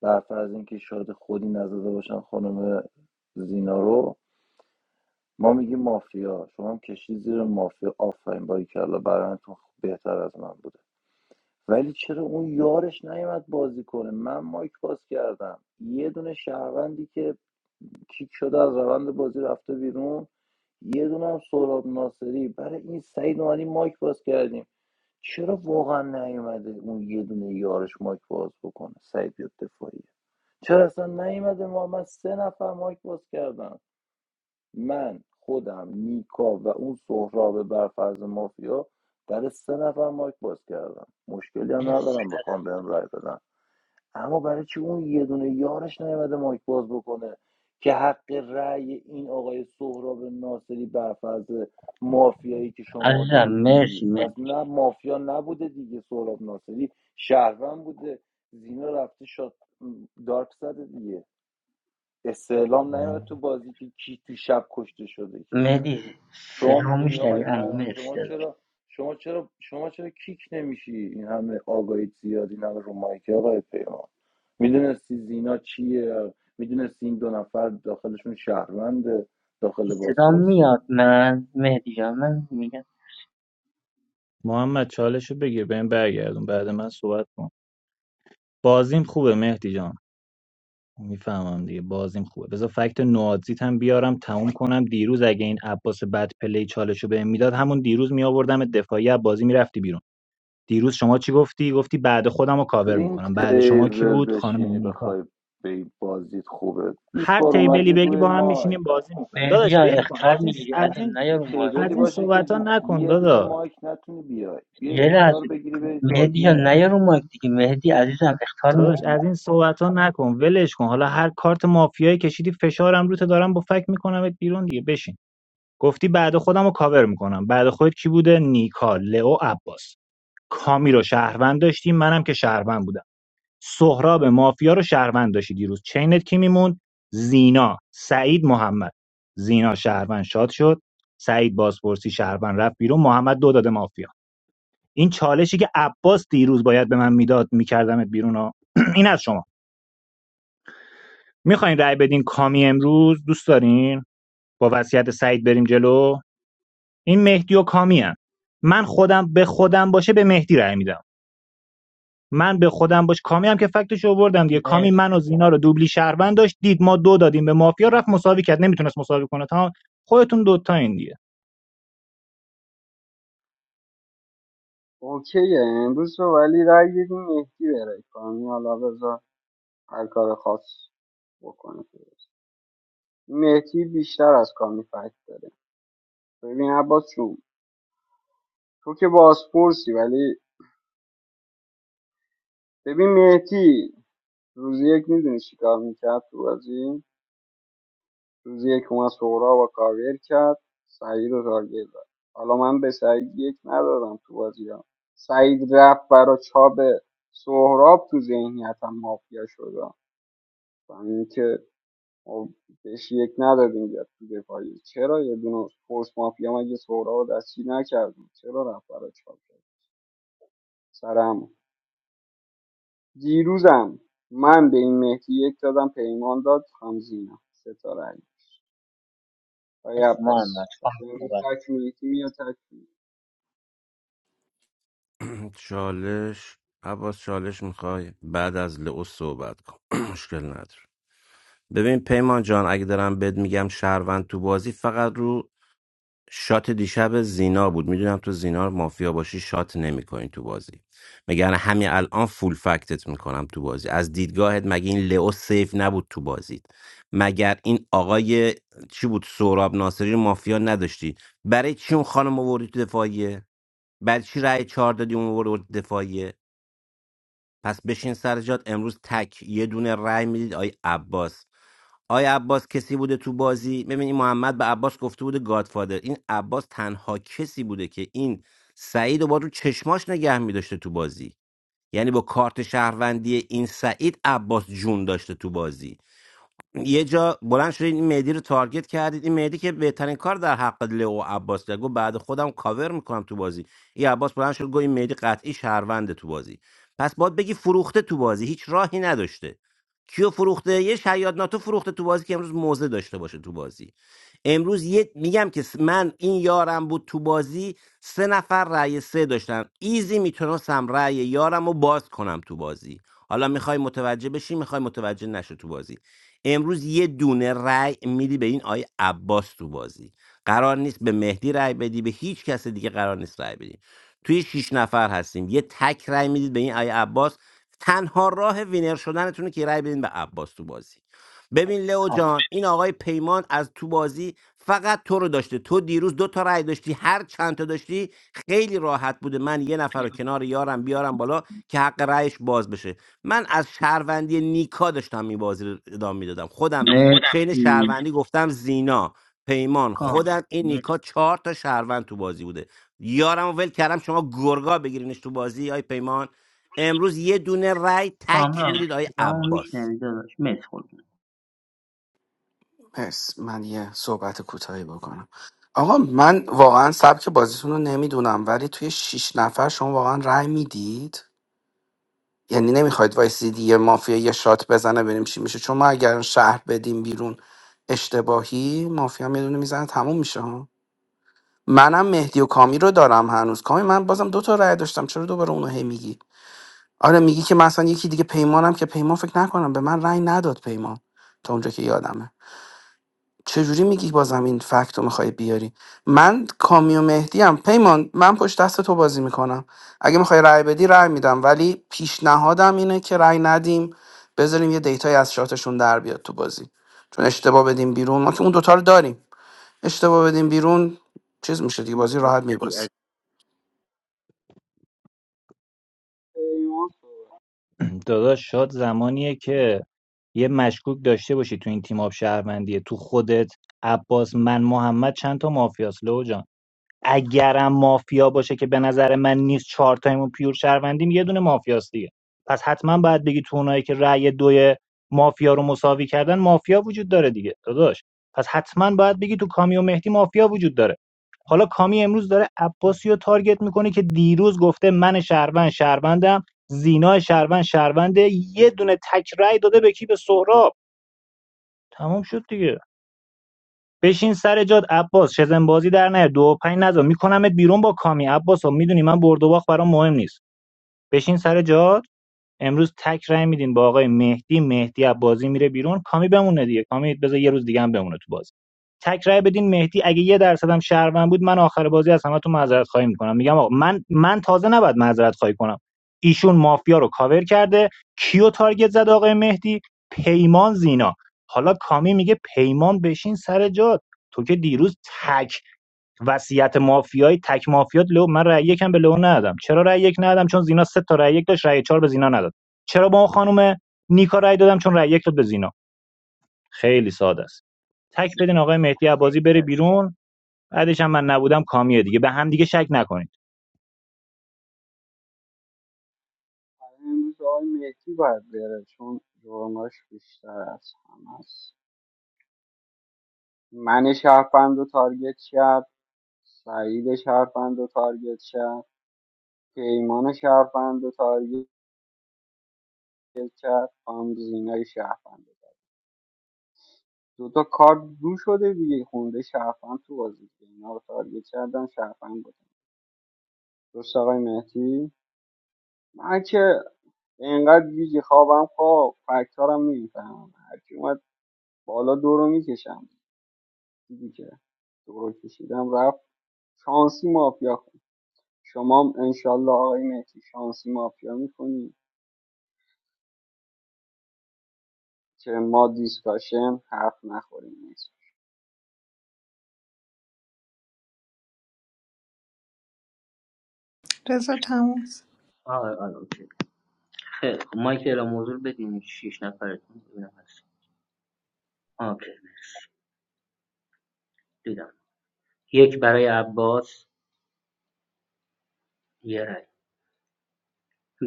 S14: بر فرض اینکه شاید خودی نزده باشن خانم زینا رو ما میگیم مافیا شما هم کشی زیر مافیا آفرین باریکلا برنتون بهتر از من بوده ولی چرا اون یارش نیومد بازی کنه من مایک باز کردم یه دونه شهروندی که کیک شده از روند بازی رفته بیرون یه دونه هم سهراب ناصری برای این سعید مالی مایک باز کردیم چرا واقعا نیومده اون یه دونه یارش مایک باز بکنه سعید بیاد دفاعیه چرا اصلا نیومده ما من سه نفر مایک باز کردم من خودم نیکا و اون سهراب برفرض مافیا برای سه نفر مایک باز کردم مشکلی هم
S6: مرسی
S14: ندارم بخوام بهم رای بدن اما برای چی اون یه دونه یارش نیومده مایک باز بکنه که حق رأی این آقای سهراب ناصری برفرض مافیایی که شما
S6: عزیزم
S14: دارید میگی
S6: مرسی
S14: پس
S6: مهدی
S14: نه مافیا نبوده دیگه سهراب ناصری شهروند بوده زینا رفته شاد دارک زده دیگه استعلام نیومد تو بازی که کی تو شب کشته شده که
S6: مهدی
S14: شما
S6: صدا
S14: میدونی آقای
S6: میشنوی اما
S14: پیام
S6: مرسی
S14: شما
S6: داداش.
S14: چرا شما چرا شما چرا کیک نمیشی این همه آگاهی زیاد این همه رو مایک آقای پیمان میدونستی زینا چیه میدونستی این دو نفر داخلشون شهروند
S6: این
S14: داخل
S6: صدا
S14: بازپرسی
S6: میاد من مهدی جان من میگم
S13: محمد چالشو بگیر بهم برگردون بعد من صحبت کن بازیم خوبه مهدی جان میفهمم دیگه بازیم خوبه بذار فکت نوادزیت هم بیارم تموم کنم دیروز اگه این عباس بد پلی چالشو بهم میداد همون دیروز می آوردم دفاعی از بازی میرفتی بیرون دیروز شما چی گفتی گفتی بعد خودم رو
S14: تو
S13: کاور
S14: این
S13: میکنم بعد شما کی
S14: تیبل
S13: بود خانم
S14: بشینی
S13: نیکا
S14: بخوای به بازیت خوبه 20
S13: هر
S14: بار
S13: تیبلی
S14: اومدی
S13: بگی
S14: روی
S13: با هم میشینیم
S14: مایک
S13: بازی میکنیم
S6: مهدی
S13: داداش
S6: جان
S13: ول کن از
S6: اختار
S13: این
S6: میگیری
S13: از
S6: عزیزم نیا
S14: یه
S6: رو
S14: تیبلی
S13: از این
S14: باشه که
S13: صحبت ها نکن
S14: یه دونه
S13: داداش
S14: مایک نتونی بیای یه
S6: یه
S14: اختار
S6: لحظه
S14: بگیری بری تو
S6: مهدی جان
S14: آدینس
S6: نیا رو مایک دیگه مهدی عزیزم اختار
S13: داداش از
S6: میدی
S13: این صحبت ها نکن ولش کن حالا هر کارت مافیایی کشیدی فشارم روته دارم با فک میکنمت بیرون دیگه بشین گفتی بعد خودم رو کاور میکنم بعد خودت کی بوده نیکا لئو عباس کامی رو شهروند داشتی منم که شهروند بودم سهراب مافیا رو شهروند داشتی دیروز چینت کی میموند زینا سعید محمد زینا شهروند شاد شد سعید بازپرسی شهروند رفت بیرون محمد دو داده مافیا این چالشی که عباس دیروز باید به من میداد میکردمت بیرون ها. این از شما میخواین رأی بدین کامی امروز دوست دارین با وصیت سعید بریم جلو این مهدی و کامی هم. من خودم به خودم باشه به مهدی رأی میدم من به خودم باش کامی هم که فکتش آوردم دیگه کامی
S6: مرسی
S13: من و زینا رو دوبلی شهروند داشت دید ما دو دادیم به مافیا رفت مساوی کرد نمیتونست مساوی کنه تا خودتون دوتا دیگه
S19: اوکیه امروز رو ولی رای بدیم مهدی بره کامی حالا بذار هر کار خاص بکنه فیروز. مهدی بیشتر از کامی فکت داره ببین عباس جون تو که بازپرسی ولی ببین مهدی روزی یک میدونی چی کار میکرد تو بازی روزی یک اومد سهرا و کاور کرد سعید رو تارگت زد حالا من به سعید یک ندادم تو بازی ها سعید رفت برا چاب سهراب تو ذهنیتم مافیا شد و خب، بهش یک ندادیم بیاد تو دفاعی چرا یه دونه فورس مافیا مگه سهراب رو دستگیر نکردیم چرا رفت برای چاپ کرد سر همون دیروزم من به این مهدی یک دادم پیمان داد خانم زینا ستاره علی آقای
S6: محمد
S19: عباس پس
S6: خانم
S19: امروز
S6: صحبت
S19: تک مهدی میاد تک می‌ری.
S5: چالش عباس چالش میخوای بعد از لئو صحبت کن مشکل نداره ببین پیمان جان اگه دارم بهت میگم شهروند تو بازی فقط رو شات دیشب زینا بود میدونم تو زینا مافیا باشی شات نمیکنی تو بازی مگر نه همین الان فول فکتت میکنم تو بازی از دیدگاهت مگه این لئو سیف نبود تو بازی مگر این آقای چی بود سهراب ناصری رو مافیا نداشتی برای چی اون خانم آوردی تو دفاعیه برای چی رأی چهار دادی اون آورد دفاعیه پس بشین سر جات امروز تک یه دونه رأی میدید آی عباس آی عباس کسی بوده تو بازی ببین این محمد به عباس گفته بوده گادفادر این عباس تنها کسی بوده که این سعید رو با رو چشماش نگه میداشته تو بازی یعنی با کارت شهروندی این سعید عباس جون داشته تو بازی یه جا بلند شدید این مهدی رو تارگت کردید این مهدی که بهترین کار در حق لئو عباس کرد گفت بعد خودم کاور میکنم تو بازی این عباس بلند شد گفت این مهدی قطعی شهرونده تو بازی پس باید بگی فروخته تو بازی هیچ راهی نداشته کیو فروخته یه شیاد ناتو فروخته تو بازی که امروز موزه داشته باشه تو بازی امروز یه میگم که من این یارم بود تو بازی سه نفر رأی سه داشتن ایزی میتونستم رأی یارم رو باز کنم تو بازی حالا میخوای متوجه بشی میخوای متوجه نشو تو بازی امروز یه دونه رأی میدی به این آی عباس تو بازی قرار نیست به مهدی رأی بدی به هیچ کس دیگه قرار نیست رأی بدی توی شیش نفر هستیم یه تک رأی میدید به این آی عباس تنها راه وینر شدنتونه که رأی بدین به عباس تو بازی ببین لئو
S6: خانم
S5: جان این آقای پیمان از تو بازی فقط تو رو داشته تو دیروز دو تا رأی داشتی هر چند تا داشتی خیلی راحت بوده من یه نفر رو کنار یارم بیارم بالا که حق رأیش باز بشه من از شهروندی نیکا داشتم این بازی رو ادامه میدادم خودم چین
S6: مرسی
S5: شهروندی گفتم زینا پیمان
S6: کام
S5: خودم این
S6: مرسی.
S5: نیکا چهار تا شهروند تو بازی بوده یارم رو ول کردم شما گرگا بگیرینش تو بازی آی پیمان امروز یه دونه رأی تک
S6: کامران
S5: میدید آی
S6: صدامو
S5: عباس
S6: میشنوی داداش مرسی خودتون
S16: پس من یه صحبت کوتاهی بکنم آقا من واقعا سبک بازیتون رو نمیدونم ولی توی شیش نفر شما واقعا رأی میدید یعنی نمیخواید وایسیدی یه مافیا یه شات بزنه بریم چی میشه چون ما اگر شهر بدیم بیرون اشتباهی مافیا میدونه میزنه تموم میشه ها منم مهدی و کامی رو دارم هنوز کامی من بازم دو تا رأی داشتم چرا دوباره اونو هی میگی آره میگی که مثلا یکی دیگه پیمانم که پیمان فکر نکنم به من رأی نداد پیمان تا اونجا که یادمه چجوری میگی بازم این فکت رو میخوای بیاری من کامیو مهدی هم پیمان من پشت دست تو بازی میکنم اگه میخوای رأی بدی رأی میدم ولی پیشنهادم اینه که رأی ندیم بذاریم یه دیتای از شاتشون در بیاد تو بازی چون اشتباه بدیم بیرون ما که اون دوتا رو داریم اشتباه بدیم بیرون چیز میشه دیگه بازی راحت
S6: مرسی عزیزی
S16: میبازی
S19: پیمان صحبت
S13: داداش شاد زمانیه که یه مشکوک داشته باشی تو این تیم آب شهروندیه تو خودت عباس من محمد چند تا مافیاس لو جان. اگرم مافیا باشه که به نظر من نیست چهار تایمون پیور شهروندیم یه دونه مافیاست دیگه پس حتما باید بگی تو اونایی که رأی دوی مافیا رو مساوی کردن مافیا وجود داره دیگه داداش پس حتما باید بگی تو کامی و مهدی مافیا وجود داره حالا کامی امروز داره عباسی رو تارگت میکنه که دیروز گفته من شهروند شهروندم زینا شهروند شهرونده یه دونه تک رأی داده به کی به سهراب تمام شد دیگه بشین سر جات عباس شزن بازی در نیار دو و پنج نزن میکنمت بیرون با کامی عباس میدونی من برد و باخت برام مهم نیست بشین سر جاد امروز تک رای میدین با آقای مهدی مهدی از بازی میره بیرون کامی بمونه دیگه کامی بذار یه روز دیگه هم بمونه تو بازی تک رای بدین مهدی اگه یه درصد هم شهروند بود من آخر بازی از همتون معذرت خواهی میکنم میگم آقا من من تازه نباید معذرت خواهی کنم ایشون مافیا رو کاور کرده کیو تارگت زد آقای مهدی پیمان زینا حالا کامی میگه پیمان بشین سر جات تو که دیروز تک وصیت مافیایی تک مافیات لو من رأی یکم به لو ندادم چرا رأی یک ندادم چون زینا سه تا رأی یک داشت رأی چهار به زینا نداد چرا با خانم نیکا رأی دادم چون رأی یک داد به زینا خیلی ساده است تک بدین آقای مهدی عبازی
S6: مرسی
S13: بره
S6: عزیزم
S13: بیرون بعدش هم من نبودم کامیه دیگه به هم دیگه شک نکنید
S19: کرد. امروز آقای مهدی باید بره چون جرماش بیشتر از همه است من شهرپند رو تارگت کرد سعید شهرپند رو تارگت کرد پیمان شهروند رو تارگت کرد هم زینای شهروند رو. دوتا کارت رو شده دیگه خونده شهروند تو بازی که اینا رو تارگت کردن شهروند بودن درست آقای مهدی من که اینقدر ویژه خوابم خواب فکتارم میفهمم هرکی اومد بالا دورو میکشم دیدی که دورو کشیدم رفت شانسی مافیا خون شما هم انشالله آقای مهدی شانسی مافیا میکنی که ما دیسکاشن حرف نخوریم
S12: رضا تموم شد.
S6: آره آره اوکی خیلی خب مایک الان موضوع بدین شیش نفرتون ببینم هست اوکی مرسی دیدم یک برای عباس یه رای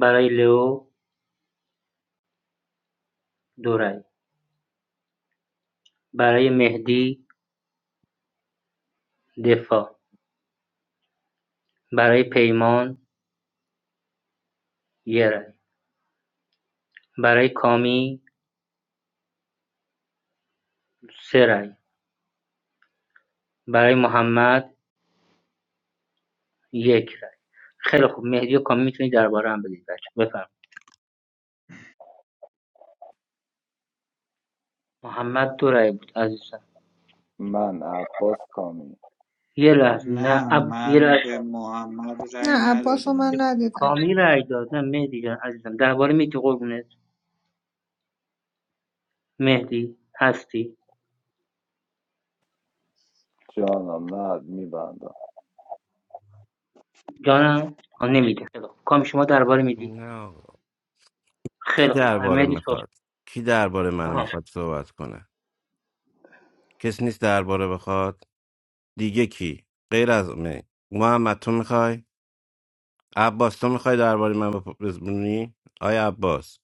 S6: برای لئو دو رای برای مهدی دفاع برای پیمان یه رای برای کامی سه رای برای محمد یک رای خیلی خوب مهدی و کامی میتونید درباره هم بدید بچه بفرمایید محمد دو رای بود عزیزم
S14: من عباس کامی
S6: یه لحظه نه
S17: نه
S6: اب... یه
S17: من به
S6: لحظه
S17: محمد رأی
S12: نه عباس رو من
S17: ندادم
S12: ندیدم
S6: کامی رای داد نه مهدی جان عزیزم درباره میدی قربونت مهدی هستی
S14: جانم نه میبندم
S6: جانم آه نمیده خیلی خوب کامی شما درباره میدی
S5: نه آقا. کی
S6: خیلی خوب
S5: درباره
S6: مهدی صحبت
S5: میخواد کی درباره من
S6: آها
S5: میخواد صحبت کنه کس نیست درباره بخواد دیگه کی غیر از من محمد تو میخوای عباس تو میخوای درباره من بپ- بزنی آیا عباس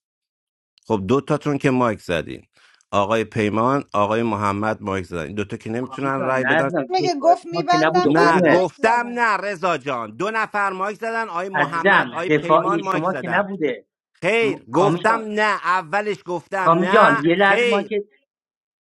S5: خب دو تاتون که مایک زدین آقای پیمان آقای محمد مایک زدن این دوتا که
S6: کامی
S5: نمیتونن
S6: جان
S5: رای
S6: نه
S5: بدن
S6: عزیزم
S12: میگه
S6: دفاع
S12: گفت
S6: شما که نبوده
S12: میبندم بعد
S5: نه
S6: قربونت
S12: مایک
S5: گفتم
S12: زدم
S5: نه رضا جان دو نفر مایک زدن آقای محمد
S6: عزیزم
S5: آقای پیمان
S6: دفاعی
S5: مایک
S6: شما که
S5: زدن
S6: نبوده م...
S5: خیر
S6: کامی جان
S5: گفتم نه اولش گفتم
S6: کامی
S5: نه
S6: جان یه لحظه ما
S5: خیر
S6: که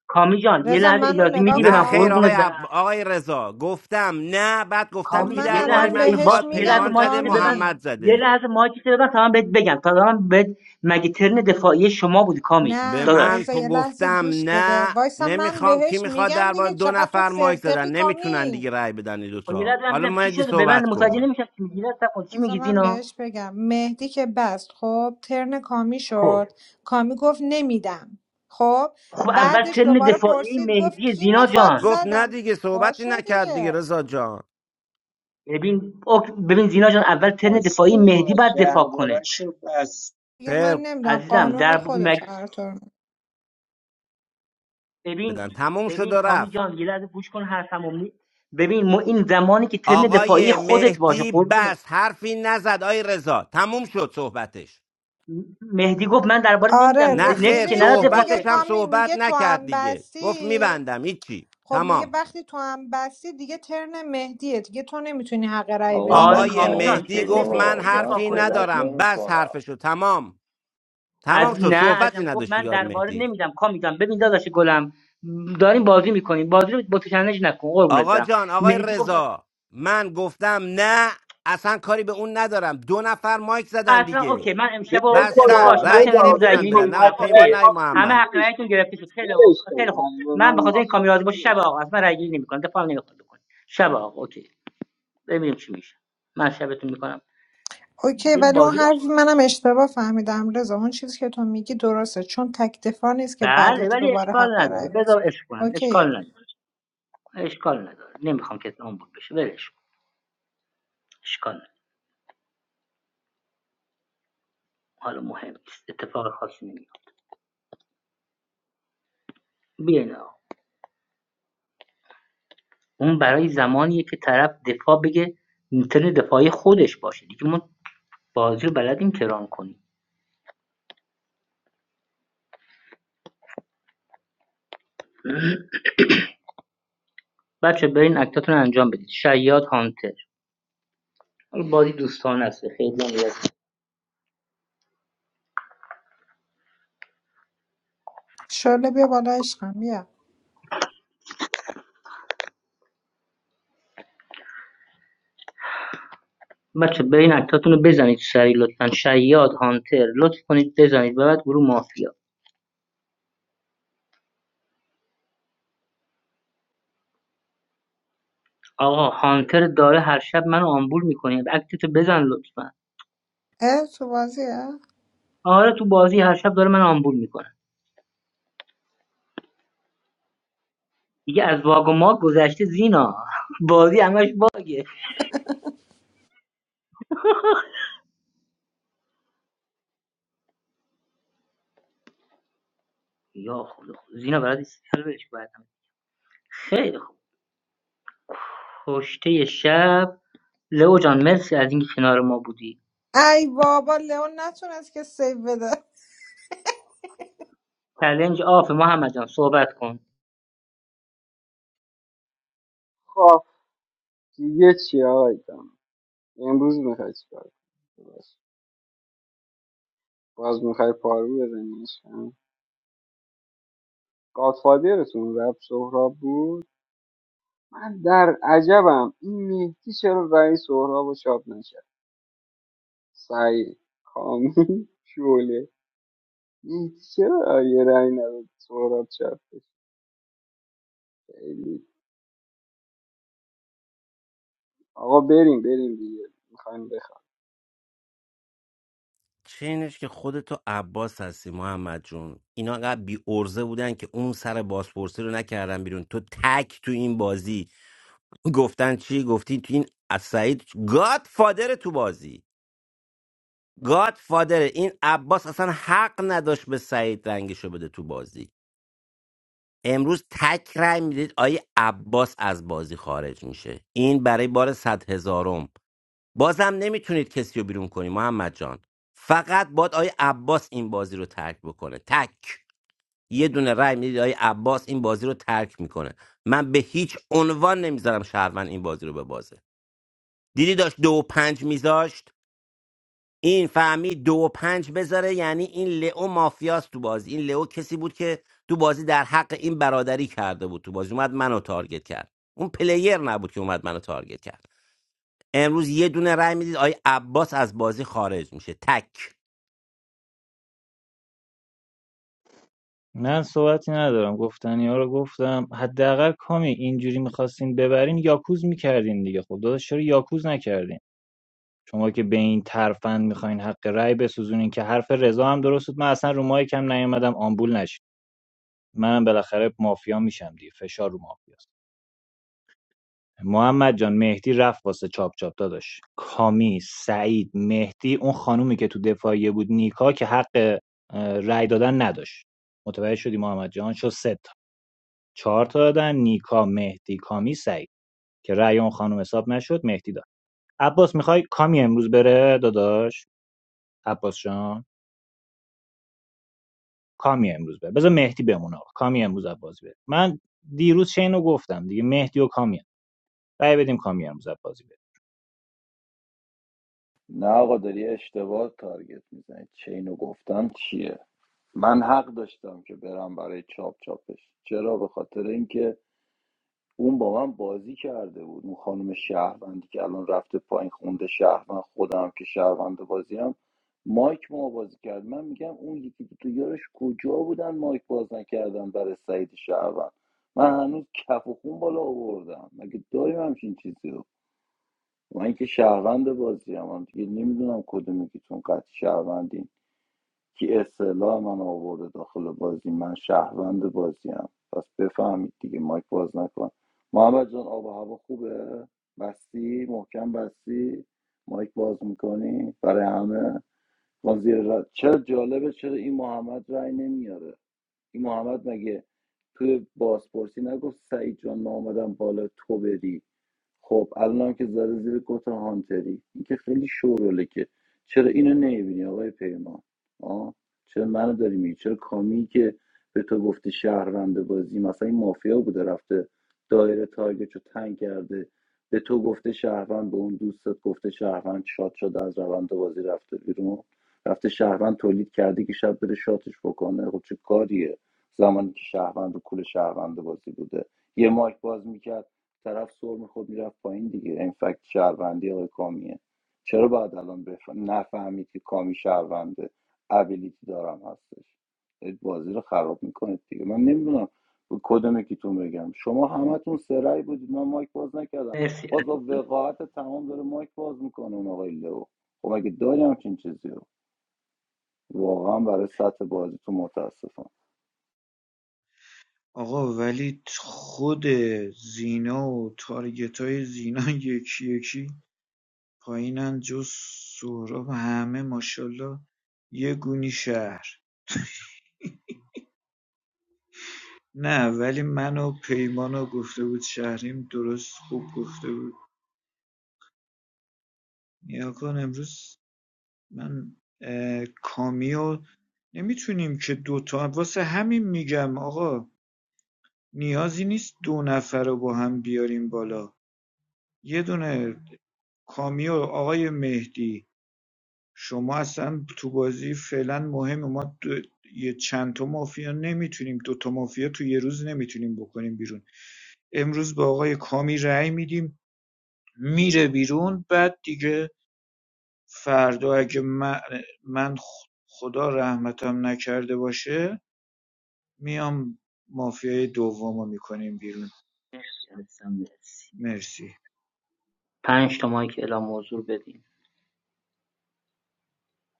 S6: کامی جان یه
S12: رضا
S6: لحظه
S12: منو
S6: اجازه میدی
S12: نگاه
S6: به
S5: نه
S6: من
S5: خیر
S12: کن
S6: قربونت
S5: آقای عب...
S6: برم
S5: آقای رضا گفتم نه بعد
S12: خب
S5: گفتم کی
S6: کامی
S12: من
S6: یه
S5: درباره
S6: لحظه
S12: الان
S5: من
S6: ای باش
S12: بهش
S5: میخواد
S6: یه لحظه
S5: پیمان
S12: میگم
S6: ما
S5: زده
S6: که ببند
S12: کامی
S5: محمد
S6: یه
S5: زده
S6: لحظه ما که ببند تا من بهت بگم تا من بهت مگه ترن دفاعی شما بود کامی
S5: به
S12: نه
S5: من
S6: داداش
S12: رضا
S5: پ...
S12: یه لحظه
S5: گفتم
S12: گوش بده
S5: نه
S12: وایسا من
S5: نمیخوام کی
S12: بهش
S5: میخواد
S12: میگم
S5: درباره
S12: دیگه
S5: دو
S12: چقدر تو
S5: نفر مایک زدن
S12: سرتقی
S5: نمیتونن
S12: کامی
S5: دیگه رأی بدن این
S6: خب یه
S5: دوتا
S6: لحظه من
S5: حالا
S6: ببینم چی
S5: مهدی
S6: شده ببند
S5: صحبت
S6: متوجه
S5: کن
S6: نمیشم چی میگی لحظه کن چی
S12: بذار
S6: میگی
S12: من
S6: زینا
S12: بهش بگم مهدی که بست خب ترن کامی
S6: خب
S12: شد کامی گفت نمیدم خب
S6: خب اول
S12: بعدش
S6: ترن
S12: دوباره
S6: دفاعی
S12: پرسید گفت
S6: مهدی
S12: کی
S6: زینا
S12: میخواد
S6: جان
S5: گفت نه
S12: زدم
S5: دیگه صحبتی
S12: باشه
S5: نکرد دیگه
S12: دیگه
S5: رضا جان
S6: ببین اوک- ببین زینا جان اول ترن
S17: بس
S6: دفاعی مهدی
S17: آقا
S6: باید دفاع کنه
S17: درباره‌شو بس
S12: دیگه من
S5: خیر
S12: نمیدم
S6: عزیزم
S12: قانون
S6: در مگه
S12: خودت هر طور.
S6: ببین
S5: بدن تموم شد
S6: ببین
S5: و
S6: کامی
S5: رفت
S6: جان یه لحظه گوش کن حرفمو می- ببین ما این زمانی که ترن دفاعی
S5: آقای
S6: خودت باشه
S5: مهدی
S6: قربونه
S5: بس حرفی نزد آقای رضا تموم شد صحبتش
S6: مهدی گفت من درباره
S12: آره
S6: نمیدم
S5: نه
S12: ر...
S6: نکس
S5: خیر
S6: که
S12: میدونی چی
S6: نداد
S12: میگه
S6: دفاعی
S5: صحبتش هم
S6: تو
S12: کامی
S5: صحبت
S12: میگه تو
S5: نکرد
S12: هم
S5: دیگه گفت
S12: بستی
S5: میبندم هیچی
S12: خب میگه
S5: تمام
S12: وقتی تو هم بستی دیگه ترن مهدیه دیگه تو نمیتونی حق رأی
S14: آقا
S6: آره
S14: من
S5: آقای
S6: کامی
S12: بسوزونی
S14: تموم
S6: جان
S5: مهدی
S14: شد
S6: ترن
S5: گفت من
S14: آقا
S6: مهدی
S14: من
S6: دفاع
S5: حرفی
S6: کنه داداش
S14: صحبت
S5: ندارم
S14: نمی
S5: بس
S14: کنم
S5: حرفشو تمام تمام
S6: از
S5: شد
S6: نه
S5: صحبتی
S6: ازم گفت من
S5: نداشتی آقای
S6: درباره
S5: مهدی
S6: نمیدم کامی جان ببین داداش گلم داریم بازی میکنیم بازی رو با تو چالش نکن قربونت
S5: آقا
S6: برم
S5: جان آقای
S6: مهدی گفت
S5: رضا من گفتم نه اصلا کاری به اون ندارم دو نفر مایک زدن
S6: اصلا اوکی
S5: دیگه
S6: من
S19: ول
S6: امشب و ام-
S19: کن
S5: بستن
S19: آقا
S6: باشه من
S5: رأی
S6: اصلا
S19: رضا
S5: دیگه
S6: امروز
S19: ول
S5: نمیتونن
S6: درگیری
S19: کن
S5: بدن
S6: نمی
S5: نه آقای
S19: حق
S5: پیمان
S19: رأی
S5: نه
S6: اوکیه
S19: ما
S5: آقای
S19: سود
S6: همه
S5: محمد
S6: حق
S19: ولش
S6: رأیتون
S19: کن
S6: گرفته شد خیلی او-
S19: ولش کن
S6: خیلی خوب
S19: حق
S6: من
S19: رأی
S6: به خاطر
S19: ما
S6: این
S19: سود
S6: کامیرا باشه شب
S19: ولش کن.
S6: آقا اصلا رأیگیری نمی دفاع نمیخواد بکنی شب آقا اوکی ببینیم چی میشه من شبتون می‌کنم.
S12: اوکی
S6: یه
S12: ولی اون
S6: باگی رو
S12: حرف منم اشتباه فهمیدم رضا اون چیزی که تو میگی درسته چون تک دفاع نیست که بعدش
S6: بله ولی
S12: دوباره حق
S6: اشکال نداره
S12: رأی
S6: بذار
S12: بسوزونی
S6: عشق کنن
S12: اوکیه
S6: اشکال نداره اشکال نداره نمی‌خوام که اون بود بشه ولش کن. اشکال نداره حالا مهم نیست اتفاق خاصی نمیاد بیاین آقا اون برای زمانیه که طرف دفاع بگه میتونه دفاعی خودش باشه دیگه ما بازی رو بلدین کران کنین بچه برین اکتاتون رو انجام بدید شیاد هانتر حالا بازی دوستانه است خیلی هم نیاز نیست.
S12: شله بیا بالا عشقم بیا
S6: بچه برین اکتاتون رو بزنید سریع لطفا شیاد هانتر لطف کنید بزنید و بعد گروه مافیا آقا هانتر داره هر شب منو آمبول میکنه اکتتو بزن لطفا
S12: اه تو بازیه
S6: آره تو بازی هر شب داره من آمبول میکنه دیگه از واگ و ماگ گذشته زینا بازی همش باگه یا خدا خدا. زینا برات استیکر بهش خیلی خوب پشته شب لئو جان مرسی از اینکه کنار ما بودی
S12: ای بابا لئون نتونست که سیو بده
S6: چلنج آفه محمد جان صحبت کن
S19: خب دیگه چی آقای دام امروز میخوای چیکار کنی؟ باش. باز میخوای پارو بزنیش گادفادرتون رب سهراب بود من در عجبم این مهدی چرا رأی سهراب رو چاپ نشد سعید کامی شوله مهدی چرا یه رأی نداد سهراب چاپ بشه؟ خیلی آقا بریم بریم دیگه میخوایم
S5: چینش که خودتو عباس هستی محمد جون اینا قبل بی ارزه بودن که اون سر بازپرسی رو نکردن بیرون تو تک تو این بازی گفتن چی گفتی تو این از سعید گاد فادر تو بازی گاد فادر این عباس اصلا حق نداشت به سعید رنگشو بده تو بازی امروز تک رای میدید آیه عباس از بازی خارج میشه این برای بار صد هزارم بازم نمیتونید کسی رو بیرون کنی محمد جان فقط باد آی عباس این بازی رو ترک بکنه تک یه دونه رای میدید آی عباس این بازی رو ترک میکنه من به هیچ عنوان نمیذارم شهروند این بازی رو به ببازه دیدی داشت دو و پنج میذاشت این فهمید دو و پنج بذاره یعنی این لئو مافیاست تو بازی این لئو کسی بود که تو بازی در حق این برادری کرده بود تو بازی اومد منو تارگت کرد اون پلیر نبود که اومد منو تارگت کرد امروز یه دونه رای میدید آقای عباس از بازی خارج میشه تک
S13: من صحبتی ندارم گفتنی ها رو گفتم حداقل کامی اینجوری میخواستین ببرین یاکوز میکردین دیگه خب داداش چرا یاکوز نکردین شما که به این ترفند میخواین حق رأی بسوزونین که حرف رضا هم درست بود من اصلا رو مایک هم نیومدم آمبول نشید منم بالاخره مافیا میشم دیگه فشار رو مافیاست محمد جان مهدی رفت واسه چاپ چاپ داداش کامی سعید مهدی اون خانومی که تو دفاعیه بود نیکا که حق اه، رأی دادن نداشت متوجه شدی محمد جان شد سه تا چهار تا دادن نیکا مهدی کامی سعید که رأی اون خانم حساب نشد مهدی داد عباس میخوای کامی امروز بره داداش عباس جان کامی امروز بره بذار مهدی بمونه کامی امروز از بازی بره من دیروز چه اینو گفتم دیگه مهدی و کامی هم. رأی بدیم کامی امروز از بازی بره
S14: نه آقا داری اشتباه تارگت میزنی چه اینو گفتم چیه من حق داشتم که برم برای چاپ چاپش چرا به خاطر اینکه اون با من بازی کرده بود اون خانم شهروندی که الان رفته پایین خونده شهروند خودم که شهروند بازی هم مایک ما بازی کرد من میگم اون یکی دو تا یارش کجا بودن مایک باز نکردن برای سعید شهروند من هنوز کف و خون بالا آوردم مگه داریم همچین چیزی رو من که شهروند بازی هم, هم دیگه نمیدونم کدوم یکیتون قطع شهروندین کی اصطلاح من آورده داخل بازی من شهروند بازیم پس بفهمید دیگه مایک باز نکن محمد جان آب و هوا خوبه بستی محکم بستی مایک باز میکنی برای همه ما زیر چرا جالبه چرا این محمد رای نمیاره این محمد مگه توی بازپرسی نگفت سعید جان من آمدم بالا تو بری خب الانم که زده زیر کت هانتری این که خیلی شوروله که چرا اینو نمیبینی آقای پیمان آه؟ چرا منو داری میگی چرا کامی که به تو گفته شهروند بازی مثلا این مافیا بوده رفته دایره تارگت رو تنگ کرده به تو گفته شهروند به اون دوستت گفته شهروند شاد شده از روند بازی رفته بیرون رفته شهروند تولید کرده که شب بره شاتش بکنه خب چه کاریه زمانی که شهروند رو کول شهروند بازی بوده یه مایک باز میکرد طرف سرم خود میرفت پایین دیگه این فکت شهروندی آقای کامیه چرا باید الان بف... نفهمید که کامی شهرونده ابیلیتی دارم هستش دارید بازی رو خراب میکنید دیگه من نمیدونم کدوم یکیتون بگم شما همتون سرعی بودید من مایک باز نکردم
S6: مرسی
S14: باز با وقاحت تمام داره مایک باز میکنه اون آقای لو خب اگه داریم همچین چیزی رو واقعا برای سطح بازیتون متاسفم
S17: آقا ولی خود زینا و تارگت های زینا یکی یکی پایینن جز سهراب همه ماشاالله یه گونی شهر نه ولی من و پیمان گفته بود شهریم درست خوب گفته بود نیا کن امروز من اه، کامیو نمیتونیم که دوتا واسه همین میگم آقا نیازی نیست دو نفر رو با هم بیاریم بالا یه دونه کامیو آقای مهدی شما اصلا تو بازی فعلا مهمه ما دو... یه چند تا مافیا نمیتونیم دو تا مافیا تو یه روز نمیتونیم بکنیم بیرون امروز با آقای کامی رأی میدیم میره بیرون بعد دیگه فردا اگه من, من خدا رحمتم نکرده باشه میام مافیای دومو میکنیم بیرون
S6: عزیزم، مرسی
S17: مرسی
S6: پنج تا مایک اعلام موضوع بدین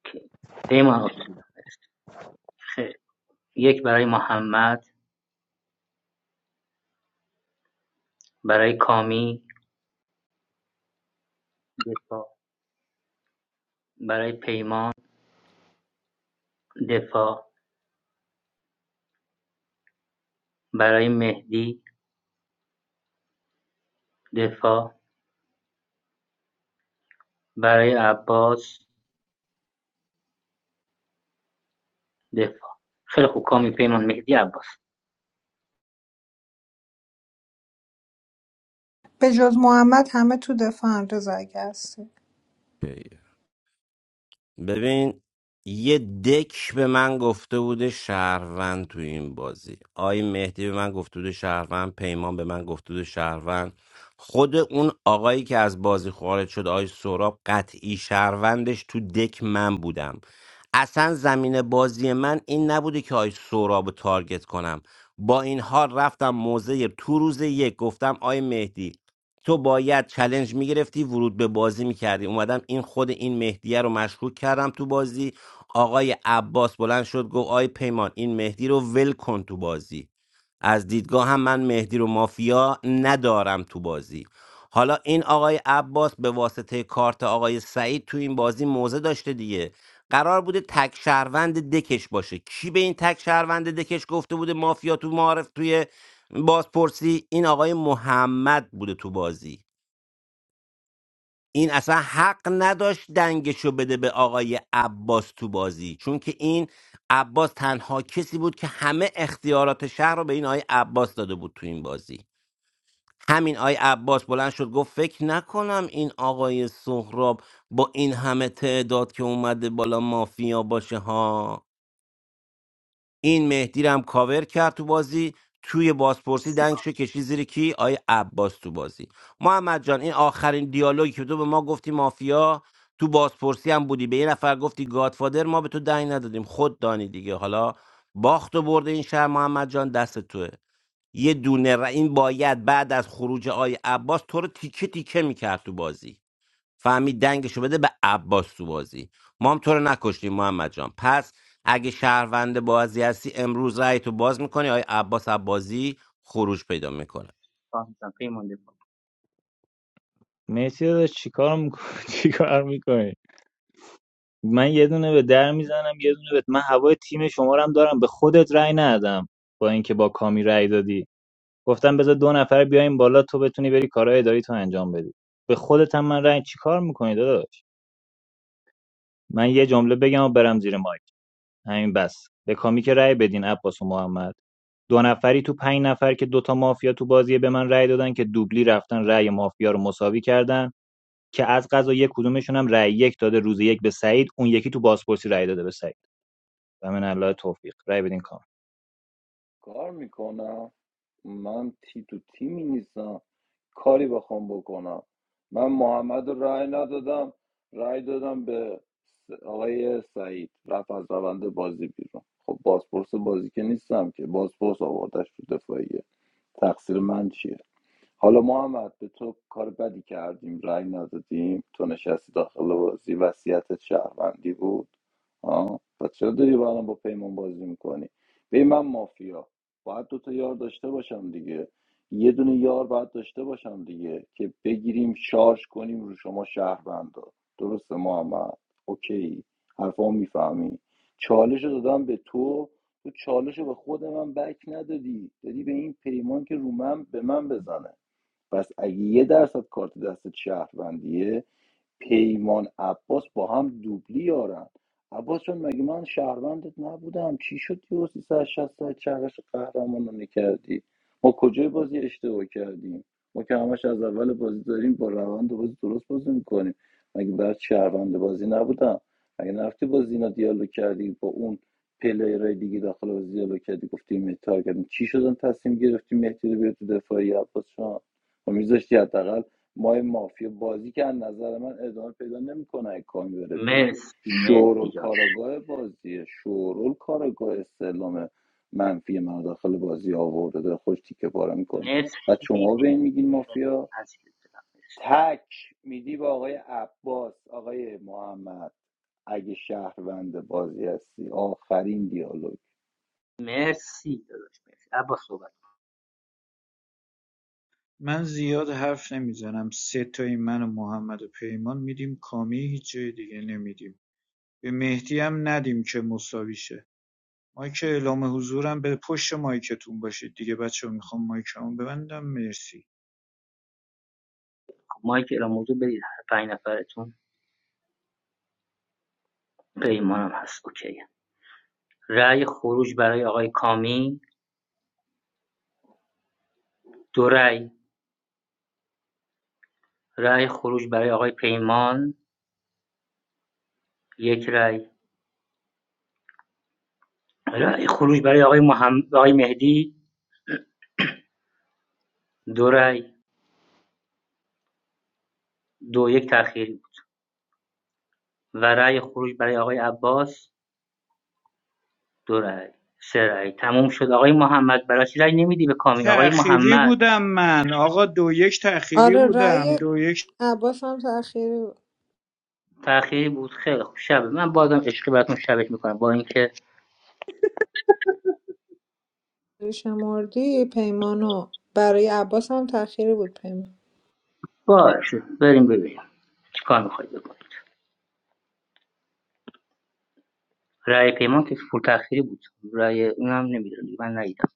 S6: اوکی. پیمان آسولا، خیر یک برای محمد برای کامی دفاع برای پیمان دفاع برای مهدی دفاع برای عباس دفاع خیلی خوب کامی پیمان مهدی عباس
S12: به جز محمد همه تو دفاعن رضا اگه هستی
S5: اوکیه. ببین یه دک به من گفته بوده شهروند تو این بازی آقای مهدی به من گفته بوده شهروند پیمان به من گفته بوده شهروند خود اون آقایی که از بازی خارج شد آقای سوراب قطعی شهروندش تو دک من بودم اصلا زمین بازی من این نبوده که آقای سوراب رو تارگت کنم با این حال رفتم موزه تو روز یک گفتم آقای مهدی تو باید چلنج میگرفتی ورود به بازی میکردی اومدم این خود این مهدیه رو مشکوک کردم تو بازی آقای عباس بلند شد گفت آی پیمان این مهدی رو ول کن تو بازی از دیدگاه هم من مهدی رو مافیا ندارم تو بازی حالا این آقای عباس به واسطه کارت آقای سعید تو این بازی موزه داشته دیگه قرار بوده تک شهروند دکش باشه کی به این تک شهروند دکش گفته بوده مافیا تو معارف توی بازپرسی این آقای محمد بوده تو بازی این اصلا حق نداشت دنگشو بده به آقای عباس تو بازی چون که این عباس تنها کسی بود که همه اختیارات شهر رو به این آقای عباس داده بود تو این بازی همین آقای عباس بلند شد گفت فکر نکنم این آقای سهراب با این همه تعداد که اومده بالا مافیا باشه ها این مهدی رو هم کاور کرد تو بازی توی بازپرسی
S6: مرسی،
S5: دنگشو کشی زیر کی آی عباس تو بازی محمد جان این آخرین دیالوگی که تو به ما گفتی مافیا تو بازپرسی هم بودی به یه نفر گفتی گادفادر ما به تو دنگ ندادیم خود دانی دیگه حالا باخت و برده این شهر محمد جان دست توه یه دونه ر- این باید بعد از خروج آی عباس تو رو تیکه تیکه میکرد تو بازی فهمید دنگشو بده به عباس تو بازی ما هم تو رو نکشتیم محمد جان پس اگه شهروند بازی هستی امروز رأی تو باز میکنی آیا عباس عبازی خروج پیدا میکنه
S6: کامی جان، پیمان دفاع
S13: مهدی داداش چیکار میکنی چیکار میکنی من یه دونه به در میزنم یه دونه به من هوای تیم شما رو هم دارم به خودت رای ندادم با اینکه با کامی رای دادی گفتم بذار دو نفر بیایم بالا تو بتونی بری کارهای اداری تو انجام بدی به خودت هم من رای چیکار میکنی داداش من یه جمله بگم و برم زیر مایک همین بس به کامی که رأی بدین عباس و محمد دو نفری تو پنج نفر که دوتا مافیا تو بازیه به من رأی دادن که دوبلی رفتن رأی مافیا رو مساوی کردن که از قضا یک کدومشون هم رأی یک داده روز یک به سعید اون یکی تو بازپرسی رأی داده به سعید و من الله توفیق رأی بدین کام
S14: کار میکنم من تی تو تیمی نیستم کاری بخوام بکنم من محمد رو رأی ندادم رای دادم به س- آقای سعید رفت از روند بازی بیرون خب بازپرس بازی که نیستم که بازپرس آوردش تو دفاعیه تقصیر من چیه حالا محمد به تو کار بدی کردیم رأی ندادیم تو نشستی داخل بازی وصیتت شهروندی بود آه. پس چرا داری با الان با پیمان بازی میکنی به من مافیا باید دو تا یار داشته باشم دیگه یه دونه یار باید داشته باشم دیگه که بگیریم شارژ کنیم رو شما شهروندا درسته محمد اوکی حرفا میفهمی چالش رو دادم به تو تو چالش رو به خود من بک ندادی دادی به این پیمان که رو من به من بزنه پس اگه یه درصد کارت دست شهروندیه پیمان عباس با هم دوبلی یارن عباس جان مگه من شهروندت نبودم چی شد یه 360 درجه چرخش قهرمان رو ما کجای بازی اشتباه کردیم ما که همش از اول بازی داریم با روند بازی درست بازی میکنیم مگه بعد شهروند بازی نبودم مگه نرفتی با زینا دیالوگ کردی با اون پلیرهای دیگه داخل بازی دیالوگ کردی گفتی مهدی تارگت چی شدن تصمیم گرفتی مهدی رو بیاری تو دفاعی عباس جان و ما مافیا بازی که از نظر من ادامه پیدا نمیکنه اگه کامی بره بیرون
S6: مرسی مهدی
S14: شورول
S6: جان
S14: کاراگاه بازیه شورول کاراگاه استعلام منفی من داخل بازی آورده داره خوش تیکه پاره میکنه
S6: مرسی
S14: و شما
S6: مهدی.
S14: به این میگین مافیا
S6: عزیز دلم.
S14: تک میدی با آقای عباس آقای محمد اگه شهروند بازی هستی آخرین دیالوگ
S6: مرسی داداش مرسی عباس صحبت
S17: من زیاد حرف نمیزنم سه تای من و محمد و پیمان میدیم کامی هیچ جای دیگه نمیدیم به مهدی هم ندیم که مساوی شه مایک اعلام حضورم به پشت مایکتون باشید دیگه بچه ها، میخوام مایکمو ببندم مرسی
S6: کن مایکل موضوع بدید هر پنج نفرتون پیمانم هست اوکی رأی خروج برای آقای کامی دو رأی رأی خروج برای آقای پیمان یک رأی رأی خروج برای آقای محمد آقای مهدی دو رأی دو یک تأخیری بود و رأی خروج برای آقای عباس دو رأی سه رأی تموم شد آقای محمد برای چی رأی نمیدی به کامی آقای
S17: تأخیری
S6: محمد
S17: بودم من آقا دو یک تأخیری
S12: آره
S17: بودم
S12: رأی
S17: دو یک
S12: عباس هم تأخیری بود.
S6: تأخیری بود خیلی خوب شبه من بازم عشقی براتون شبش میکنم با اینکه
S12: شمردی پیمانو برای عباس هم تأخیری بود پیمان
S6: باشه بریم ببینیم چیکار میخواید بکن رای پیمان که پول تأخیری بود رای اونم نمیدونم من ندیدم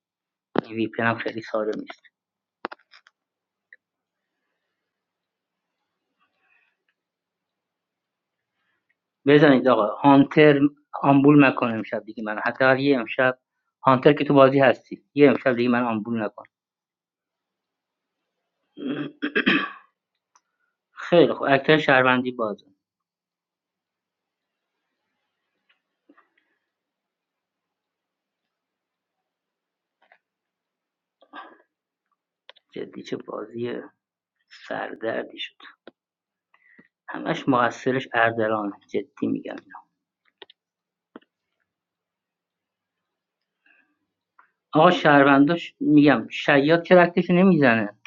S6: وی پی هم خیلی سالم نیست بزنید آقا هانتر آمبول نکن امشب دیگه من حداقل یه امشب هانتر که تو بازی هستی یه امشب دیگه من آمبول نکن خیلی خوب اکثر شهروندی بازه جدی چه بازی سردردی شد همش مقصرش اردلانه جدی میگم آقا شهرونداش میگم شیاد چرا اکتشو نمیزنه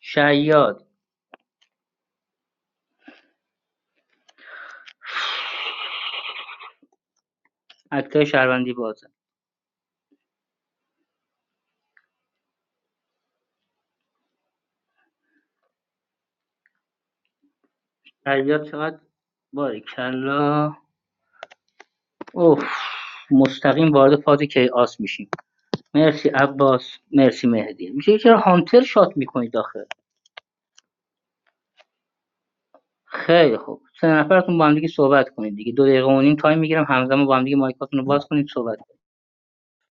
S6: شیاد اکتای شهروندی بازه فریاد چقدر باریکلا اوف مستقیم وارد فاز کیاس میشیم مرسی عباس مرسی مهدی میشه چرا هانتر شات میکنید آخه خیلی خوب سه نفرتون با هم دیگه صحبت کنید دیگه دو دقیقه و نیم تایم میگیرم همزمان با هم دیگه مایکاتون رو باز کنید صحبت کنید.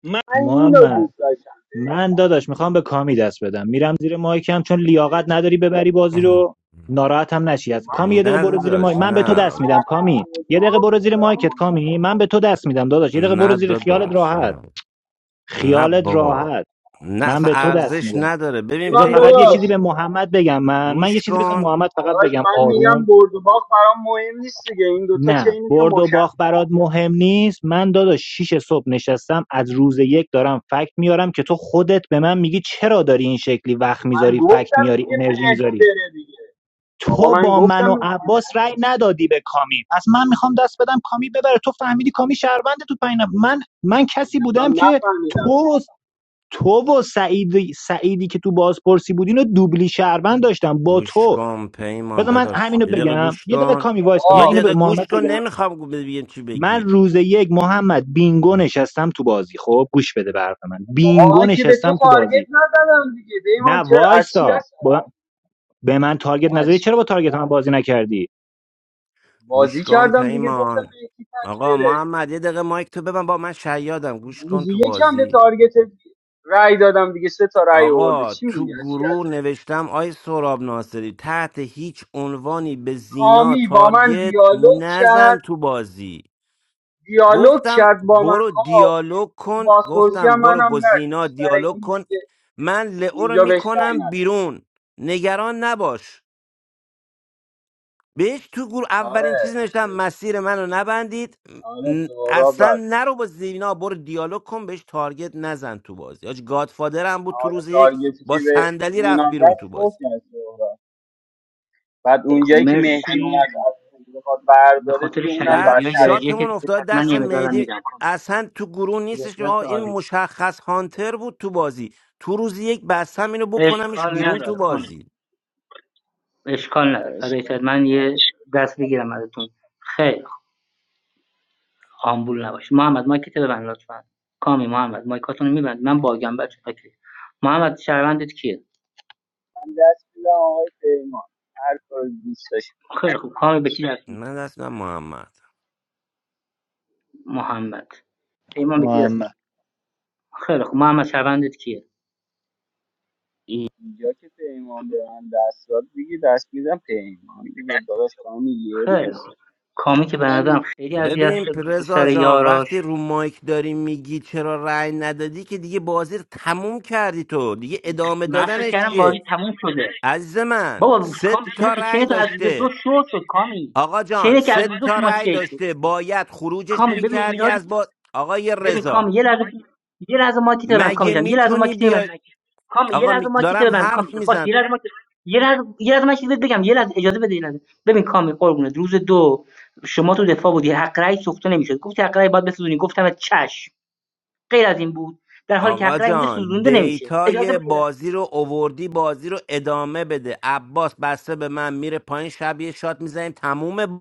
S19: من اینو
S13: محمد
S19: دوست داشتم
S13: من داداش میخوام به کامی دست بدم میرم زیر مایکم چون لیاقت نداری ببری بازی رو ناراحت هم نشی از
S19: من
S13: کامی یه دقیقه
S5: نه
S13: برو زیر مایک
S5: داداش
S13: من به تو
S5: نه
S13: دست
S19: من
S13: میدم
S19: اصلا
S13: کامی
S19: برد و
S13: یه دقیقه
S19: باخت
S13: برو زیر
S19: برام
S13: مایکت
S19: مهم نیست.
S13: کامی من به تو دست میدم داداش یه دقیقه برو
S5: نه
S13: زیر خیالت
S5: داداش
S13: راحت
S5: نه نه
S13: خیالت
S5: بابا
S13: راحت
S5: نه
S13: من
S5: اصلا
S13: به تو دست
S5: ارزش
S13: میدم
S5: نداره ببین
S13: بذار
S19: ایمان
S5: پیمان
S13: فقط یه
S19: داداش
S5: تو
S13: چیزی به محمد بگم من من یه
S5: گوش
S13: چیزی بذار
S5: کن
S13: محمد فقط
S19: داداش
S13: بگم
S19: من میگم
S13: آروم
S19: برد و باخت برام مهم نیست دیگه این دوتا چه
S13: نه
S19: اینی که
S13: برد و
S19: مشخص
S13: باخت برات مهم نیست من داداش شیش صبح نشستم از روز یک دارم فکت میارم که تو خودت به من میگی چرا داری این شکلی وقت
S19: من
S13: میذاری فکت
S19: گفتم
S13: میاری
S19: دیگه
S13: انرژی
S19: مهدی
S13: میذاری
S19: بره دیگه بابا
S13: تو
S19: من
S13: با
S19: گفتم
S13: من و
S19: مهدی بره.
S13: عباس رأی ندادی به کامی پس من میخوام دست بدم کامی ببره تو فهمیدی کامی شهرونده تو پایین من من کسی
S19: نه
S13: بودم
S19: من
S13: که
S19: نفهمیدم
S13: تو تو و سعید سعیدی که تو بازپرسی بود اینو دوبلی شهروند داشتم با
S5: گوش
S13: تو
S5: کن پیمان
S13: بذار من
S5: داداش
S13: همینو
S5: یه دقیقه
S13: بگم
S5: گوش
S13: یه دقیقه
S5: کن
S13: کامی وایستا من
S5: یه
S19: بابا
S13: اینو به
S5: دقیقه گوش
S13: محمد
S5: کن
S13: بگم
S5: نمیخوام بگم چی
S13: من
S5: بگی
S13: روز یک محمد بینگو نشستم تو بازی خب گوش بده به حرف من
S19: بابا
S13: بینگو
S19: من که به تو
S13: نشستم تو
S19: تارگت
S13: بازی
S19: نزدم دیگه
S13: نه
S19: دیمان چرا از چی
S13: وایستا
S19: هست
S13: به من تارگت
S19: بابا از
S13: نظری
S19: چی؟
S13: چرا با تارگت من بازی نکردی
S5: گوش
S19: بازی
S5: کن
S19: کردم دیگه گفتم
S5: پیمان
S19: مهدی تک
S5: آقا
S19: بره
S5: محمد یه دقیقه مایک تو ببن با من شیادم گوش کن
S19: روزی
S5: تو
S19: یکم به
S5: بازی
S19: تارگت رای دادم دیگه سه تا رای آورده
S5: آقا
S19: چی میگی
S5: تو
S19: از چی
S5: گروه نوشتم آی سراب ناصری تحت هیچ عنوانی به زینا
S19: حامی با من
S5: تارگت
S19: دیالوگ
S5: نزن
S19: کرد
S5: تو بازی
S19: دیالوگ
S5: گفتم
S19: کرد با من
S5: برو
S19: ها
S5: دیالوگ کن
S19: بازپرسی هم
S5: گفتم برو
S19: منم
S5: با زینا
S19: نکش برای
S5: دیالوگ
S19: این
S5: کن
S19: دیگه
S5: من لئو رو
S19: اینجا بهش رأی
S5: میکنم
S19: نداد.
S5: بیرون نگران نباش بهش تو گروه
S19: آره
S5: اولین چیز نوشتم
S19: سو-
S5: مسیر منو نبندید
S19: آره
S5: م،
S19: سهراب
S5: اصلا
S19: بعد
S5: نرو با زینا برو دیالوگ کن بهش تارگت نزن تو بازی آج گادفادر هم بود تو
S19: آره
S5: روز یک
S19: تارگتی که
S5: با
S19: به
S5: صندلی رفت
S19: زینا زد
S5: بیرون تو
S19: فوت
S5: بازی
S19: کرد سهراب بعد
S6: خیلی خوب
S19: اونجایی که مهدی
S6: مرسی
S19: اومد از روش بخواد
S6: به
S19: برداره
S6: خاطر
S19: دیگه اونم
S5: بعد
S6: شیادی های
S19: بدتر
S6: درجه که
S5: شاتمون افتاد
S6: حتما
S5: دست
S6: یه مقدارم
S5: مهدی
S6: میدم کامل
S5: اصلا تو گروه نیستش که آه
S6: شیادیات
S5: این
S6: عالی
S5: مشخص هانتر بود تو بازی تو روز یک بستم اینو بکنمش
S6: اشکال
S5: بیرون تو
S6: نداره کامل
S5: بازی
S6: اشکال نداره
S19: آره،
S6: فدای
S19: اشکال.
S6: شد. من یه دست بگیرم ازتون خیر آمبول نباش محمد مایکت ببند لطفا کامی محمد مایکاتون میبند من باگم بچه اوکی محمد شهروندت کیه
S19: من دست میدم آقای پیمان هر کاری دوست
S6: خیلی خوب کامی به کی دست میدی
S5: من دستم محمد
S6: محمد پیمان به کی دست
S13: محمد
S6: میدی خیلی خوب محمد شهروندت کیه
S19: اینجا که پیمان به من دست داد دیگه دست میدم پیمان دیگه داداش کامی یه
S6: خیلی
S19: روز
S6: خوب کامی که
S19: عشق
S6: به نظرم
S19: منی
S6: خیلی اذیت
S5: ببین
S6: شد
S5: رضا
S6: سر
S5: جان وقتی
S6: یاراش
S5: رو مایک داری میگی چرا رأی ندادی که دیگه بازی رو تموم کردی تو دیگه ادامه
S6: من فکر
S5: دادنش
S6: کردم بازی
S5: چیه
S6: تموم شده
S5: عزیز من
S6: بابا
S5: سه
S6: کامی شما
S5: تا
S6: که
S5: رأی
S6: چینتون از دو
S5: داشته
S6: شو شد کامی
S5: آقا جان
S6: چینه که از
S5: سه
S6: دو
S5: تا
S6: شما
S5: رأی
S6: شیک شد
S5: داشته باید خروجش
S6: کامی ببین
S5: میکردی
S6: اینا
S5: از با آقای
S6: ببین
S5: رضا
S6: کامی یه لحظه یه لحظه ماکیت رو من کامی
S5: مگه
S6: جان یه لحظه
S5: میتونی
S6: ماکیت من
S5: بیای
S6: کامی یه
S5: آقا
S6: لحظه
S5: می...
S6: ماکیت رو
S5: دارم
S6: من کامی
S5: حرف
S6: جان باش
S5: میزن
S6: یه لحظه ماکیت یه لحظه یه لحظه من چیزی بهت بگم یه لحظه اجازه بده یه لحظه ببین کامی قربونت روز دو شما تو دفاع بودی حق رأی سوخته نمیشد گفتی حق رأی باید بسوزونی گفتم چش غیر از این بود در حالی که
S5: آقا
S6: حق رأی اینجا
S5: جان
S6: سوزونده نمیشه اجازه
S5: دیتای
S6: بده یه لحظه.
S5: بازی رو اووردی بازی رو ادامه بده عباس بسته به من میره پایین شب یه شات میزنیم تموم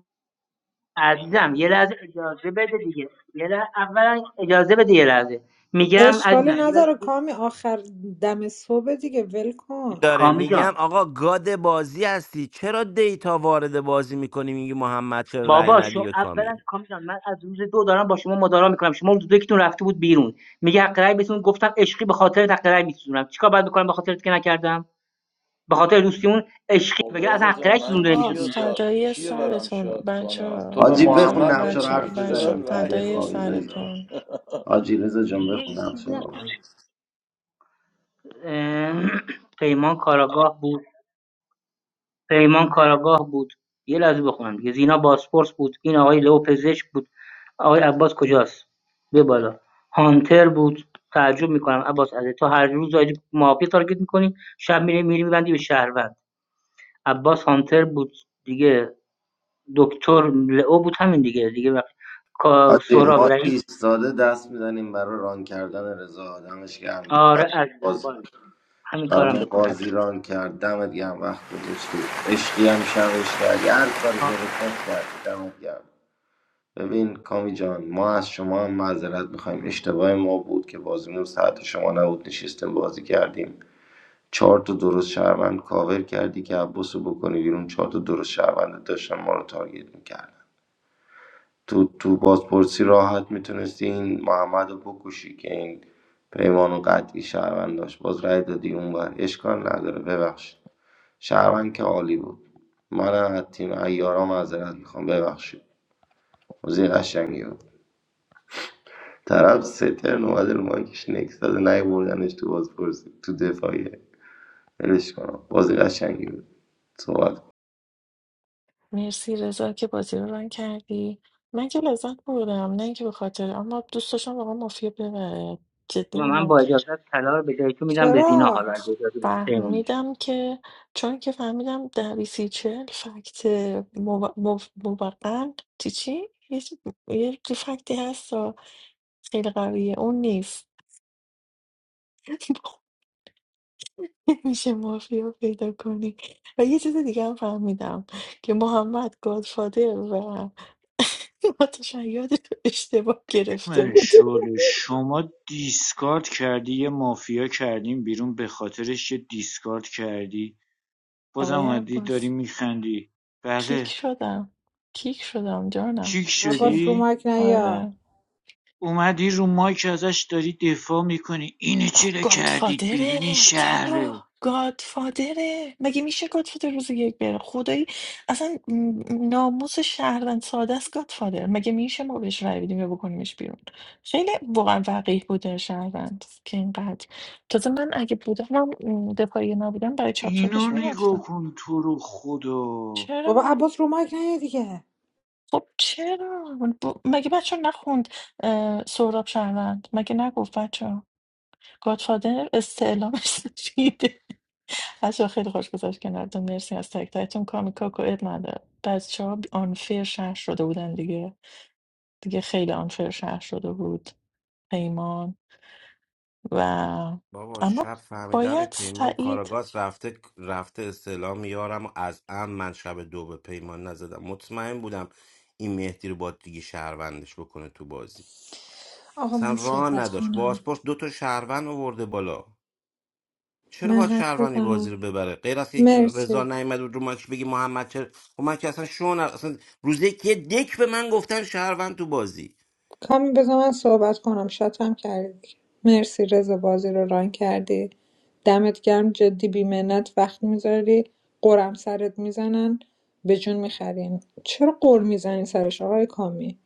S6: عزیزم یه لحظه اجازه بده دیگه یه لحظه اولا اجازه بده یه لحظه میگم
S12: اشکالی
S6: عزیزم یه لحظه
S12: نداره کامی آخر دم صبح دیگه ول کن
S5: داره
S6: کامی جان
S5: میگم آقا گاد بازی هستی چرا دیتا وارد بازی میکنی میگی محمد چرا رأی
S6: بابا
S5: ندی
S6: شما
S5: به کامی
S6: اولا کام جان من از روز دو دارم با شما مدارا میکنم شما روز دو یکیتون رفته بود بیرون میگه حق رأی بتون گفتم عشقی به خاطر حق رأی میسوزونم چیکار باید بکنم به خاطرت که نکردم به خاطر دوستی اون عشقی
S14: خب
S6: مگه از
S14: رضا
S6: حق
S14: جان
S6: رأی
S14: من
S6: سوزونده
S15: آقا
S6: نمیشد
S14: کیو
S6: اونجا
S14: تا
S15: فدایی
S14: کیو برم
S15: سرتون
S14: شاد
S15: بچه
S14: کنم تو به
S7: حاجی
S15: بچه
S7: بخون
S14: محمد
S7: نقشه
S14: داری
S7: رو
S15: بچه
S14: میگی
S7: حرف
S14: چرا
S15: بچه
S7: بزنیم میخوایم
S14: رأی
S15: فدایی
S7: بخوابیم
S14: نمیدی
S7: رضا
S15: سرتون
S7: حاجی رضا جان
S6: دیگه این
S7: بخون
S6: چیز
S7: نقشه
S6: نکن
S7: رو
S6: اه، پیمان کاراگاه بود پیمان کاراگاه بود یه لحظه بخونم دیگه زینا بازپرس بود این آقای لئو پزشک بود آقای عباس کجاست به بالا هانتر بود تعجب میکنم عباس از تو هر روز داری مافیا تارگت میکنی شب میری میری میبندی به شهروند عباس هانتر بود دیگه دکتر لئو بود همین دیگه دیگه وقت کا-
S7: حاجی
S6: سهراب
S7: ما
S6: رئیس
S7: ایستاده دست میزنیم برای ران کردن رضا دمش گرم
S6: آره عزیزم
S7: باز
S6: بالا همین کارم
S7: برامون
S6: بکن
S7: بازی
S6: حتما
S7: ران کرد دمت گرم وقت گذاشتی عشقی هم شبش کردی هر کاری دلت خواست کردی دمت گرم ببین کامی جان ما از شما هم معذرت میخوایم اشتباه ما بود که بازیمون ساعت شما نبود نشستیم بازی کردیم چهار تا درست شهروند کاور کردی که عباس رو بکنی بیرون چهار تا درست شهروند داشتن ما رو تارگت میکردن تو تو بازپرسی راحت میتونستی این محمد رو بکشی که این پیمان و قطعی شهروند داشت باز رای دادی اونور اشکال نداره ببخشید شهروند که عالی بود منم از تیم ایارا معذرت میخوام ببخشید بازی قشنگی بود طرف سه ترن اومده رو مایکش نکس داده نهی بردنش تو بازپرسی تو دفاعیه ولش کنم بازی قشنگی بود صحبت
S15: مرسی رضا که بازی رو رنگ کردی من که لذت بردم نه اینکه به خاطر اما دوست داشتم واقعا مافیا ببره جدی
S6: و من
S15: میگم
S6: با اجازه طلا رو به جای تو میدم به زینا
S12: چرا
S6: حالا اگه اجازه بدی پیمان.
S15: فهمیدم که چون که فهمیدم در ۲۰ فکت مو- مو- موقع چی چی؟ یه چی- یه چی فکتی هست و خیلی قویه اون نیست میشه مافیا پیدا کنی و یه چیز دیگه هم فهمیدم که محمد گادفادر و متشیاد رو اشتباه گرفته
S17: من
S15: بود
S17: شله شما دیسکارد کردی یه مافیا کردیم بیرون به خاطرش یه دیسکارد کردی بازم
S15: آقای
S17: اومدی
S15: عباس
S17: داری میخندی
S15: کیک
S17: بله
S15: شدم کیک شدم جانم
S17: کیک
S15: چیه
S12: عباس رو
S17: شدی
S12: مایک
S15: آره
S12: نیا
S17: اومدی رو مایک ازش داری دفاع میکنی اینو
S15: آخ،
S17: چرا کردید
S15: گادفادره
S17: بیرون این شهره
S15: تبا گادفادره مگه میشه گادفادر روز یک بره خدایی اصلا م- ناموس شهروند ساده است گادفادر مگه میشه ما بهش رای بدیم یا بکنیمش بیرون خیلی واقعا وقیح بوده شهروند که اینقدر تازه من اگه بودم من دفاعی نبودم برای چاپ
S17: اینو
S15: چاپش
S17: نگاه
S15: میرفتم
S17: کن تو رو خدا
S12: بابا
S15: چرا
S12: عباس رو مایک نیا دیگه
S15: خب چرا ب- مگه بچه نخوند اه، سهراب شهروند مگه نگفت بچه گادفادر استعلامش دیده بچه‌ها خیلی خوش گذشت کنارتون مرسی از تک تکتون کامیکاکو اب نداره بچه ها آنفیر شهر شده بودن دیگه دیگه خیلی آنفیر شهر شده بود پیمان و
S5: بابا
S15: اما
S5: شب فهمیدم این
S15: باید
S5: پیمان
S15: سعید
S5: کاراگاز رفته رفته استعلام یارم و از ام من شب دو به پیمان نزدم مطمئن بودم این مهدی رو با دیگه شهروندش بکنه تو بازی
S12: آقا
S5: اصلا
S12: من
S5: راه
S12: صحبت
S5: نداشت
S12: کنم
S5: بازپرس دو تا شهروند آورده بالا چرا
S12: من
S5: باید
S12: حرف
S5: شهروندی بازی
S12: بزنم
S5: رو ببره غیر از اینکه رضا
S12: مرسی
S5: نیامد بود رو ماکش بگی محمد چرا خب من که اصلا شون اصلا روز یک یه دک به من گفتن شهروند تو بازی
S12: کامی بذار من صحبت کنم شاتم کردی مرسی رضا بازی رو ران کردی دمت گرم جدی بیمنت وقت میذاری قرم سرت میزنن به جون میخرین چرا قر میزنی سرش آقای کامی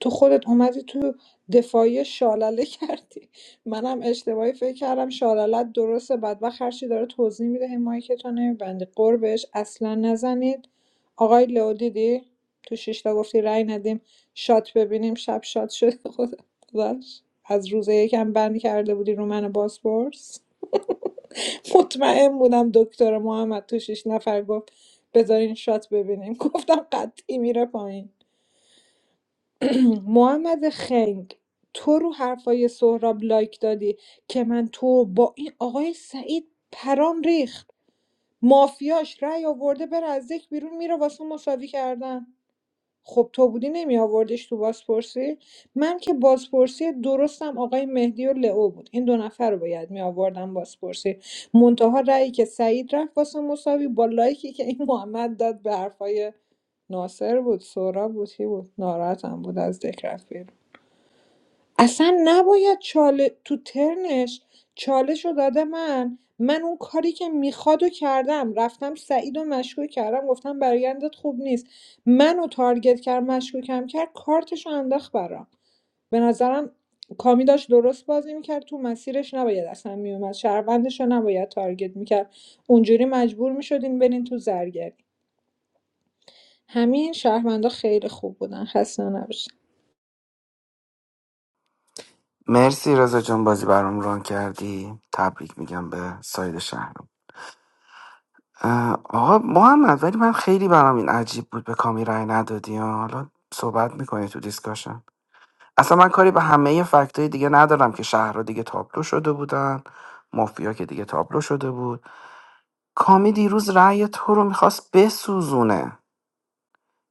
S12: تو خودت اومدی تو دفاعی شالله کردی منم اشتباهی فکر کردم شاللت درسته بدبخت هرچی داره توضیح میده همایی که تو نمیبندی قر بهش اصلا نزنید آقای لو دیدی تو شیشتا گفتی رأی ندیم شات ببینیم شب شات شده خدا خداش از روز یکم بند کرده بودی رو من باسپورس مطمئن بودم دکتر محمد تو شیش نفر گفت بذارین شات ببینیم گفتم قطعی میره پایین محمد خنگ تو رو حرفای سهراب لایک دادی که من تو با این آقای سعید پرام ریخت مافیاش رأی آورده بره از یک بیرون میره واسه مساوی کردن خب تو بودی نمیآوردیش تو بازپرسی من که بازپرسی درستم آقای مهدی و لئو بود این دو نفر رو باید میآوردم بازپرسی منتها رأیی که سعید رفت واسه مساوی با لایکی که این محمد داد به حرفای ناصر بود سورا بود کی بود ناراحتم بود از ذکر اصلا نباید چاله تو ترنش چالش رو داده من من اون کاری که میخواد و کردم رفتم سعید و مشکوک کردم گفتم برایندت خوب نیست منو تارگت کرد مشکوکم کرد کارتش رو انداخت برام به نظرم کامی داشت درست بازی میکرد تو مسیرش نباید اصلا میومد شهروندش رو نباید تارگت میکرد اونجوری مجبور میشدین برین تو زرگری همین شهروندا خیلی خوب بودن خسته نباشید
S16: مرسی رضا جان بازی برام ران کردی تبریک میگم به ساید شهر اه، آقا محمد ولی من خیلی برام این عجیب بود به کامی رای ندادی ها. حالا صحبت میکنی تو دیسکاشن اصلا من کاری به همه فکتای دیگه ندارم که شهرها دیگه تابلو شده بودن مافیا که دیگه تابلو شده بود کامی دیروز رأی تو رو میخواست بسوزونه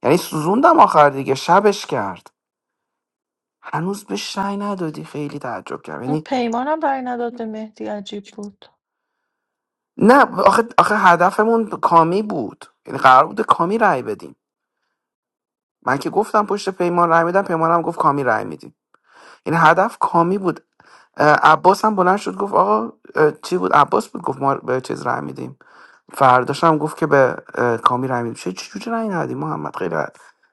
S16: یعنی سوزوندم آخر دیگه شبش کرد هنوز به شای ندادی خیلی تعجب کردم یعنی
S15: پیمانم برای نداد به مهدی عجیب بود
S16: نه آخه, آخه هدفمون کامی بود یعنی قرار بود کامی رأی بدیم من که گفتم پشت پیمان رأی میدم پیمانم گفت کامی رأی میدیم این هدف کامی بود اه، عباس هم بلند شد گفت آقا اه، چی بود عباس بود گفت ما به چیز رای میدیم فرداش هم گفت که به اه، کامی رای میدیم چه چجوری رای ندیم محمد خیلی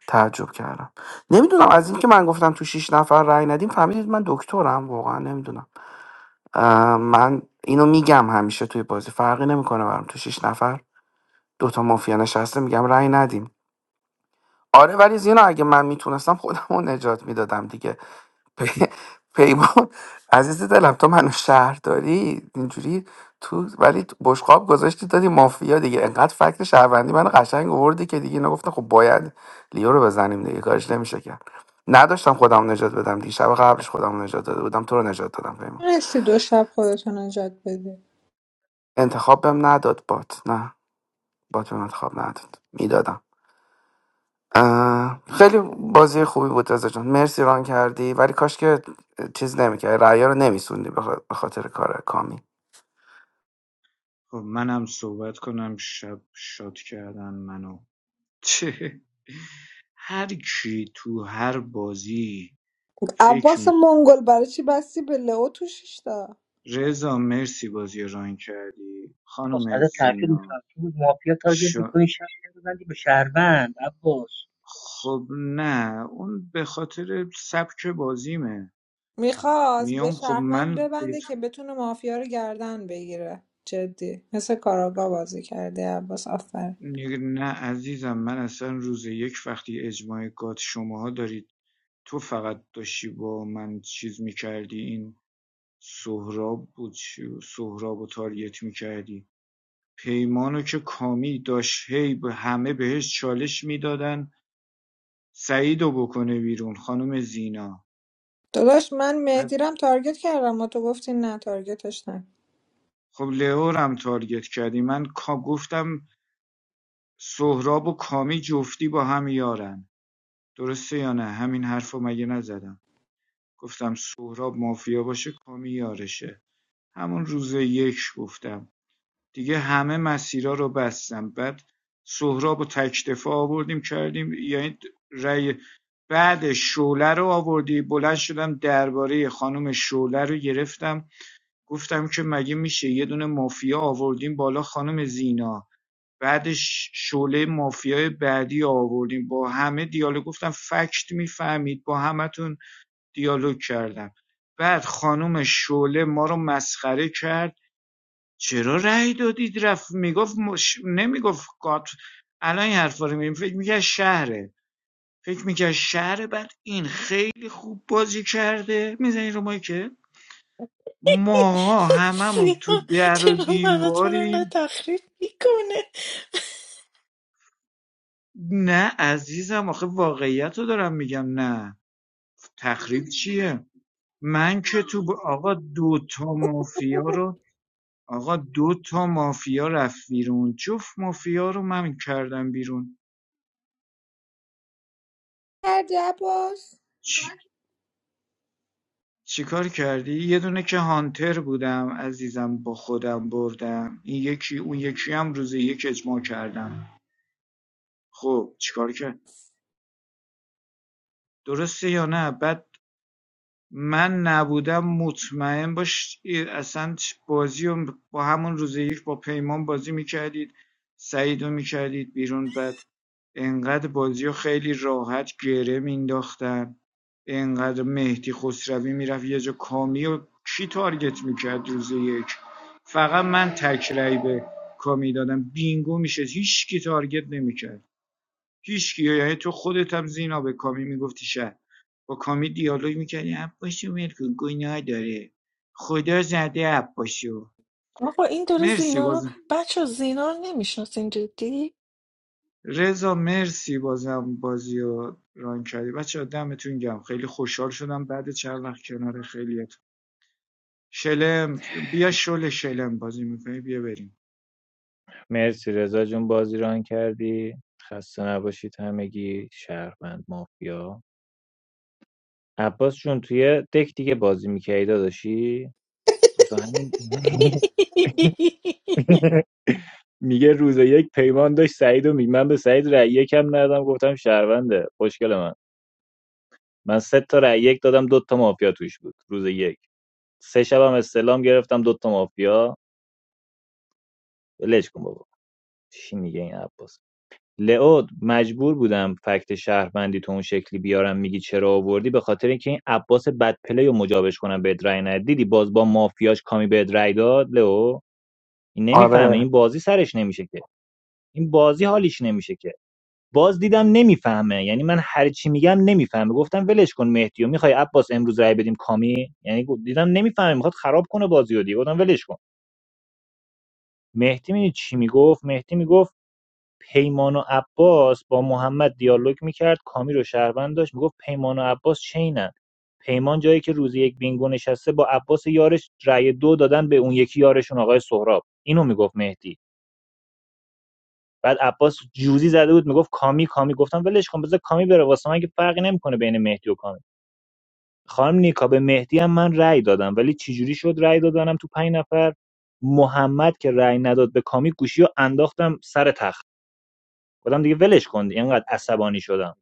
S16: تعجب کردم نمیدونم از این که من گفتم تو شیش نفر رای ندیم فهمیدید من دکترم واقعا نمیدونم اه، من اینو میگم همیشه توی بازی فرقی نمیکنه برام تو شیش نفر دوتا مافیا نشسته میگم رای ندیم آره ولی زینا اگه من میتونستم خودم رو نجات میدادم دیگه پی- پیمان عزیز دلم تو منو شهر داری اینجوری تو ولی تو بشقاب گذاشتی دادی مافیا دیگه انقدر فکت شهروندی منو قشنگ آوردی که دیگه نگفتم خب باید لیو رو بزنیم دیگه کارش نمیشه کرد نداشتم خودم نجات بدم دیگه شب قبلش خودم نجات داده بودم تو رو نجات دادم پیمان
S12: مرسی دو شب خودتون نجات بدید
S16: انتخاب بهم نداد بات نه بات بهم انتخاب نداد میدادم اه، خیلی بازی خوبی بود رضا جان مرسی ران کردی ولی کاش که چیز نمیکردی رعیا رو نمیسوندی به خاطر کار کامی
S17: خب منم صحبت کنم شب شاد کردن منو چه هر کی تو هر بازی فکر
S12: عباس
S17: می
S12: منگل برای چی بستی به لئو تو شیشتا
S17: رضا مرسی بازی ران کردی
S6: عباس
S17: خانم
S6: ازت تعجب
S17: زینا
S6: میکنم تو مافیا
S17: ش...
S6: تارگت میکنی شهر ببندی به شهروند عباس
S17: خب نه اون به خاطر سبک بازیمه
S12: میخواست به
S17: میام خب من
S12: شهروند ببنده که بتونه مافیا رو گردن بگیره جدی مثل کاراگا بازی کرده عباس آفر
S17: نه عزیزم من اصلا روز یک وقتی اجماع گات شماها دارید تو فقط داشتی با من چیز میکردی این سهراب بود چی- سهراب و تاریت میکردی پیمانو که کامی داشت هی به همه بهش چالش میدادن سعیدو بکنه بیرون خانم زینا
S12: داداش من
S17: بعد
S12: مهدیرم تارگت کردم و تو گفتی نه تارگتش نه
S17: خب لئو رو هم تارگت کردی من کا- گفتم سهراب و کامی جفتی با هم یارن درسته یا نه همین حرفو مگه نزدم گفتم سهراب مافیا باشه کامی یارشه همون روز یک گفتم دیگه همه مسیرها رو بستم بعد سهراب و تکدفاع آوردیم کردیم یعنی رأی بعد شوله رو آوردی بلند شدم درباره خانم شوله رو گرفتم گفتم که مگه میشه یه دونه مافیا آوردیم بالا خانم زینا بعدش شعله مافیای بعدی آوردیم با همه دیالوگ گفتم فکت میفهمید با همتون دیالوگ کردم بعد خانم شعله ما رو مسخره کرد چرا رأی دادید رفت میگفت مش... نمیگفت قات الان این حرفا رو میگیم فکر میکرد شهره فکر میکرد شهره بعد این خیلی خوب بازی کرده میزنی رو مایکه ما هممون تو
S15: سیاه
S17: در و
S15: چرا مناتون انقدر
S17: دیواریم
S15: تخریب میکنه
S17: نه عزیزم آخه واقعیت رو دارم میگم نه تخریب چیه من که تو ب- آقا دو تا مافیا رو آقا دو تا مافیا رفت بیرون جفت مافیا رو من کردم بیرون
S12: کردی عباس
S17: چی چیکار کردی؟ یه دونه که هانتر بودم عزیزم با خودم بردم این یکی اون یکی هم روز یک اجماع کردم خب چیکار کرد؟ درسته یا نه؟ بعد من نبودم مطمئن باش اصلا بازی رو با همون روز یک با پیمان بازی میکردید سعید رو میکردید بیرون بعد انقدر بازی رو خیلی راحت گره مینداختن انقدر مهدی خسروی میرفت یه جا کامی و کی تارگت میکرد روز یک فقط من تکرهی به کامی دادم بینگو میشه هیچ کی تارگت نمیکرد هیچکی یعنی تو خودت هم زینا به کامی میگفتی شهر با کامی دیالوگ میکردی عباسو ول کن گناه داره خدا زده عباسو
S15: آقا این داره
S17: مرسی
S15: زینا رو
S17: باز
S15: بچه زینا رو نمیشناسین جدی
S17: رضا مرسی بازم بازی رو ران کردی بچه دمتون گم خیلی خوشحال شدم بعد چند وقت کنار خیلیت شلم بیا شل شلم بازی میکنی بیا بریم
S13: مرسی رضا جون بازی ران کردی خسته نباشید همگی شهروند مافیا عباس جون توی دک دیگه بازی میکردی داداشی تو همین میگه روز یک پیمان داشت سعید و می... من به سعید رأی یکم ندادم گفتم شهرونده خوشگل من من سه تا رأی یک دادم دو تا مافیا توش بود روز یک سه شبم استلام گرفتم دو تا مافیا ولش کن بابا چی میگه این عباس لئو مجبور بودم فکت شهروندی تو اون شکلی بیارم میگی چرا آوردی به خاطر اینکه این عباس بدپلی رو مجابش کنم به رأی ندیدی باز با مافیاش کامی به رأی داد لئو این نمیفهمه
S16: آره
S13: این بازی سرش نمیشه که این بازی حالیش نمیشه که باز دیدم نمیفهمه یعنی من هر چی میگم نمیفهمه گفتم ولش کن مهدی و میخوای عباس امروز رای بدیم کامی یعنی دیدم نمیفهمه میخواد خراب کنه بازی رو دیگه گفتم ولش کن مهدی می چی میگفت مهدی میگفت پیمان و عباس با محمد دیالوگ میکرد کامی رو شهروند داشت میگفت پیمان و عباس چینن پیمان جایی که روزی یک بینگو نشسته با عباس یارش رای دو دادن به اون یکی یارشون آقای سهراب اینو میگفت مهدی بعد عباس جوزی زده بود میگفت کامی کامی گفتم ولش کن بذار کامی بره واسه من که فرقی نمیکنه بین مهدی و کامی خانم نیکا به مهدی هم من رأی دادم ولی چجوری شد رأی دادنم تو پنج نفر محمد که رأی نداد به کامی گوشی رو انداختم سر تخت گفتم دیگه ولش کن اینقدر عصبانی شدم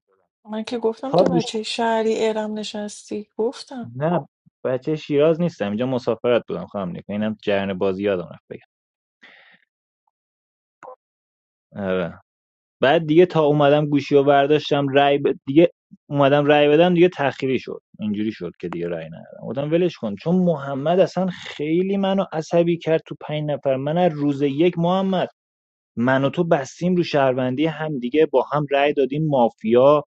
S15: من که گفتم
S13: تا
S15: تو
S13: گوش
S15: بچه شهری ارم نشستی گفتم
S13: نه بچه شیراز نیستم اینجا مسافرت بودم خانم نیکا اینم جریان بازی یادم رفت بگم آره. بعد دیگه تا اومدم گوشیو برداشتم رای ب... دیگه اومدم رای بدم دیگه تأخیری شد اینجوری شد که دیگه رای ندادم گفتم ولش کن چون محمد اصلا خیلی منو عصبی کرد تو پنج نفر من از روز یک محمد من و تو بستیم رو شهروندی هم دیگه با هم رای دادیم مافیا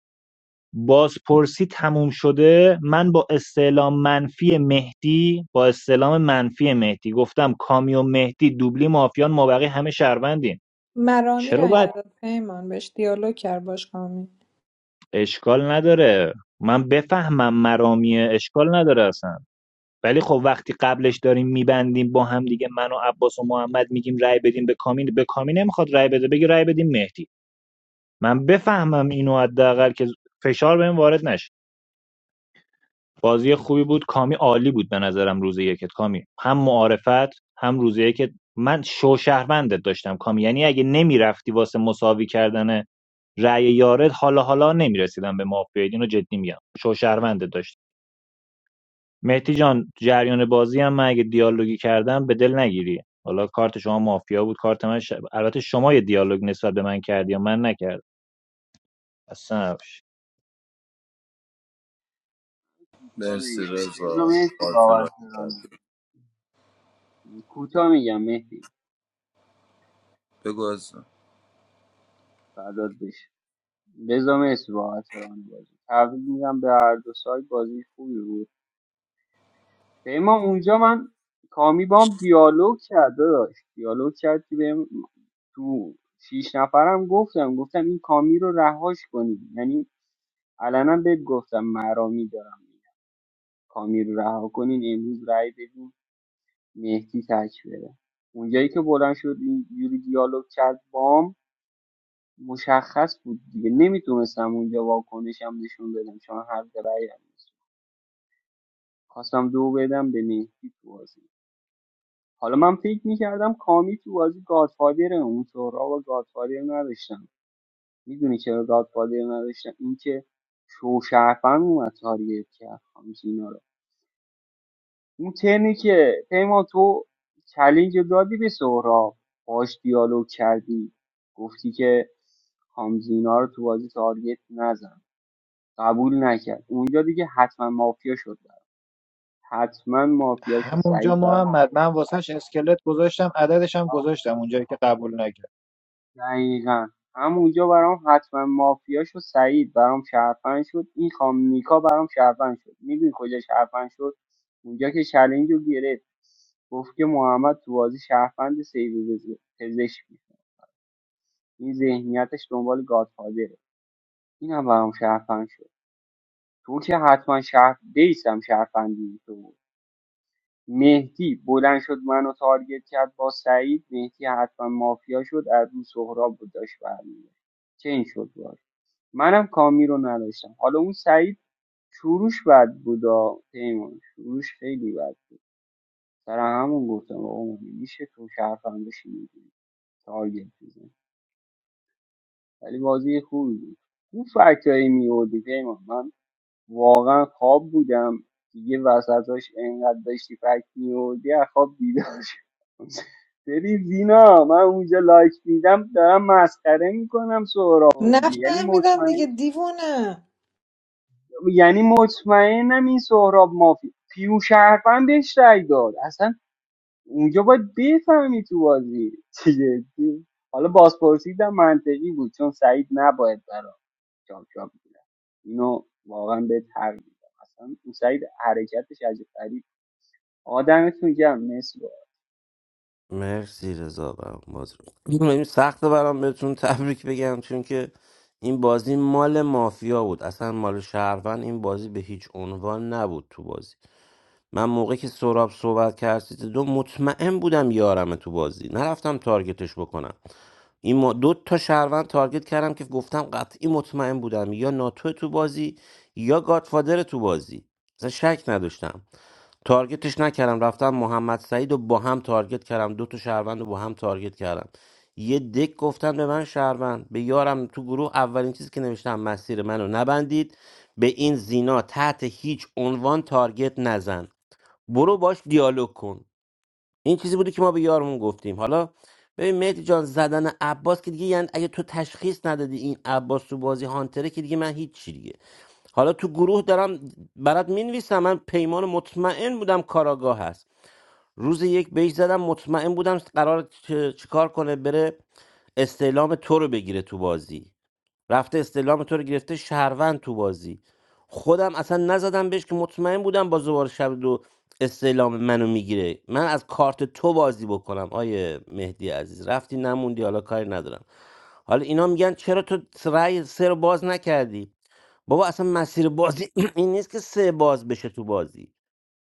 S13: بازپرسی تموم شده من با استعلام منفی مهدی با استعلام منفی مهدی گفتم کامیو مهدی دوبلی مافیان ما بقیه همه شهروندیم
S12: مرامی
S13: چرا
S12: را
S13: باید
S12: اینا رو پیمان بهش دیالوگ کرد باش کامی
S13: اشکال نداره من بفهمم مرامیه اشکال نداره اصلا ولی خب وقتی قبلش داریم میبندیم با هم دیگه من و عباس و محمد میگیم رای بدیم به کامین به کامین نمیخواد رای بده بگی رای بدیم مهدی من بفهمم اینو حداقل که فشار بهم وارد نشه بازی خوبی بود کامی عالی بود به نظرم روز یکت کامی هم معارفت هم روز یکت من شو شهروندت داشتم کامی یعنی اگه نمیرفتی واسه مساوی کردن رأی یارد حالا حالا نمیرسیدم به مافیا اینو جدی میگم شو شهروندت داشتم مهدی جان جریان بازی هم من اگه دیالوگی کردم به دل نگیری حالا کارت شما مافیا بود کارت من ش... البته شما یه دیالوگ نسبت به من کردی یا من نکردم اصلا نباشه
S19: کوتاه
S14: مرسی
S19: بگم رضا
S14: رضا
S19: مهدی
S14: خاطر
S19: باور
S14: را کرد.
S19: کوتاه میگم مهدی
S14: بگو از
S19: فرداد بشه رضا مهدی باور بازی تبریک میگم به هر دو سایت بازی خوبی بود پیمان اونجا من کامی بام دیالوگ کرد داداش دیالوگ کرد که بهم تو شیش نفرم گفتم گفتم این کامی رو رهاش کنید یعنی علنا بهت گفتم مرامی دارم میگم کامی رو رها کنین امروز رای بدین مهدی تک بره اونجایی که بلند شد این یوری دیالوگ کرد بام مشخص بود دیگه نمیتونستم اونجا واکنشم نشون بدم چون هر رأی هم نیست. خواستم دو بدم به مهدی تو بازی حالا من فکر میکردم کامی تو بازی گادفادره اون سهراب و گادفادر نداشتم میدونی چرا گادفادر نداشتم اینکه شو شرفن اومد تاریت کرد اون ترنی که پیمان تو چلنج رو دادی به سهراب باش دیالوگ کردی گفتی که کامزینا رو تو بازی تارگت نزن قبول نکرد اونجا دیگه حتما مافیا شد برام. حتما مافیا شد
S13: همونجا
S19: سعید برام
S13: محمد من واسه
S19: کرد. دقیقا همونجا برام حتما مافیا شد سعید برام شرفن شد این خام نیکا برام شرفن شد میدونی کجا شرفن شد اونجا که چلنج رو گرفت گفت که محمد تو بازی شرفند سیو بز- پزشک بود. این ذهنیتش دنبال گادفادره اینم برام شرفن شد تو که حتما شرف بیسم شرفندی تو بود مهدی بلند شد منو تارگت کرد با سعید مهدی حتما مافیا شد از اون سهراب بود داشت برمی‌گشت. چه این شد باز منم کامی رو نداشتم حالا اون سعید شروعش بد بودا پیمان شروعش خیلی بد بود سر همون گفتم آقا مگه میشه تو شرفم بشی میدونی تارگت بزن ولی بازی خوبی بود اون فکتایی میوردی پیمان من واقعا خواب بودم دیگه وسطاش انقدر داشتی فکت میوردی از خواب بیدار شدم. ببین زینا من اونجا لایک میدم دارم مسخره میکنم سهراب دیگه یعنی
S12: نفهمیدم
S19: مطمئن
S12: دیگه دیوونه
S19: یعنی مطمئنم این سهراب مافی پیو شهروند بهش رأی داد اصلا اونجا باید بفهمی تو بازی چه جدی حالا بازپرسی در منطقی بود چون سعید نباید برا چاپ چاپ می‌رفت. اینو واقعا بهت حق میدم اصلا اون سعید حرکتش عجیب غریب آدمتون گم
S5: مرسی رضا برام بازی رو این سخته برام بهتون تبریک بگم چون که این بازی مال مافیا بود اصلا مال شهروند این بازی به هیچ عنوان نبود تو بازی من موقعی که سراب صحبت کرد سیت دو مطمئن بودم یارم تو بازی نرفتم تارگتش بکنم این ما دو تا شهروند تارگت کردم که گفتم قطعی مطمئن بودم یا ناتو تو بازی یا گادفادر تو بازی اصلا شک نداشتم تارگتش نکردم رفتم محمد سعید رو با هم تارگت کردم دو تا شهروند رو با هم تارگت کردم یه دک گفتن به من شهروند به یارم تو گروه اولین چیزی که نوشتم مسیر منو نبندید به این زینا تحت هیچ عنوان تارگت نزن برو باش دیالوگ کن این چیزی بوده که ما به یارمون گفتیم حالا ببین مهدی جان زدن عباس که دیگه یعنی اگه تو تشخیص ندادی این عباس تو بازی هانتره که دیگه من هیچی دیگه حالا تو گروه دارم برات مینویسم من پیمان مطمئن بودم کاراگاه هست روز یک بهش زدم مطمئن بودم قرار چیکار کنه بره استعلام تو رو بگیره تو بازی رفته استعلام تو رو گرفته شهروند تو بازی خودم اصلا نزدم بهش که مطمئن بودم با زبار شب دو استعلام منو میگیره من از کارت تو بازی بکنم آیه مهدی عزیز رفتی نموندی حالا کاری ندارم حالا اینا میگن چرا تو رأی سه رو باز نکردی بابا اصلا مسیر بازی این نیست که سه باز بشه تو بازی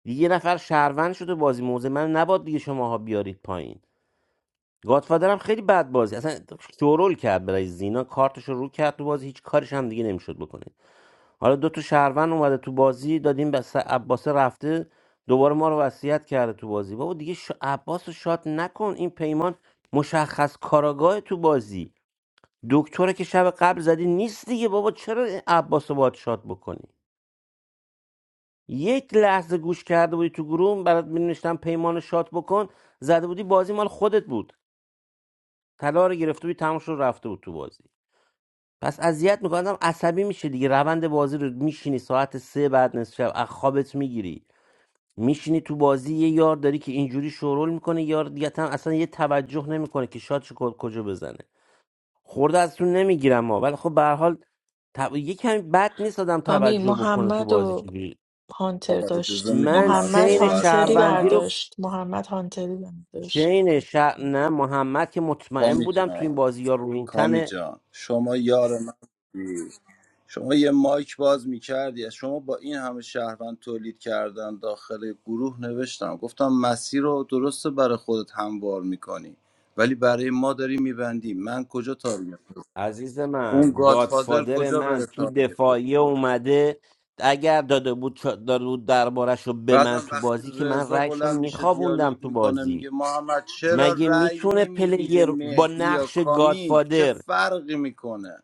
S5: یه نفر شهروند شده بازی موزه من نباد دیگه شماها بیارید پایین گاتفادرم خیلی بد بازی اصلا شورول کرد برای زینا کارتش رو رو کرد تو بازی هیچ کارش هم دیگه نمیشد بکنه حالا دو تا شهروند اومده تو بازی دادیم بس عباسه رفته دوباره ما رو وصیت کرده تو بازی بابا دیگه ش... عباس رو شات نکن این پیمان مشخص کاراگاه تو بازی دکتره که شب قبل زدی نیست دیگه بابا چرا این عباس رو باید شات بکنی یک لحظه گوش کرده بودی تو گروه برات می‌نوشتم پیمان رو شات بکن زده بودی بازی مال خودت بود طلا رو گرفته بودی تموم شد رفته بود تو بازی پس اذیت میکنم عصبی میشه دیگه روند بازی رو میشینی ساعت سه بعد نصف شب از خوابت میگیری میشینی تو بازی یه یار داری که اینجوری شورول میکنه یار دیگه هم اصلا یه توجه نمیکنه که شاد کجا بزنه خورده از تو نمیگیرم ما ولی خب به هر حال تب... یه کمی بد نیست آدم
S15: کامی
S5: توجه بکنه تو
S15: محمد
S5: بازی
S15: و
S5: چجوری
S15: هانتر
S14: آقا اجازه
S15: داشت
S14: میدین
S5: من
S14: من
S15: محمد
S5: چین
S14: صحبت
S15: هانتری
S5: شهروندی
S14: کنم
S5: رو
S15: برداشت محمد هانتری برداشت
S5: چین شهر... نه محمد که مطمئن
S14: کامی
S5: بودم تو این
S14: جان
S5: بازی یا
S14: کامی
S5: روینتن
S14: جان شما یار من بودی شما یه مایک باز میکردی شما با این همه شهروند تولید کردن داخل گروه نوشتم گفتم مسیر رو درسته برای خودت هموار میکنی ولی برای ما داری میبندی من کجا تارگت بزنم؟
S5: عزیز
S14: اون
S5: من
S14: گادفادر
S5: گادفادر
S14: کجا بره
S5: من تو
S14: تارگت بزنه؟
S5: دفاعیه اومده اگر داده بود چا- داده بود دربارش رو به من
S14: بعدم
S5: تو
S14: وقتی
S5: بازی که من
S14: رضا
S5: رأیش
S14: بلند
S5: رو
S14: میشه
S5: میخوابوندم
S14: دیالوگ
S5: تو
S14: میکنه
S5: بازی
S14: میگه محمد چرا
S5: مگه
S14: رأی
S5: میتونه
S14: نمیدی به
S5: پلیر با
S14: مهدی یا
S5: نقش
S14: کامی چه
S5: گادفادر
S14: فرقی میکنه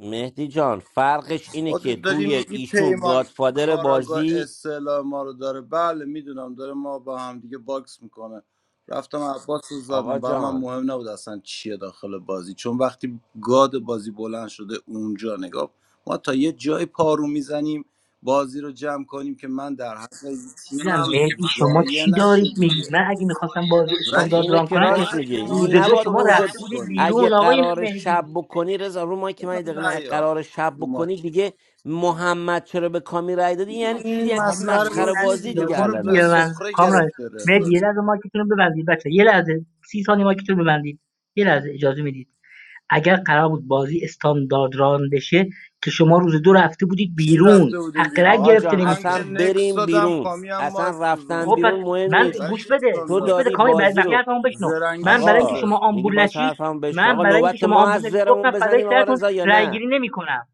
S5: مهدی جان فرقش اینه که
S14: خودت داری
S5: توی
S14: میگی
S5: ایشون
S14: پیمان
S5: گادفادر
S14: کاراگاه
S5: بازی
S14: اصطلاح ما رو داره بله میدونم داره ما با هم دیگه باکس میکنه رفتم عباس رو
S5: آقا
S14: زدم برای من
S5: جان
S14: مهم نبود اصلا چیه داخل بازی چون وقتی گاد بازی بلند شده اونجا نگاه ما تا یه جای پارو میزنیم بازی رو جمع کنیم که من در حق
S6: دیدم
S14: تیمم
S6: مهدی شما
S14: ضایع
S6: چی
S14: نشه
S6: دارید میگید
S14: دیگه
S6: من اگه میخواستم بازی
S5: نه
S6: استاندارد
S14: ولی
S5: اینو
S6: ران
S5: که
S6: کنم که
S5: راست
S14: باید
S5: میگه این دیگه
S6: روز
S14: مایک
S6: دو
S5: نباید
S14: تو
S6: شما
S5: اونجا
S6: رفته
S14: باز
S6: بودید
S14: کنی
S5: اگه
S6: بیرون آقای
S5: قرار شب
S6: مهدی
S5: بکنی رضا رو ما که من
S14: بزن
S5: یه دقیقه نه اگه
S14: نه
S5: قرار شب
S14: یا
S5: بکنی دیگه محمد چرا به کامی رای دادی یعنی چی
S14: این
S5: یعنی چی
S14: مسخره
S6: کامران یه
S5: مسخره
S14: بازیه
S6: لحظه
S5: بازی
S14: دیگه
S5: دیگه
S6: اجازه
S14: ما رو
S6: میدی
S5: علنا
S14: به
S6: به من
S14: سخره
S6: کامران
S14: گرفته
S6: مهدی
S14: رضا
S6: یه لحظه مایکتون رو ببندید بچه یه لحظه سی ثانیه مایکتون رو ببندید یه لحظه اجازه میدید اگر قرار بود بازی استاندارد ران بشه که شما روز دو رفته بودید
S14: چی
S6: بیرون
S14: رفته بودیم
S6: حق رأی
S14: بیرون
S5: آقا
S6: گرفته
S5: جان
S14: من
S6: نمیشد
S14: که
S5: اصلا
S14: نکس
S5: بریم
S14: دادم
S5: بیرون
S14: کامی هم مایک
S5: اصلا
S14: سوزون
S5: رفتن
S6: خب پس
S5: بیرون مهم
S6: من
S5: نیست
S6: گوش
S14: بچه
S6: بده
S5: تو
S6: گوش
S14: استاندارد
S6: بده
S5: داری
S6: کامی بقیه
S5: بازی
S6: بقیه
S5: رو
S6: حرفمو بشنو من
S14: زرنگیش
S6: برای اینکه
S5: آقا
S14: بوده
S6: شما
S5: میگی
S6: آمبول
S5: باز
S6: نشید
S5: حرفمو بشن
S6: من
S5: آقا
S6: برای اینکه
S5: نوبت
S6: شما
S5: ما
S6: آمبول
S5: از
S6: نشید
S5: زرمون
S6: گفتم فدای
S5: بزنیم آقا
S6: سرتون
S5: رضا یا
S6: رای
S5: نه
S6: گیری نمیکنم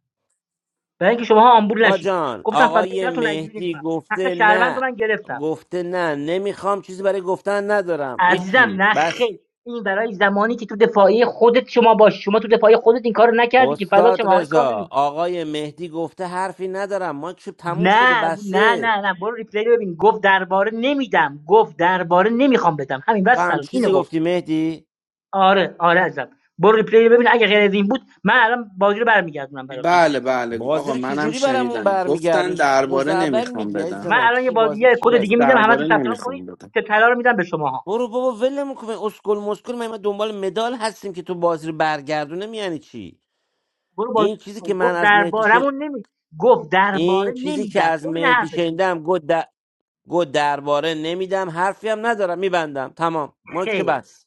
S6: برای اینکه شما آمبول
S5: آقا
S6: نشید
S5: جان
S6: گفتم فدای
S5: آقای
S6: سرتون رای گیری
S5: مهدی
S6: نمیکنم حق
S5: گفته
S6: شهروند رو
S5: نه
S6: من گرفتم
S5: گفته نه نمیخوام چیزی برای گفتن ندارم
S6: عزیزم
S5: هیچی
S6: نه
S5: بس
S6: خیر این برای زمانی که تو دفاعی خودت شما باشی شما تو دفاعی خودت این کارو نکردی که فدا شما
S5: استاد
S6: آقای
S5: رضا
S6: کامی
S5: آقای مهدی گفته حرفی ندارم ما که تموم شده
S6: نه نه
S5: بسته
S6: نه نه برو ریپلی رو ببین گفت درباره نمیدم گفت درباره نمیخوام بدم همین
S5: تو
S6: بس
S5: هم
S6: سلام اینو
S5: چیزی
S6: گفت
S5: گفتی مهدی
S6: آره آره عزیزم برو ریپلی رو ببین اگه غیر از این بود من الان بازی رو برمیگردونم براتون
S16: بله بله
S5: بازی
S16: آقا
S5: رو
S16: منم
S5: چجوری برامون
S16: شنیدم گفتن
S5: برمیگردون چی
S16: درباره
S5: خوزعبل
S16: نمیخوام
S5: میگی عزیز
S16: بدم
S6: من
S5: من
S6: الان یه
S5: چی
S6: بازی
S5: بازی
S6: یه
S5: چی
S6: کد
S16: گفت
S6: دیگه
S5: برمی
S6: میدم همتون
S16: درباره
S6: ثبت نام کنید
S16: نمیخوام بدم
S6: که طلا رو میدم به شماها
S5: برو بابا ول میکنه اسکل مسکل ما ما دنبال مدال هستیم که تو بازی رو برگردونه میانی چی
S6: برو بازی
S5: این
S6: رو گوش
S5: چیزی که
S6: کن
S5: من
S6: گفت
S5: از مهدی شن...
S6: دربارمون نمی گفت درباره
S5: این چیزی که
S6: نمیدم
S5: از
S6: این
S5: مهدی
S6: حرفش
S5: شنیدم گو, د- گو درباره نمیدم حرفی هم ندارم میبندم تمام ماکش
S6: خیر
S5: بس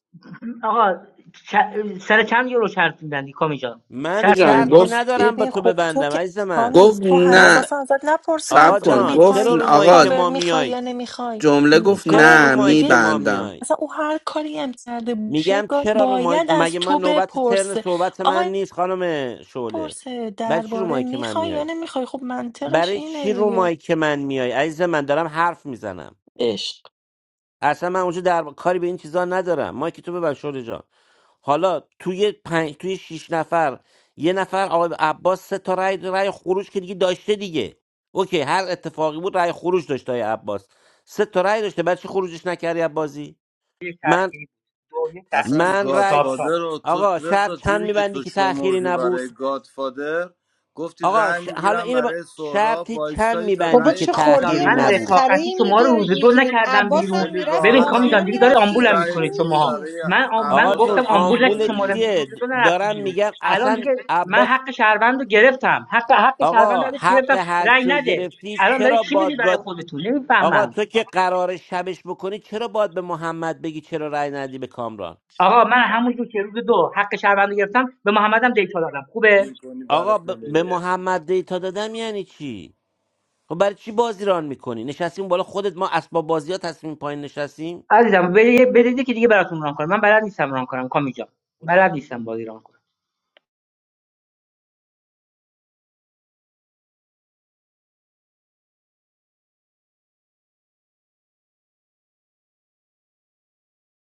S6: آقا چ- سر چند یورو شرط میبندی کامی جان
S5: من
S6: شرط
S16: جان
S5: شرطی
S6: میبندی
S16: گفت
S5: ندارم به
S15: ببین
S5: تو
S15: خب تو
S5: ببندم
S15: که
S5: عزیز من
S15: کامی
S16: گفت
S15: تو هنوز
S5: من ب-
S16: نه
S15: اصلا ازت نپرسیدن
S16: صبر
S5: آقا
S15: تو
S16: کن
S5: جان
S16: گفت
S5: چرا
S15: میخوای
S5: رو مایک
S16: آقا
S15: کاور
S5: ما
S15: میخوای یا
S5: میایید
S15: نمیخوای
S16: جمله
S15: م،
S16: گفت
S5: چرا رو
S16: نه
S15: کامی
S5: مایک
S15: دیگه
S5: ما
S16: میبندم
S5: میایید
S15: اصلا او هر کاری هم کرده باشه
S5: میگم
S15: گفت
S5: چرا رو مایک
S15: باید از
S5: مگه
S15: تو
S5: من نوبت ترن
S15: بپرسه
S5: صحبت من
S15: آقای
S5: نیست خانم شعله
S15: پرسه
S5: برای چی رو
S15: درباره
S5: مایک من
S15: میخوای یا
S5: میایید
S15: نمیخوای خب منطقش
S5: برای
S15: اینه
S5: چی رو
S15: دیگه
S5: مایک من میای عزیز من دارم حرف میزنم
S15: عشق
S5: اصلا من اونجا در کاری به این چیزا ندارم ما که تو ببر شوری جان حالا توی پنج توی شیش نفر یه نفر آقای عباس سه تا رای رای خروج که دیگه داشته دیگه اوکی هر اتفاقی بود رای خروج داشته آقای عباس سه تا رای داشته بعد چی خروجش نکردی از بازی
S6: یک
S5: من
S6: تخیری بود دو یک تخیری
S14: اصلا
S6: بود
S5: من رای
S6: چاپ چاپ
S14: گادفادر رو تو
S5: آقا
S14: رضا
S5: شرط چند
S14: جوری که
S5: میبندی
S14: تو
S5: که تأخیری
S14: شمردی
S5: نبود
S14: برای گادفادر گفتی
S5: آقا
S14: رأی
S5: ش... حالا
S14: میگیرم
S5: اینو ب...
S14: برای سهراب
S5: شرطی چند
S14: وایستایی تا
S12: بابا
S5: میبندی که
S14: رأی
S12: چه
S6: کامی
S14: کامل
S6: جان
S14: رو
S12: خورده
S5: تأخیری
S6: من
S14: بیاره
S5: نبود
S12: مسخره
S6: رفاقتی
S12: ای
S6: شما رو روز دو
S12: میگیرین
S6: نکردم
S14: خب
S12: عباس
S6: بیرون
S12: هم
S14: خیلی
S12: میرفت
S6: ببین
S14: راحت
S6: کامی
S14: هم
S6: جان
S12: مافیا
S6: دیگه داره
S12: میرفت
S14: میتونستی
S12: دیگه
S6: آمبولم
S14: رأی
S12: چی
S6: میکنید
S14: بگیری
S6: شماها
S12: میگی
S14: برای
S6: من آم- من
S5: آقا
S14: عباس
S5: جون
S6: گفتم
S14: از
S6: آمبول
S14: بازی
S6: نشی
S5: آمبول
S14: بره
S6: شما رو
S14: بیرون
S6: روز
S5: چیه
S6: دو نرفتی
S5: دارن
S6: بیرون
S5: میگن
S6: الان
S5: اصلا
S6: دیگه من
S5: عباس
S6: حق شهروند رو گرفتم حق حق شهروند
S5: آقا
S6: رو ازش
S5: حق
S6: گرفتم
S5: هر
S6: رأی
S5: کیو
S6: نده
S5: گرفتی
S6: الان داری
S5: چرا
S6: چی میدی برای
S5: بادگاد
S6: خودتون
S5: آقا
S6: نمیفهمم
S5: تو که قرار شبش بکنی چرا باید به محمد بگی چرا رأی ندی به کامران
S6: آقا من همونجور که روز دو حق شهروند رو گرفتم به محمدم دیتا دادم خوبه
S14: میکنی برای
S5: آقا ب... به
S14: پلیه
S5: محمد دیتا دادم یعنی چی خب برای چی بازی ران میکنی نشستیم بالا خودت ما اسباب بازی ها تصمیم پایین نشستیم
S6: عزیزم بدید که دیگه براتون ران کنم من بلد نیستم ران کنم کامی جان بلد نیستم بازی ران کنم